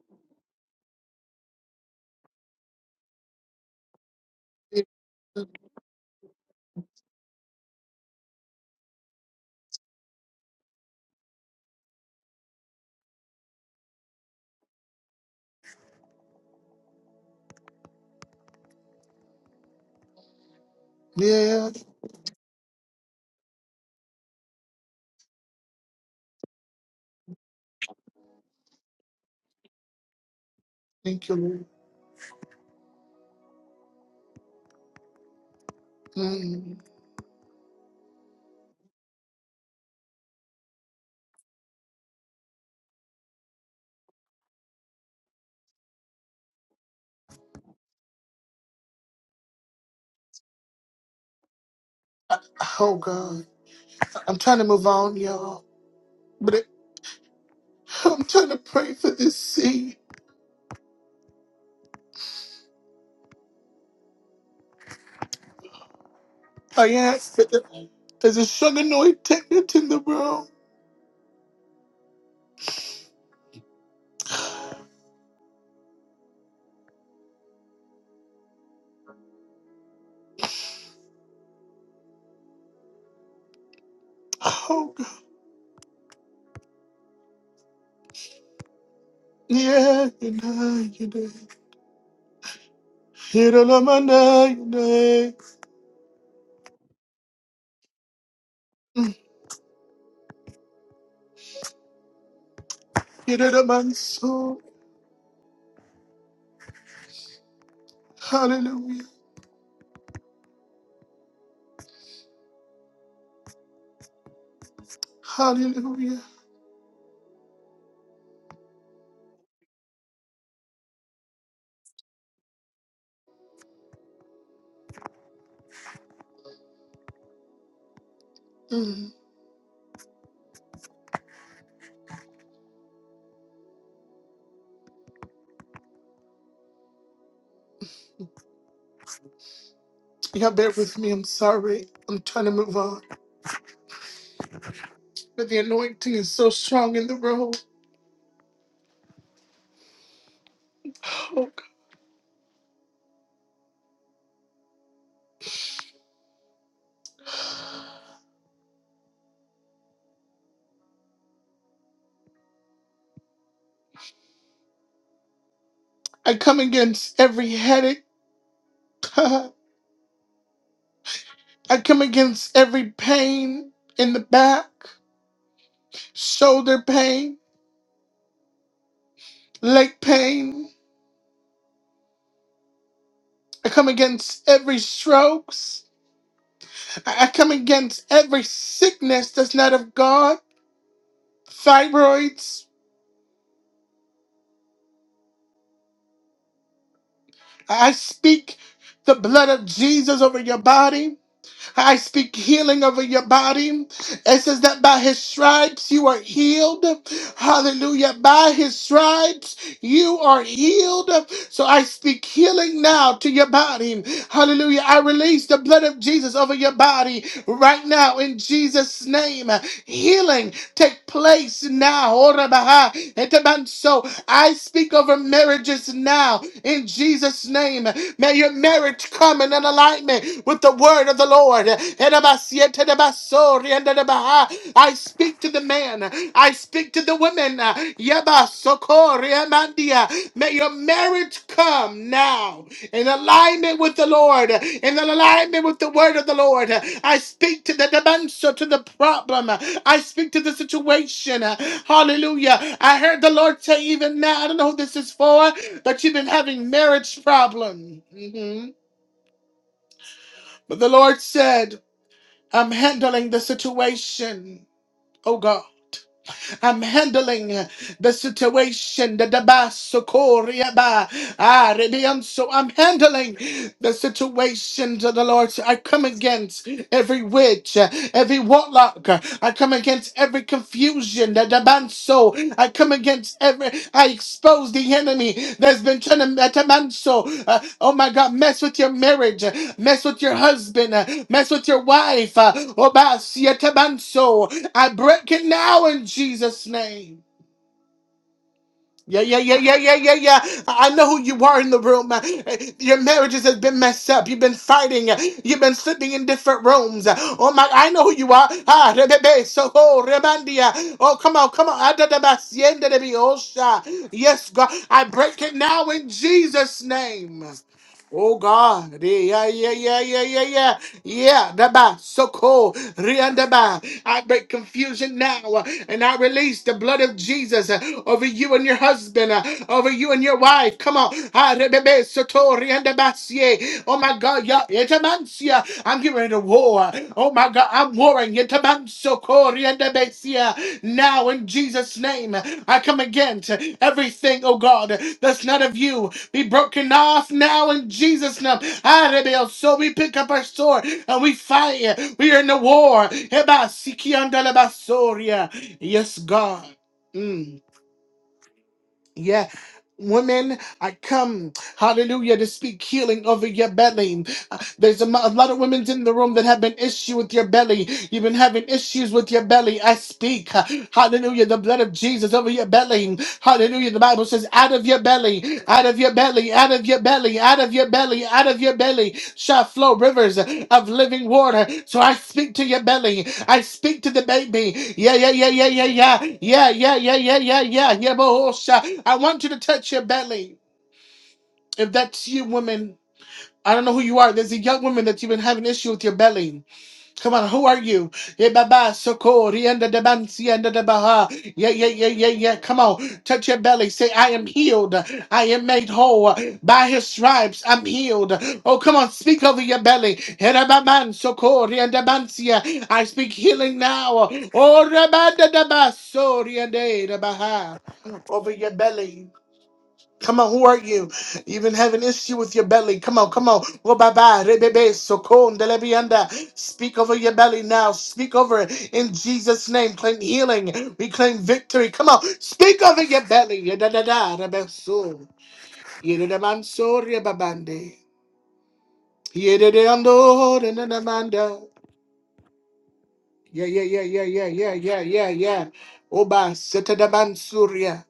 S2: Yeah, thank you, Lord. Hmm. Oh God, I'm trying to move on, y'all, but it, I'm trying to pray for this seed. I ask that the- there's a sugar noise technique in the room. Oh God, yeah, you know, you know, you know, you know, you know, Mm, you know, the man soul. Hallelujah, Hallelujah. Mm. Y'all bear with me. I'm sorry. I'm trying to move on, but the anointing is so strong in the room. Oh God, I come against every headache. I come against every pain in the back, shoulder pain, leg pain. I come against every strokes. I I come against every sickness that's not of God, thyroids. I I speak the blood of Jesus over your body. I speak healing over your body. It says that by his stripes you are healed. Hallelujah. By his stripes you are healed. So I speak healing now to your body. Hallelujah. I release the blood of Jesus over your body right now in Jesus' name healing take place now. Ora baha eteban. So I speak over marriages now in Jesus' name. May your marriage come in an alignment with the word of the Lord. Edabasi etebaso riendebaha. I speak to the man. I speak to the women. Yeba emandia. May your marriage come now in alignment with the Lord, in alignment with the word of the Lord. I speak to the dimension, to the problem. I speak to the situation. Hallelujah. I heard the Lord say, even now, I don't know who this is for, but you've been having marriage problem. Mhm. But the Lord said, I'm handling the situation. Oh God, I'm handling. the situation the basokoria ba ah redeem. So I'm handling the situations of the Lord. So I come against every witch, uh, every warlock. uh, I come against every confusion the banso. I come against every. I expose the enemy that's been trying to that the banso. Uh, oh my God, mess with your marriage, uh, mess with your husband, uh, mess with your wife. Uh, oh, basi, uh, tabanso. I break it now in Jesus' name. Yeah, yeah, yeah, yeah, yeah, yeah, yeah. I know who you are in the room. Uh, Your marriages has been messed up. You've been fighting. Uh, You've been sleeping in different rooms. Uh, Oh my, I know who you are. Ah, rebebe, soho, rebandia. Oh, come on, come on. Adadaba, siende de biosha. Yes, God, I break it now in Jesus' name. Oh God, Re- yeah, yeah, yeah, yeah, yeah, yeah, yeah. The ba so cool, the ba. I break confusion now, uh, and I release the blood of Jesus uh, over you and your husband, uh, over you and your wife. Come on, Ah, re- be- be- so to- re- and the ba, yeah. Oh my God, Ya etamansia. I'm getting ready to war. Oh my God, I'm warring. Yetamanso koriandabesia. Now in Jesus' name, I come against everything, oh God, that's not of you. Be broken off now in Jesus' name. Arebel. So we pick up our sword and we fight. We are in the war. Heba sikianda la basoria. Yes, God. Mm. Yeah. Women, I come, hallelujah, to speak healing over your belly. There's a, mo- a lot of women in the room that have been issue with your belly. You've been having issues with your belly. I speak. uh, Hallelujah. The blood of Jesus over your belly. Hallelujah. The Bible says, out of your belly, out of your belly, out of your belly, out of your belly, out of your belly shall flow rivers of living water. So I speak to your belly. I speak to the baby. Yeah, yeah, yeah, yeah, yeah, yeah. Yeah, yeah, yeah, yeah, yeah, yeah. Yeah, bohosha. I want you to touch your belly. If that's you, woman. I don't know who you are. There's a young woman that you've been having issue with your belly. Come on, who are you? Yeah, baba, soko, rienda de bansi, enda de baha. Yeah, yeah, yeah, yeah, yeah. Come on, touch your belly. Say, I am healed. I am made whole. By his stripes, I'm healed. Oh, come on, speak over your belly. Hera baman, soko, rienda bansi. I speak healing now. Oh, rabanda de baso, rienda de baha. Over your belly. Come on, who are you? You even have an issue with your belly. Come on, come on. Oh, bye bye. Rebebe, sokon, delebianda. Speak over your belly now. Speak over it in Jesus' name. Claim healing. We claim victory. Come on, speak over your belly. Yedadada, rebeso. Yededamanso, rebabande. Yededeando, denadamanda. Yeah, yeah, yeah, yeah, yeah, yeah, yeah, yeah, yeah. Oba, setadabansuria.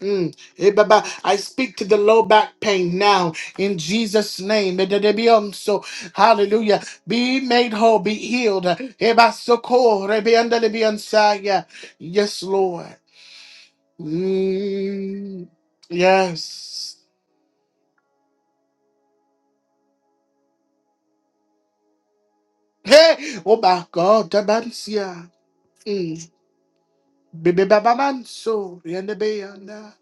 S2: Mm. Eh, Baba, I speak to the low back pain now in Jesus' name. Eh, da, da, be, um, So, hallelujah. Be made whole, be healed. Eh, ba, so, ko, re, be, under, le, be, inside, yeah. Yes, Lord. Mm. Yes. Hey, oh my God, da, ban, si, ah. Mm. Be, be, ba, ba, man, so, re, and, be, under.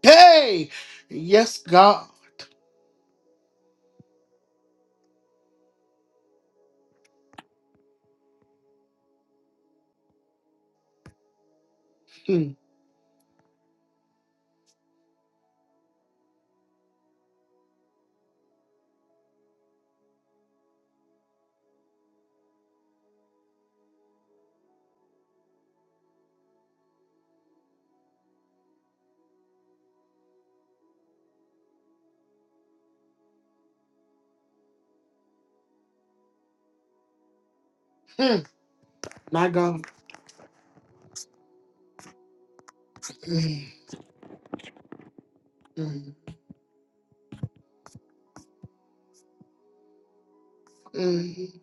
S2: Hey, yes, God. Mm. Mm. My God. Mm. Mm. Mm.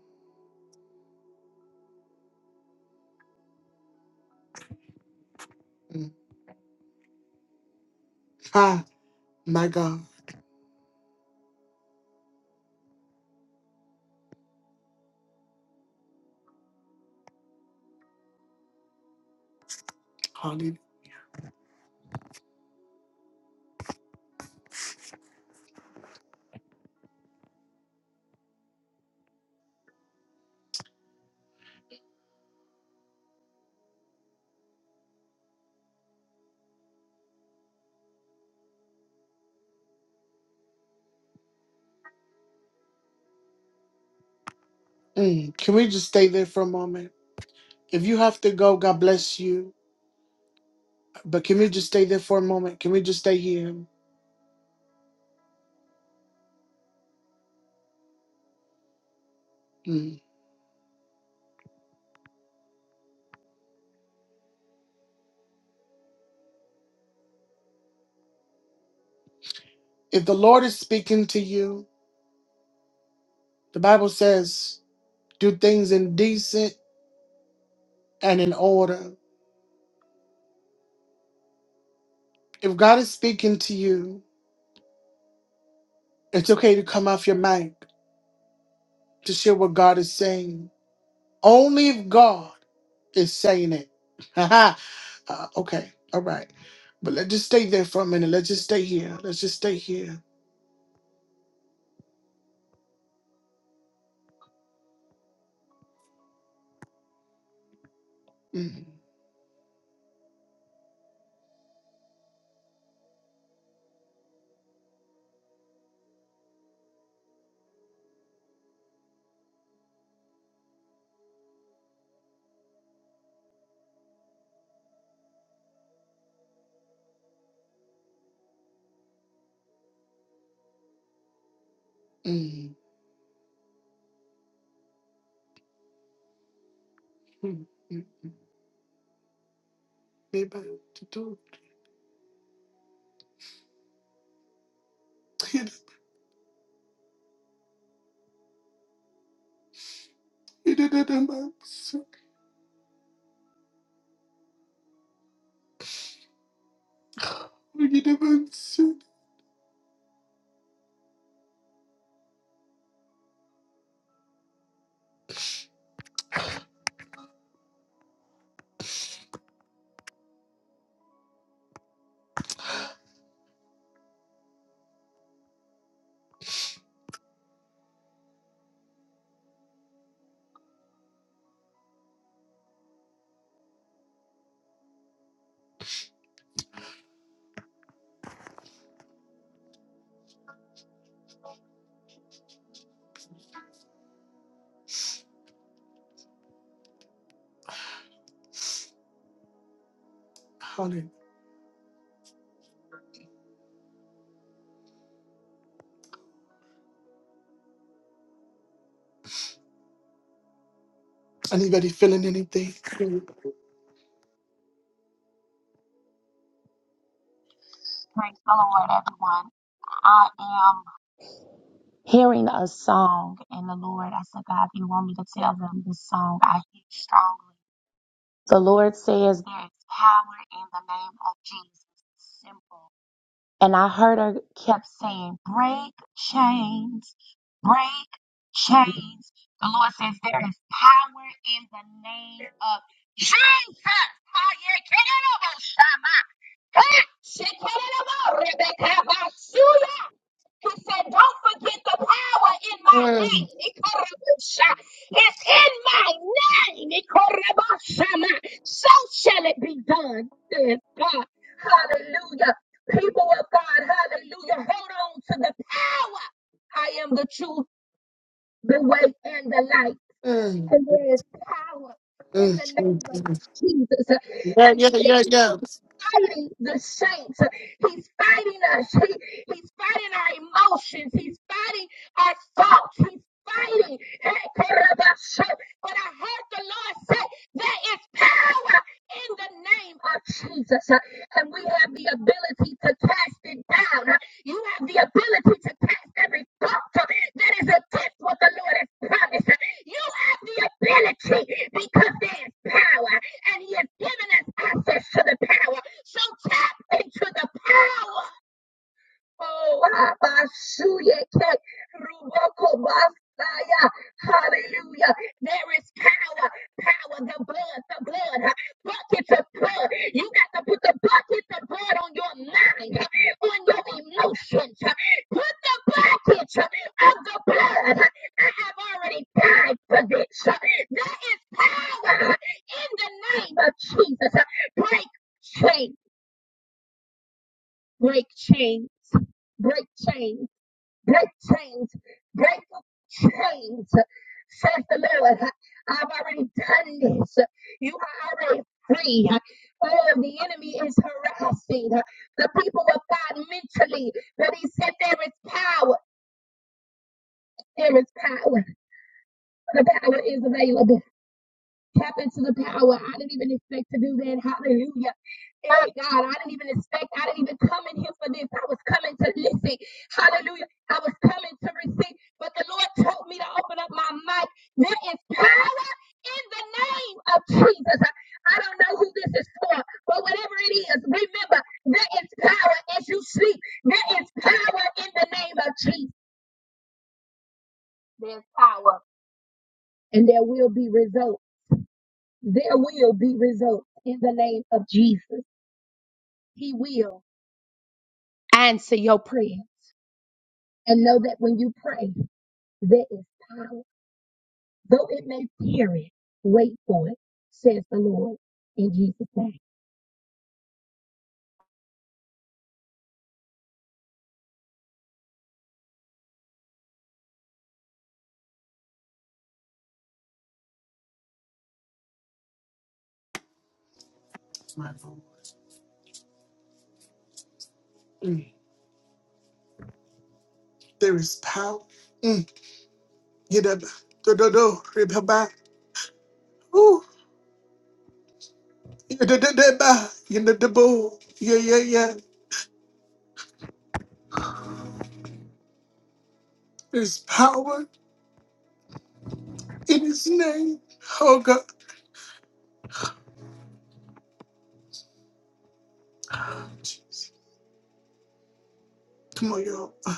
S2: Mm. My God. Hallelujah. Mm. Can we just stay there for a moment? If you have to go, God bless you. But can we just stay there for a moment? Can we just stay here? Mm. If the Lord is speaking to you, the Bible says, do things in decent and in order. If God is speaking to you, it's okay to come off your mic to share what God is saying. Only if God is saying it. uh, okay, all right. But let's just stay there for a minute. Let's just stay here. Let's just stay here. Mm, mm, mm, mm. Eba, tutu. Hallelujah. Anybody feeling anything? Mm,
S13: Praise the Lord, everyone. I am hearing a song, and the Lord, I said, God, if you want me to tell them this song, I hear strongly. The Lord says, There is power in the name of Jesus. Simple. And I heard her kept saying, Break chains, break chains. The Lord says, There is power in the name of Jesus. Hi, yeah, get it over, Shama. Ah, she get it over, Rebecca, Basuya. He said, Don't forget the power in my name.
S2: mm,
S13: Ikorabusha. It's in my name. Ikorabashama. So shall it be done, says God. Hallelujah. People of God, hallelujah. Hold on to the power. I am the truth, the way, and the light.
S2: mm,
S13: And there is power
S2: mm,
S13: in the name of
S2: mm.
S13: Jesus.
S2: Yeah,
S13: And
S2: yeah,
S13: the
S2: yeah, yeah.
S13: fighting the saints. He's fighting us. He, he's fighting our emotions. He's fighting our thoughts. He's fighting. But I heard the Lord say, there is power in the name of Jesus. And we have the ability to cast it down. You have the ability to cast every thought that is against what the Lord has promised. You have the ability because there is power. And He has given us access to the power. So tap into the power. Oh, Abashuyeke, Ruboko Basaya. Hallelujah. There is power, power, the blood, the blood, buckets of blood. You got to put the buckets of blood on your mind, on your emotions. Put the buckets of the blood. I have already died for this. There is power in the name of Jesus. Break chains break chains, break chains, break chains, break chains, says the Lord. I've already done this. You are already free. Oh, the enemy is harassing the people of God mentally, but he said there is power. There is power. The power is available. Tap into the power. I didn't even expect to do that. Hallelujah. My God, I didn't even expect. I didn't even come in here for this. I was coming to listen. Hallelujah. I was coming to receive. But the Lord told me to open up my mic. There is power in the name of Jesus. I don't know who this is for, but whatever it is, remember, there is power as you sleep. There is power in the name of Jesus. There's power. And there will be results. There will be results in the name of Jesus. He will answer your prayers. And know that when you pray, there is power. Though it may perish, wait for it, says the Lord in Jesus' name.
S2: Mm. There is power. Mm. Yidaba, dododo, ribaba. Ooh. Yidididaba, yididabo. Yeah, yeah, yeah. yeah. There's power in his name. Oh God. Come on, y'all. Uh,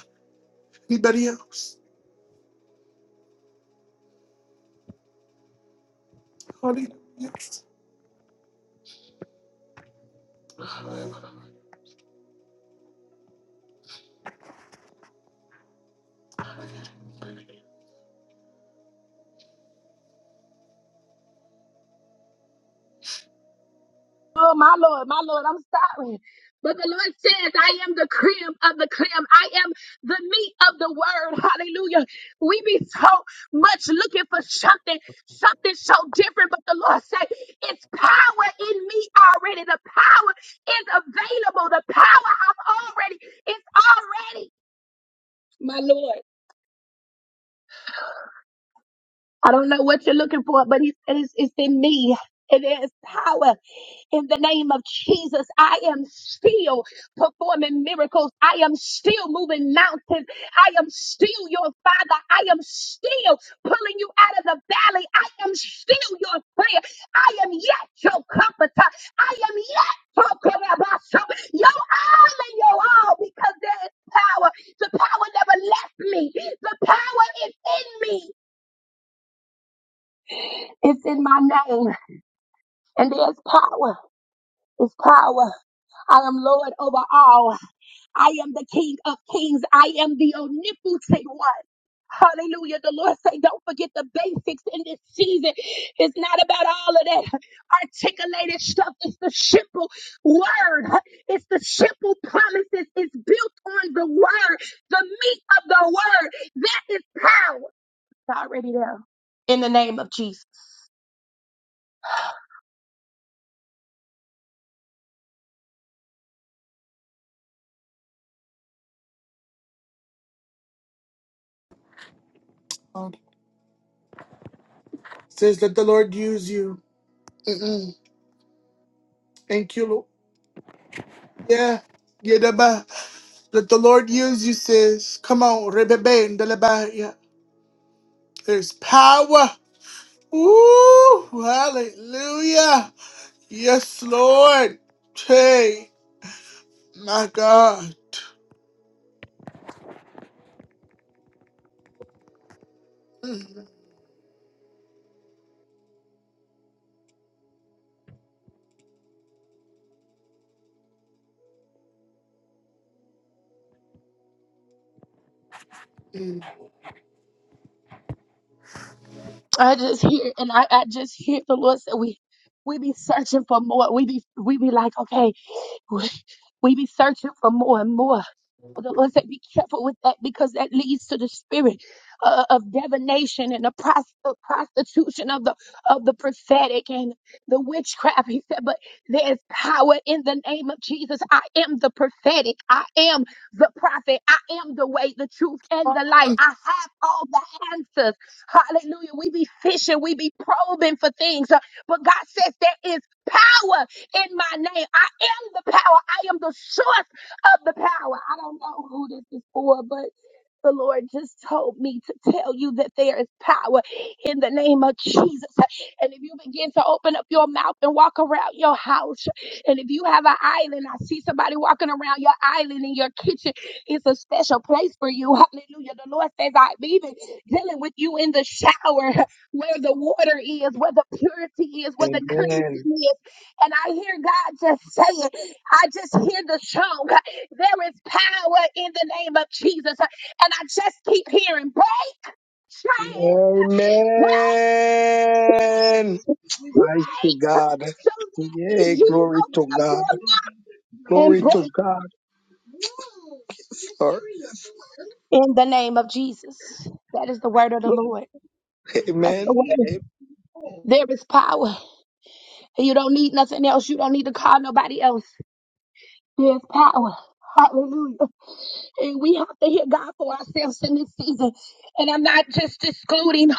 S2: Anybody else? Hallelujah. Um,
S13: Oh, my Lord, my Lord, I'm sorry. But the Lord says, I am the cream of the cream. I am the meat of the word. Hallelujah. We be so much looking for something, something so different. But the Lord said, it's power in me already. The power is available. The power I've already, it's already. My Lord. I don't know what you're looking for, but he said it's, it's in me. And there is power in the name of Jesus. I am still performing miracles. I am still moving mountains. I am still your father. I am still pulling you out of the valley. I am still your prayer. I am yet your comforter. I am yet talking about something. Your all and your all because there is power. The power never left me. The power is in me. It's in my name, and there's power. It's power. I am Lord over all. I am the King of kings. I am the omnipotent one. Hallelujah. The Lord say, don't forget the basics in this season. It's not about all of that articulated stuff. It's the simple word. It's the simple promises. It's built on the word, the meat of the word. That is power. It's already there. In the name of Jesus.
S2: Says, let the Lord use you. Mm-mm. Thank you, Lord. Yeah. Yeah, da ba. Let the Lord use you, sis. Come on. Rebebe and da la ba. Yeah. There's power. Ooh, hallelujah. Yes, Lord. Hey, my God. Mm.
S13: I just hear and I, I just hear the Lord say we we be searching for more. We be we be like, okay, we, we be searching for more and more. But The Lord said, be careful with that because that leads to the spirit uh, of divination and the pros- the prostitution of the of the prophetic and the witchcraft. He said, but there's power in the name of Jesus. I am the prophetic. I am the prophet. I am the way, the truth, and the light. I have all the answers. Hallelujah. We be fishing, we be probing for things. Uh, But God says there is power in my name. I am the power. I am the source of the power. I don't know who this is for, but the Lord just told me to tell you that there is power in the name of Jesus. And if you begin to open up your mouth and walk around your house, and if you have an island, I see somebody walking around your island in your kitchen, it's a special place for you. Hallelujah. The Lord says, I've even dealing with you in the shower where the water is, where the purity is, where the cleansing
S14: Amen.
S13: is. And I hear God just saying, I just hear the song, there is power in the name of Jesus. And I just keep hearing, break chains, break
S14: Amen. Mighty God.
S13: so that is
S14: Yay,
S13: you
S14: glory
S13: open
S14: to
S13: up
S14: God.
S13: your mouth and
S14: Glory to
S13: break
S14: God. For,
S13: in the name of Jesus. That is the word of the Lord. That's the
S14: amen.
S13: word. There is power. You don't need nothing else. You don't need to call nobody else. There is power. Hallelujah. And we have to hear God for ourselves in this season. And I'm not just excluding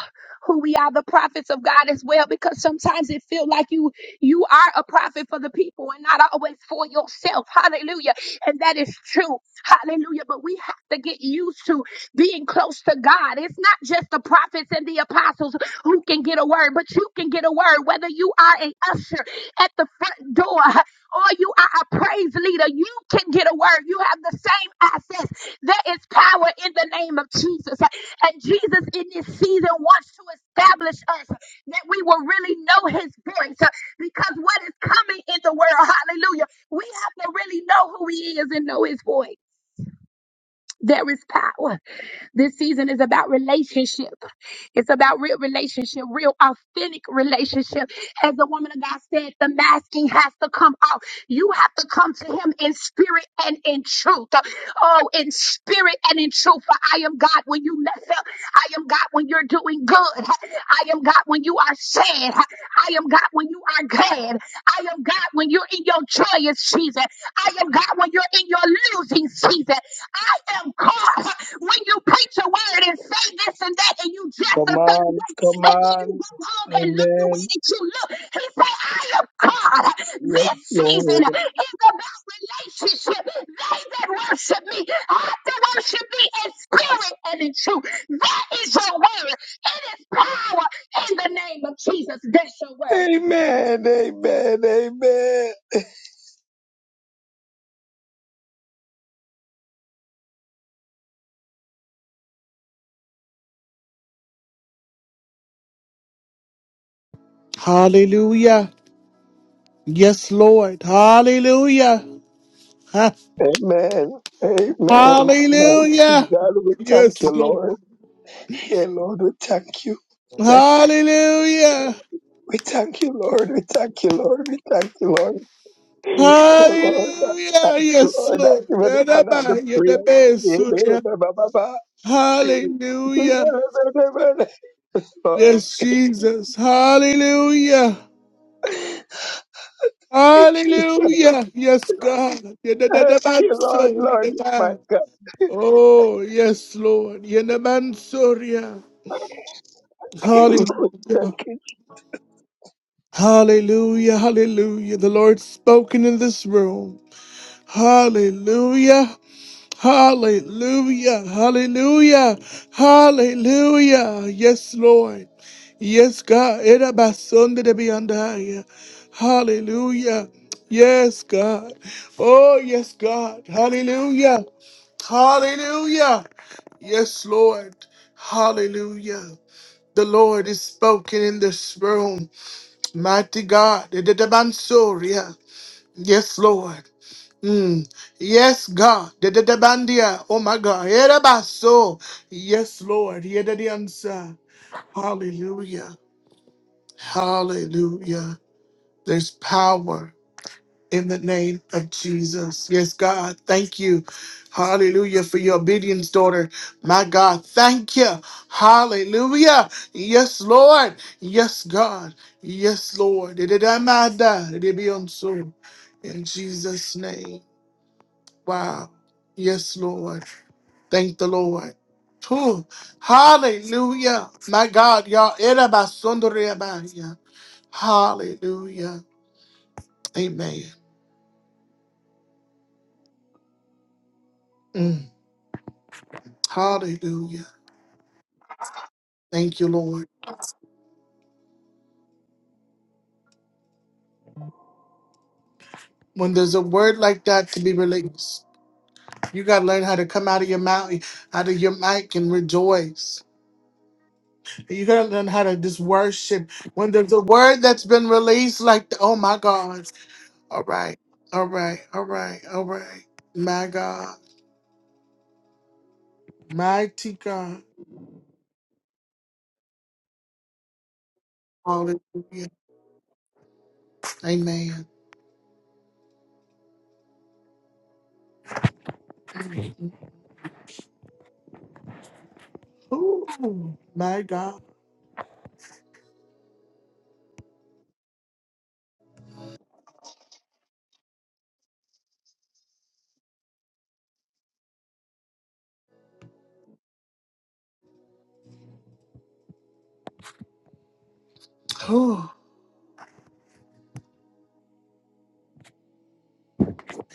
S13: who we are, the prophets of God as well, because sometimes it feels like you you are a prophet for the people and not always for yourself. Hallelujah. And that is true. Hallelujah. But we have to get used to being close to God. It's not just the prophets and the apostles who can get a word, but you can get a word, whether you are a usher at the front door or you are a praise leader, you can get a word. You have the same access. There is power in the name of Jesus. And Jesus in this season wants to establish us that we will really know his voice uh, because what is coming in the world, hallelujah, we have to really know who he is and know his voice. There is power. This season is about relationship. It's about real relationship, real authentic relationship. As the woman of God said, the masking has to come off. You have to come to him in spirit and in truth. Oh, in spirit and in truth. For I am God when you mess up. I am God when you're doing good. I am God when you are sad. I am God when you are glad. I am God when you're in your joyous season. I am God when you're in your losing season. I am caught When you preach a word and say this and that, and you dress
S14: Come
S13: a certain
S14: on,
S13: way,
S14: come
S13: and then you
S14: on.
S13: go home and look the way
S14: Amen.
S13: that you look, he said, I am God.
S14: Yes,
S13: This season
S14: Lord.
S13: is about relationship. They that worship me have to worship me in spirit and in truth. That is your word. It is power in the name of Jesus. That's your word.
S14: Amen, amen, amen.
S2: Hallelujah. Yes, Lord. Hallelujah. Ha-
S14: Amen. Amen. Mighty
S2: Hallelujah.
S14: God, we
S2: Yes,
S14: thank you,
S2: Lord.
S14: Lord. Yeah, Lord, we thank you. Thank you.
S2: Hallelujah.
S14: We thank you, Lord. We thank you, Lord. We thank you, Lord. Oh Lord, thank
S2: Hallelujah.
S14: you,
S2: Yes,
S14: Lord, thank
S2: Lord.
S14: you for the honor and the
S2: Yadaba,
S14: praise.
S2: yadabe, sunya. Hallelujah.
S14: Lord,
S2: Yes, Jesus. Hallelujah.
S14: thank you, Jesus.
S2: Hallelujah. Yes, God.
S14: Thank you, Lord,
S2: Yadadabanso,
S14: Lord, my
S2: yadaba.
S14: God.
S2: Oh, yes, Lord. Yadabansoria. Hallelujah.
S14: Thank you.
S2: Hallelujah. Hallelujah. The Lord's spoken in this room. Hallelujah. Hallelujah. Hallelujah. Hallelujah. Yes, Lord. Yes, God. Era basonde de biandaya. Hallelujah. Yes, God. Oh, yes, God. Hallelujah. Hallelujah. Yes, Lord. Hallelujah. The Lord is spoken in this room. Mighty God. Ede de bansoria. Yes, Lord. Mm. Yes, God. Dedebandia. Oh my God. Erebaso. Yes, Lord. Yedediansa. Hallelujah. Hallelujah. There's power in the name of Jesus. Yes, God. Thank you. Hallelujah for your obedience, daughter. My God. Thank you. Hallelujah. Yes, Lord. Yes, God. Yes, Lord. Dededamada. Dedebionso. In Jesus' name. Wow. Yes, Lord. Thank the Lord. Whew. Hallelujah. My God, y'all. Erabasundariabaya. Hallelujah. Amen. Mm. Hallelujah. Thank you, Lord. When there's a word like that to be released, you gotta learn how to come out of your mouth, out of your mic and rejoice. You gotta learn how to just worship. When there's a word that's been released like, oh my God. All right, all right, all right, all right. My God, mighty God. Hallelujah. Amen. Ooh, my God. Ooh,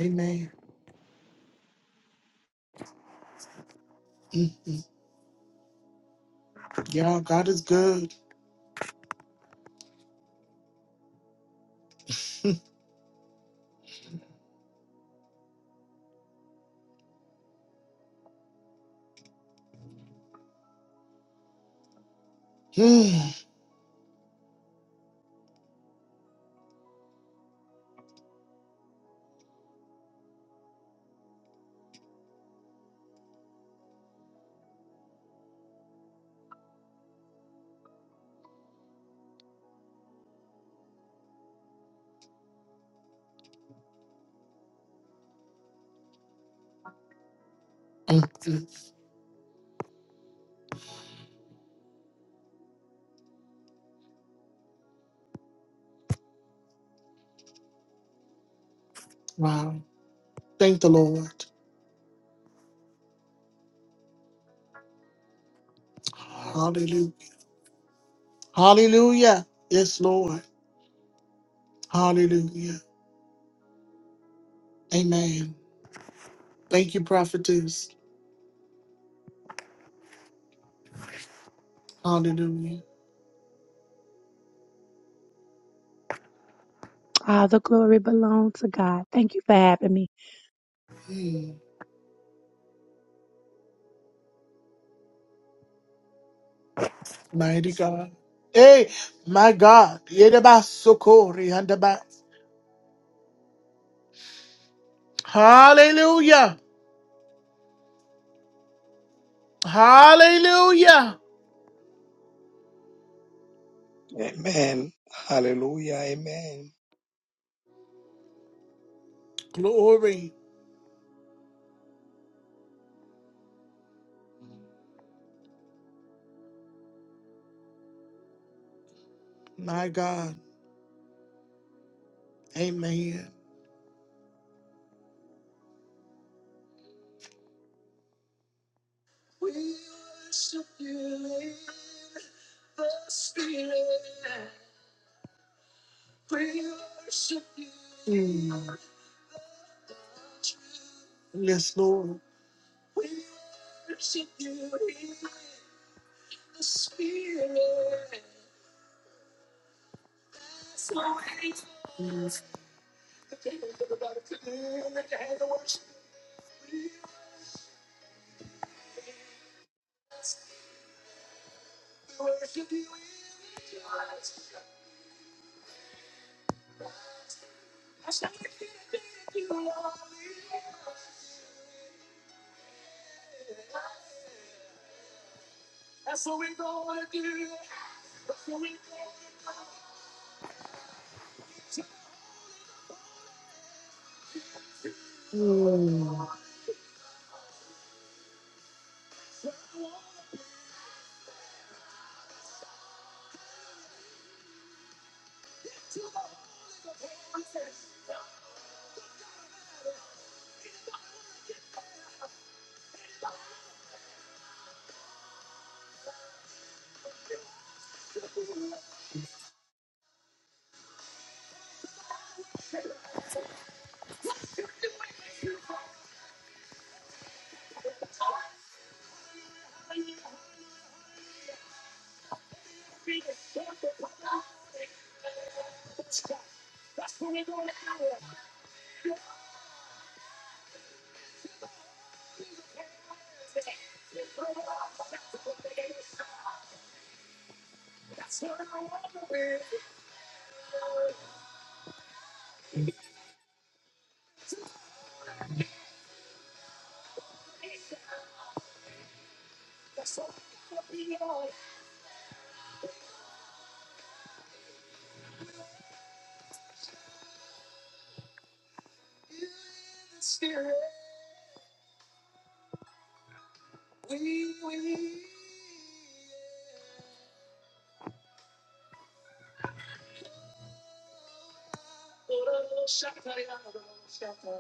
S2: amen. Mm, Y'all, God is good. Mm, mm, mm. Wow. Thank the Lord. Hallelujah. Hallelujah. Yes, Lord. Hallelujah. Amen. Thank you, prophetess. Hallelujah. Mm. Mighty God. Hey, my God. Yedabasokori handaba- Hallelujah. Hallelujah.
S14: Amen. Hallelujah. Amen.
S2: Glory. My God. Amen. Mm. Yes, Lord.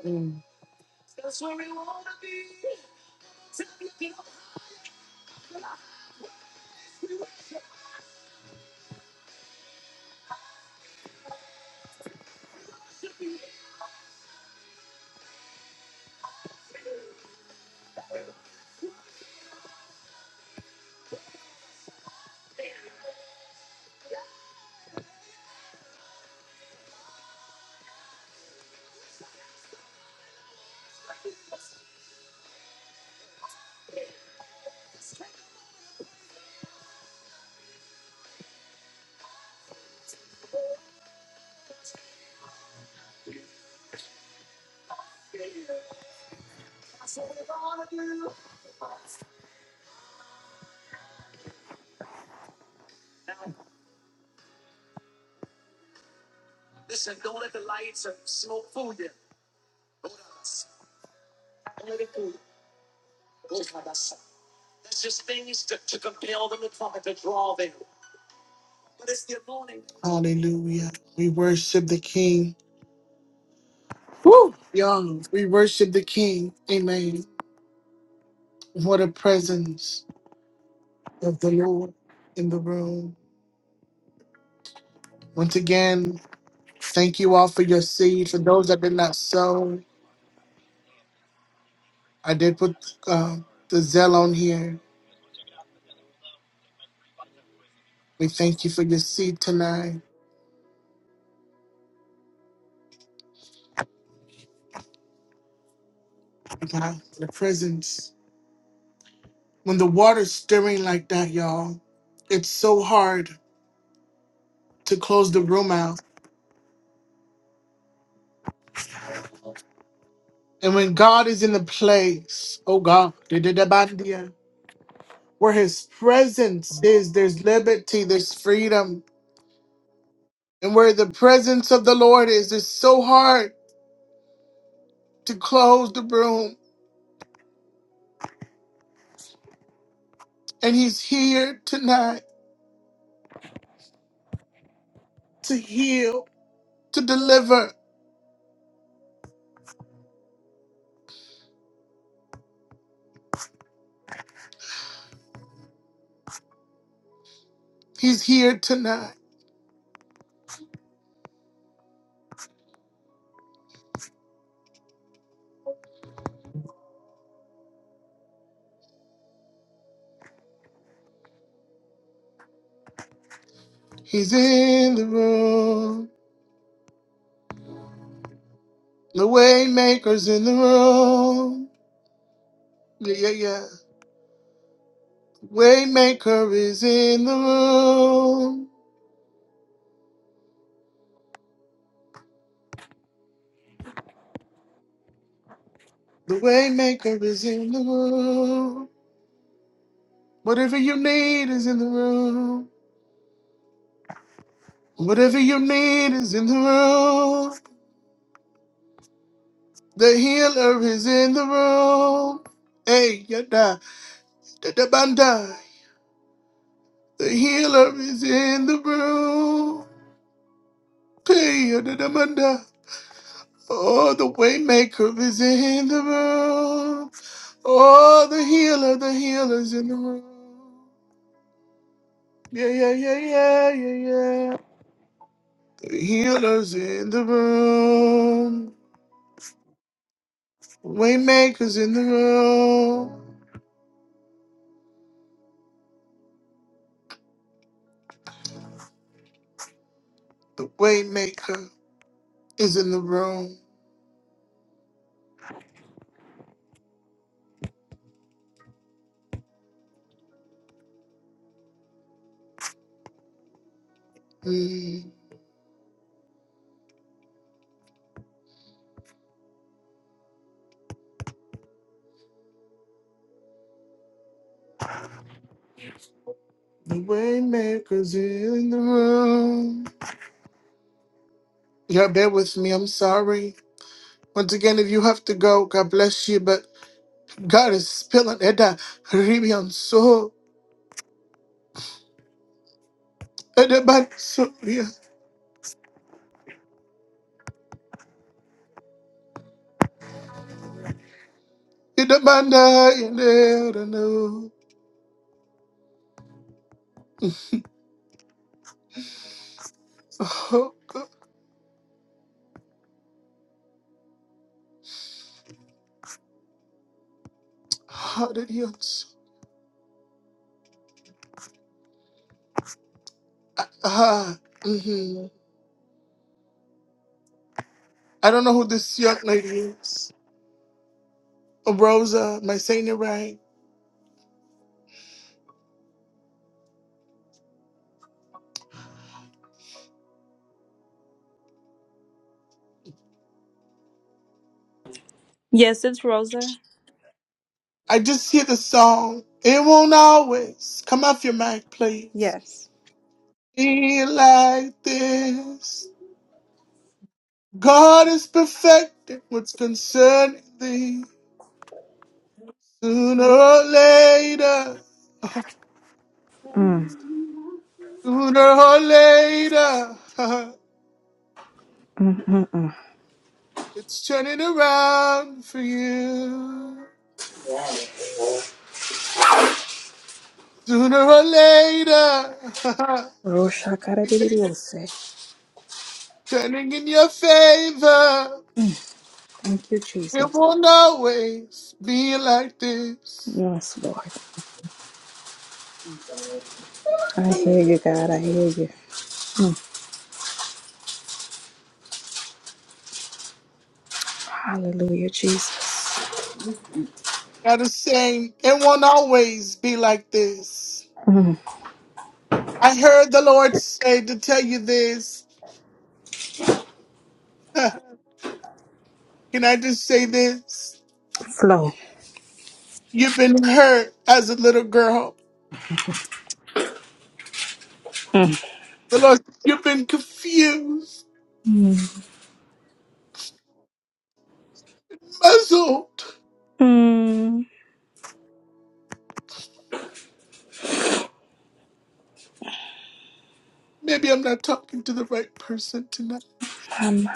S2: Mm. Hallelujah. We worship the King. Young. We worship the King. Amen. What a presence of the Lord in the room. Once again, thank you all for your seed. For those that did not sow, I did put um, the Zell on here. We thank you for your seed tonight, God, for the presence. When the water's stirring like that, y'all, it's so hard to close the room out. And when God is in the place, oh God, dididabandia, where His presence is, there's liberty, there's freedom. And where the presence of the Lord is, it's so hard to close the room. And He's here tonight to heal, to deliver. He's here tonight. He's in the room. The Waymaker's in the room. Yeah, yeah, yeah. Waymaker is in the room. The Waymaker is in the room. Whatever you need is in the room. Whatever you need is in the room. The healer is in the room. Hey, yada, da da bandai. The healer is in the room. Hey, yada, da Oh, the waymaker is in the room. Oh, the healer, the healer's in the room. Yeah, yeah, yeah, yeah, yeah, yeah. The healer's in the room. Waymaker's in the room. The waymaker is in the room. Mm. The waymaker's in the room. Yeah, bear with me. I'm sorry. Once again, if you have to go, God bless you. But. God is spilling it down. Ribian so it demand so yeah. It demand I never know. Oh God, how did he so ah, ah, mm-hmm. I don't know who this young lady is. Rosa, am I saying it right?
S15: Yes, it's Rosa.
S2: I just hear the song. It won't always come off your mic, please.
S15: Yes.
S2: Be like this. God is perfecting what's concerning thee. Sooner or later.
S15: Mm.
S2: Sooner or later,
S15: Mm-mm.
S2: it's turning around for you. Sooner or later, it's
S15: Roshakaradididiyose.
S2: turning in your favor.
S15: Mm. Thank you,
S2: It
S15: Jesus.
S2: won't always be like this.
S15: Yes, Lord. I hear you, God. I hear you. Hallelujah, Jesus.
S2: Gotta say, it won't always be like this.
S15: Mm.
S2: I heard the Lord say to tell you this. Can I just say this?
S15: Flow.
S2: You've been hurt as a little girl. The Lord, you've been confused.
S15: Mm.
S2: muzzled.
S15: Mm.
S2: Maybe I'm not talking to the right person tonight.
S15: Come on,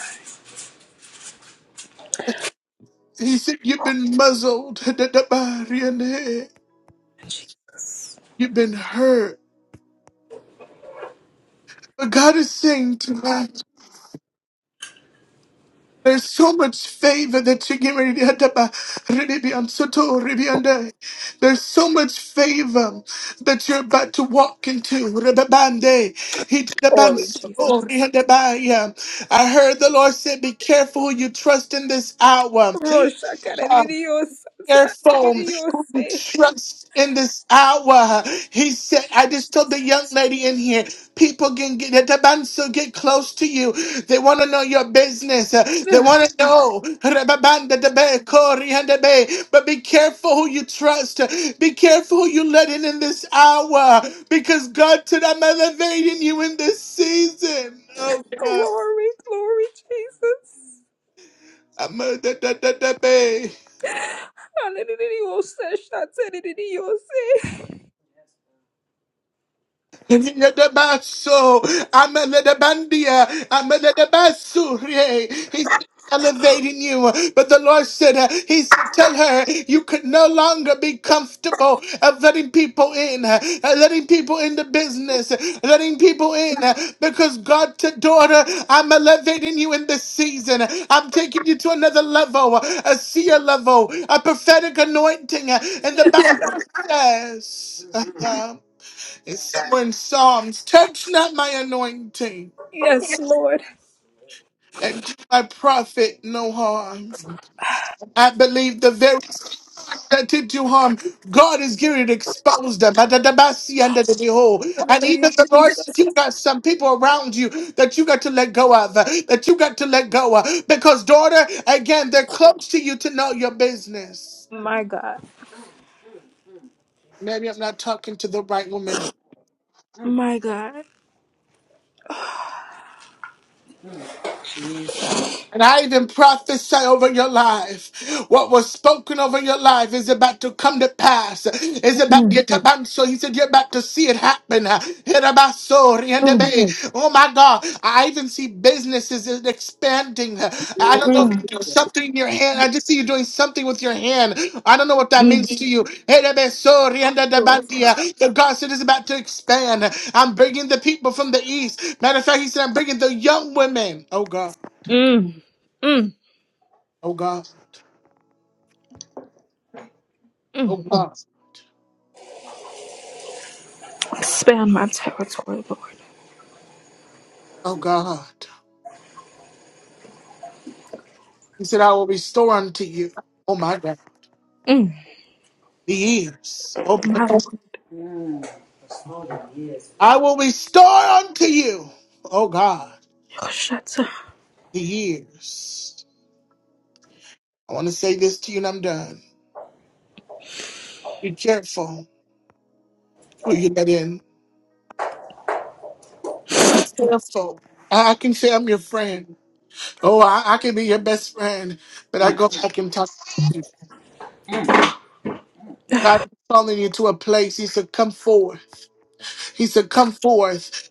S2: He said, You've been muzzled. You've
S15: Jesus.
S2: been hurt. But God is saying tonight, there's so much favor that you're getting ready to There's so much favor that you're about to walk into. I
S15: Glory, Jesus.
S2: heard the Lord said, Be careful who you trust in this hour.
S15: Roshakaradididiyose.
S2: careful who you
S15: Sakabidiyose.
S2: trust in this hour. He said, I just told the young lady in here, people can get the banso get close to you. They want to know your business. Uh, They want to know. Rababanda de be, kori and de be. But be careful who you trust. Be careful who you let in in this hour. Because God said, I'm elevating you in this season. Oh God.
S15: Glory, glory, Jesus.
S2: I'm a da da da da be.
S15: Hallelujah. Shakaradiridiyose.
S2: Yedebaso, ameledebandia, ameledebasurie. He's elevating you. But the Lord said, uh, He said, Tell her you could no longer be comfortable of letting people in, uh, letting people in the business, uh, letting people in. uh, Because God, to daughter, I'm elevating you in this season. I'm taking you to another level, uh, a seer level, a prophetic anointing. uh, And the
S15: Yes, God.
S2: Bible says, uh, it's so in Psalms, touch not my anointing,
S15: Yes, Lord.
S2: and do my prophet no harm. I believe the very that did you harm, God is going to expose them. At the Dabasi and the behold. And
S15: Hallelujah,
S2: even the Lord
S15: Jesus.
S2: says you got some people around you that you got to let go of, that you got to let go of. Because, daughter, again, they're close to you to know your business.
S15: My God.
S2: Maybe I'm not talking to the right woman
S15: My God.
S2: And I even prophesy over your life. What was spoken over your life is about to come to pass. It's about to
S15: Mm,
S2: get So he said, You're about to see it happen. Herabasori and
S15: mm,
S2: Ebe. Oh my God. I even see businesses is expanding. I don't know if you
S15: mm,
S2: do something in your hand. I just see you doing something with your hand. I don't know what that means
S15: mm,
S2: to you. Herabasori and
S15: Lord, stop.
S2: Ebebandia. The God said it's about to expand. I'm bringing the people from the east. Matter of fact, he said, I'm bringing the young women. Oh God.
S15: mm, mm,
S2: Oh God. Oh
S15: mm.
S2: God.
S15: Expand my territory, Lord.
S2: Oh God. He said, I will restore unto you. Oh my God.
S15: mm.
S2: The years. Oh, God.
S15: My Lord.
S2: I will restore unto you. Oh God.
S15: Shut up.
S2: The years. I want to say this to you and I'm done. Be careful who you let in. Be careful. I I can say I'm your friend. Oh, I, I can be your best friend, but I go back and talk to you. God is calling you to a place. He said, come forward. He said, Come forth.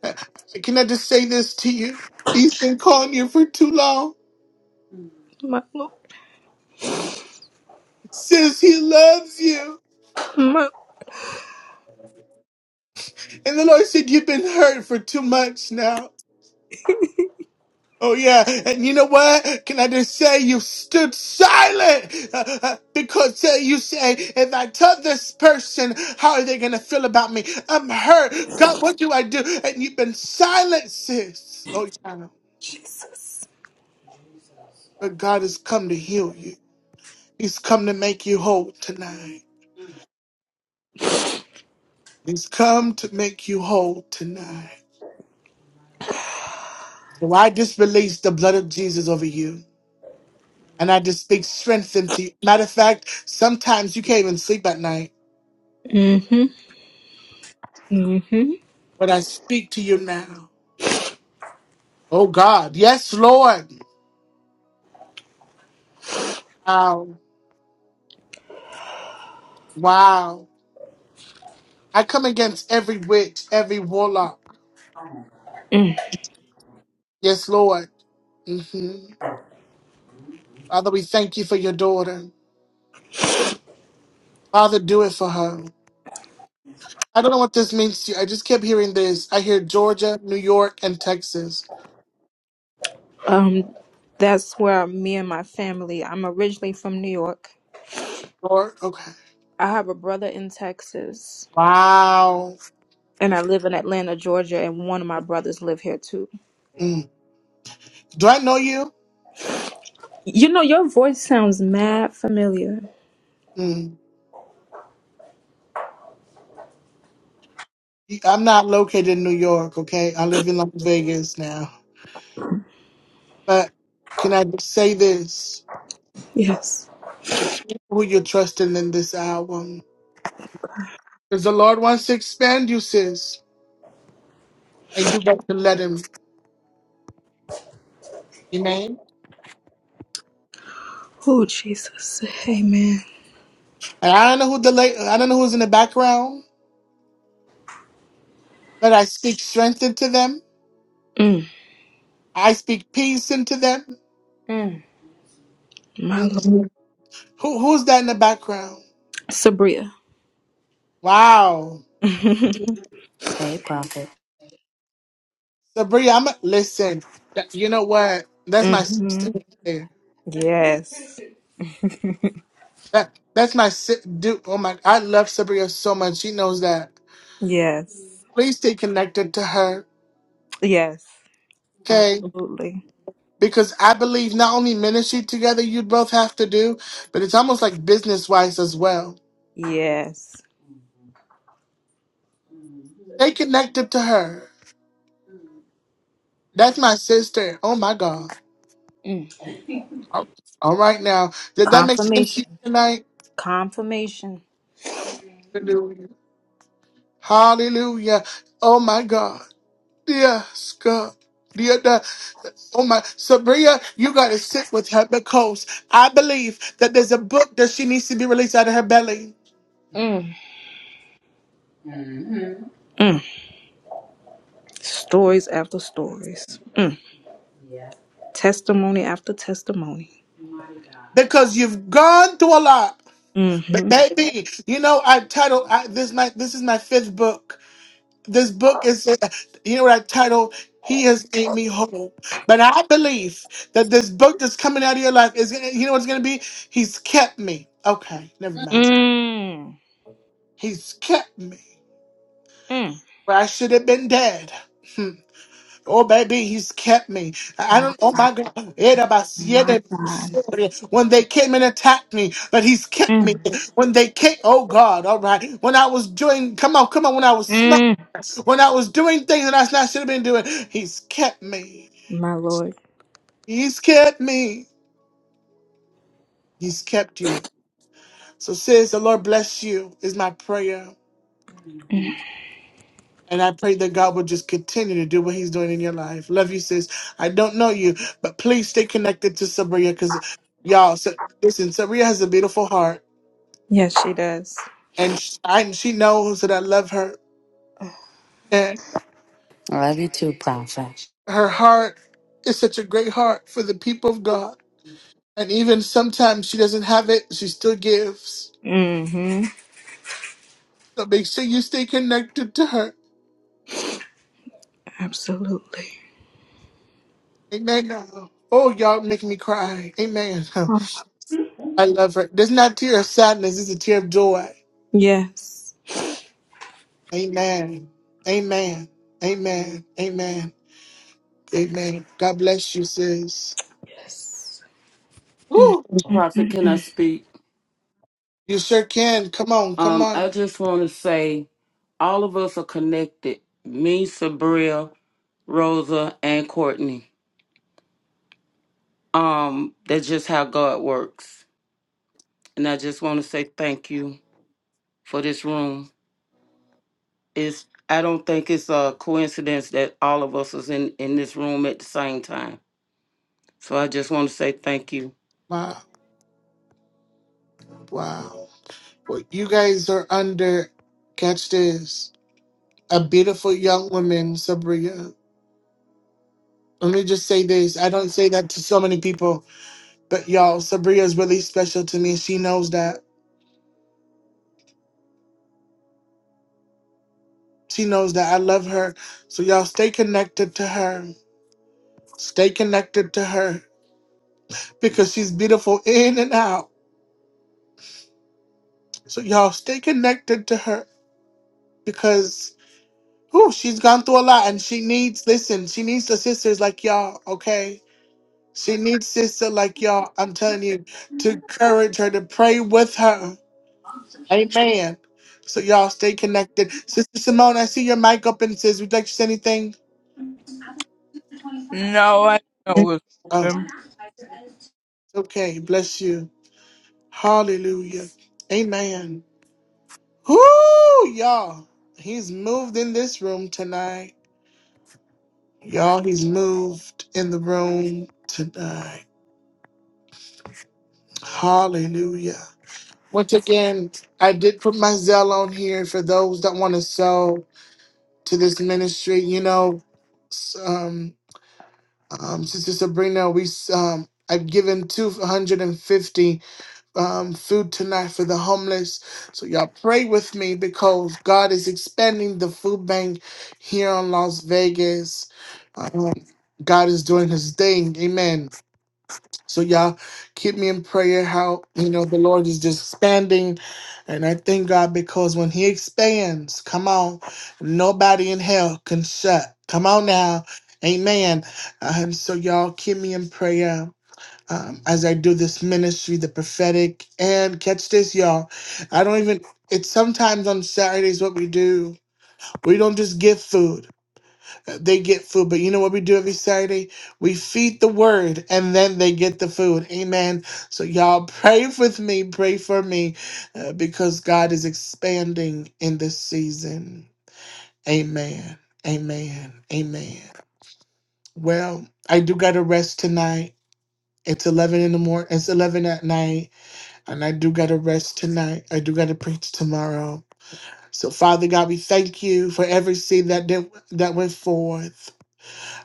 S2: Can I just say this to you? He's been calling you for too long.
S15: My Lord.
S2: Says he loves you.
S15: My
S2: And the Lord said, You've been hurt for too much now. Oh, yeah. And you know what? Can I just say you stood silent uh, uh, because uh, you say, if I tell this person, how are they going to feel about me? I'm hurt. God, what do I do? And you've been silent, sis. Oh, yeah.
S15: Jesus.
S2: But God has come to heal you. He's come to make you whole tonight. He's come to make you whole tonight. So I just release the blood of Jesus over you. And I just speak strength into you. Matter of fact, sometimes you can't even sleep at night.
S15: Mhm. Mhm.
S2: But I speak to you now. Oh God. Yes, Lord. Wow. Wow. I come against every witch, every warlock.
S15: Mm.
S2: Yes, Lord. hmm Father, we thank you for your daughter. Father, do it for her. I don't know what this means to you. I just kept hearing this. I hear Georgia, New York, and Texas.
S15: Um, that's where me and my family. I'm originally from New York.
S2: Lord, okay.
S15: I have a brother in Texas,
S2: Wow.
S15: and I live in Atlanta, Georgia, and one of my brothers live here too.
S2: Mm. Do I know you?
S15: You know, your voice sounds mad familiar.
S2: Mm. I'm not located in New York, okay? I live in Las Vegas now. But can I just say this?
S15: Yes.
S2: You keep who you're trusting in this album. Because the Lord wants to expand you, sis. And you got to let him. Amen.
S15: Oh, Jesus. Amen.
S2: And I don't know who the la- I don't know who's in the background, but I speak strength into them.
S15: Mm.
S2: I speak peace into them.
S15: Mm. My Lord.
S2: Mm. Who who's that in the background?
S15: Sabria.
S2: Wow.
S16: Hey, Prophet.
S2: Sabri, I'm listen. that- You know what? That's my
S15: hmm
S2: sister.
S15: Yes.
S2: That that's my si- dude. Oh my! I love Sabria so much. She knows that.
S15: Yes.
S2: Please stay connected to her,
S15: Yes.
S2: okay?
S15: Absolutely.
S2: Because I believe not only ministry together you both have to do, but it's almost like business wise as well.
S15: Yes.
S2: Stay connected to her. That's my sister. Oh my God!
S15: Mm.
S2: All all right now, did that make sense to
S15: Confirmation.
S2: you tonight?
S15: Confirmation.
S2: Hallelujah! Hallelujah! Oh my God! Dear God. Dear God. Oh my, Sabria, you gotta sit with her because I believe that there's a book that she needs to be released out of her belly
S15: Mm. Mm. Stories after stories. Mm. Testimony after testimony.
S2: because you've gone through a lot. But
S15: Mm-hmm.
S2: baby, you know I title I, this my this is my fifth book. This book is uh, you know what I title. He has made me whole, but I believe that this book that's coming out of your life is gonna. You know what it's gonna be? He's kept me. Okay, never mind.
S15: Mm.
S2: He's kept me.
S15: Mm.
S2: where I should have been dead. Hmm. Oh, baby, he's kept me. I I don't, oh
S15: My,
S2: my God. Era
S15: my
S2: basiete
S15: God.
S2: sobre. When they came and attacked me, but he's kept me.
S15: Mm.
S2: When they came, oh God, all right. When I was doing, come on, come on, when I was smart,
S15: Mm,
S2: when I was doing things that I not should have been doing, he's kept me.
S15: my Lord.
S2: He's kept me. He's kept you. So, sis, the Lord bless you, is my prayer. And I pray that God will just continue to do what He's doing in your life. Love you, sis. I don't know you, but please stay connected to Sabria because y'all, so, listen, Sabria has a beautiful heart,
S15: Yes, she does.
S2: and she, I, she knows that I love her, and
S16: I love you too, Prophet.
S2: her heart is such a great heart for the people of God. And even sometimes she doesn't have it, she still gives.
S15: Mm-hmm.
S2: So make sure you stay connected to her.
S15: Absolutely.
S2: Amen. Oh, y'all make me cry. Amen.
S15: Oh,
S2: I love her. There's not a tear of sadness, it's a tear of joy.
S15: Yes.
S2: Amen. Amen. Amen. Amen. Amen. God bless you, sis.
S15: yes.
S2: Woo!
S10: Prophet, can I speak?
S2: You sure can. Come on. Come
S10: Um, I
S2: on.
S10: just want to say all of us are connected. Me, Sabria, Rosa, and Courtney. Um, that's just how God works. And I just want to say thank you for this room. It's I don't think it's a coincidence that all of us is in, in this room at the same time. So I just want to say thank you.
S2: Wow. Wow. Well, you guys are under, catch this, a beautiful young woman, Sabria. Let me just say this. I don't say that to so many people, but y'all, Sabria is really special to me. She knows that. She knows that I love her. So y'all stay connected to her. Stay connected to her because she's beautiful in and out. So y'all stay connected to her because whew, she's gone through a lot and she needs listen, she needs the sisters like y'all, okay? She needs sister like y'all, I'm telling you, to encourage her, to pray with her. Amen. So y'all stay connected. Sister Simone, I see your mic up and says, Would you like to say anything?
S17: No, I know it was
S2: Oh,
S17: open.
S2: okay. Bless you. Hallelujah. Amen. Whoo, y'all. He's moved in this room tonight. Y'all, he's moved in the room tonight. Hallelujah. Once again, I did put my Zell on here for those that want to sow to this ministry. You know, s- um, um, Sister Sabrina, we s- um, I've given 250 um, food tonight for the homeless. So y'all pray with me because God is expanding the food bank here in Las Vegas. Um, God is doing his thing. Amen. So y'all keep me in prayer how you know the Lord is just expanding. And I thank God because when He expands, come on, nobody in hell can shut. Come on now. Amen. And so y'all keep me in prayer. Um, as I do this ministry, the prophetic, and catch this, y'all. I don't even, it's sometimes on Saturdays what we do. We don't just give food. Uh, they get food. But you know what we do every Saturday? We feed the word and then they get the food. Amen. So y'all pray with me, pray for me uh, because God is expanding in this season. Amen. Amen. Amen. Well, I do got to rest tonight. It's 11 in the morning. It's 11 at night. And I do got to rest tonight. I do got to preach tomorrow. So, Father God, we thank you for every seed that, did, that went forth.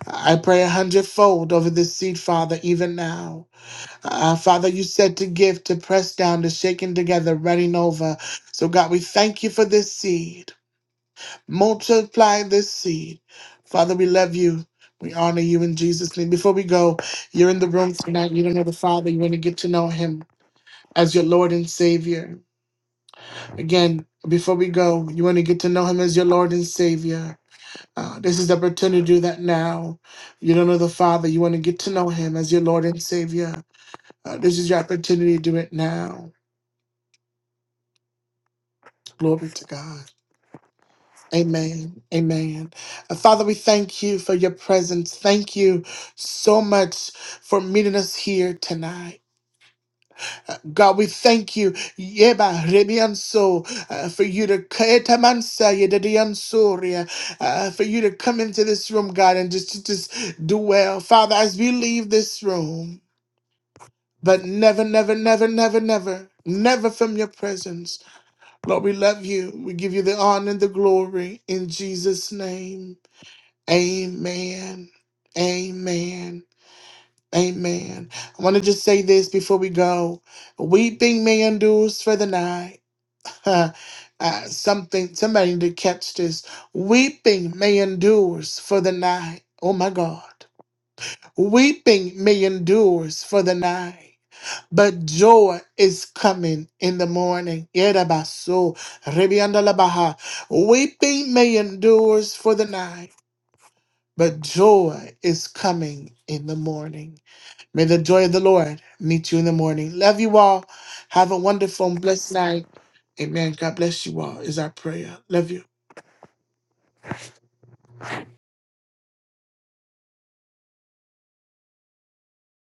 S2: I pray a hundredfold over this seed, Father, even now. Uh, Father, you said to give, to press down, to shaking together, running over. So, God, we thank you for this seed. Multiply this seed. Father, we love you. We honor you in Jesus' name. Before we go, you're in the room tonight. You don't know the Father. You want to get to know him as your Lord and Savior. Again, before we go, you want to get to know him as your Lord and Savior. Uh, this is the opportunity to do that now. You don't know the Father. You want to get to know Him as your Lord and Savior. Uh, this is your opportunity to do it now. Glory to God. Amen. Amen. Uh, Father, we thank you for your presence. Thank you so much for meeting us here tonight. Uh, God, we thank you, Yeba Remianso, uh, for you to Kaetamansa Yedadiansoria, uh, for you to come into this room, God, and just, just just do well. Father, as we leave this room, but never, never, never, never, never, never from your presence. Lord, we love you. We give you the honor and the glory in Jesus' name. Amen. Amen. Amen. I want to just say this before we go. Weeping may endures for the night. Huh. Uh, something, somebody need to catch this. Weeping may endures for the night. Oh my God. Weeping may endures for the night, but joy is coming in the morning. Yedabaso, rebiandalabaha. Weeping may endures for the night, but joy is coming in the morning. May the joy of the Lord meet you in the morning. Love you all. Have a wonderful and blessed night. Amen. God bless you all, is our prayer. Love you.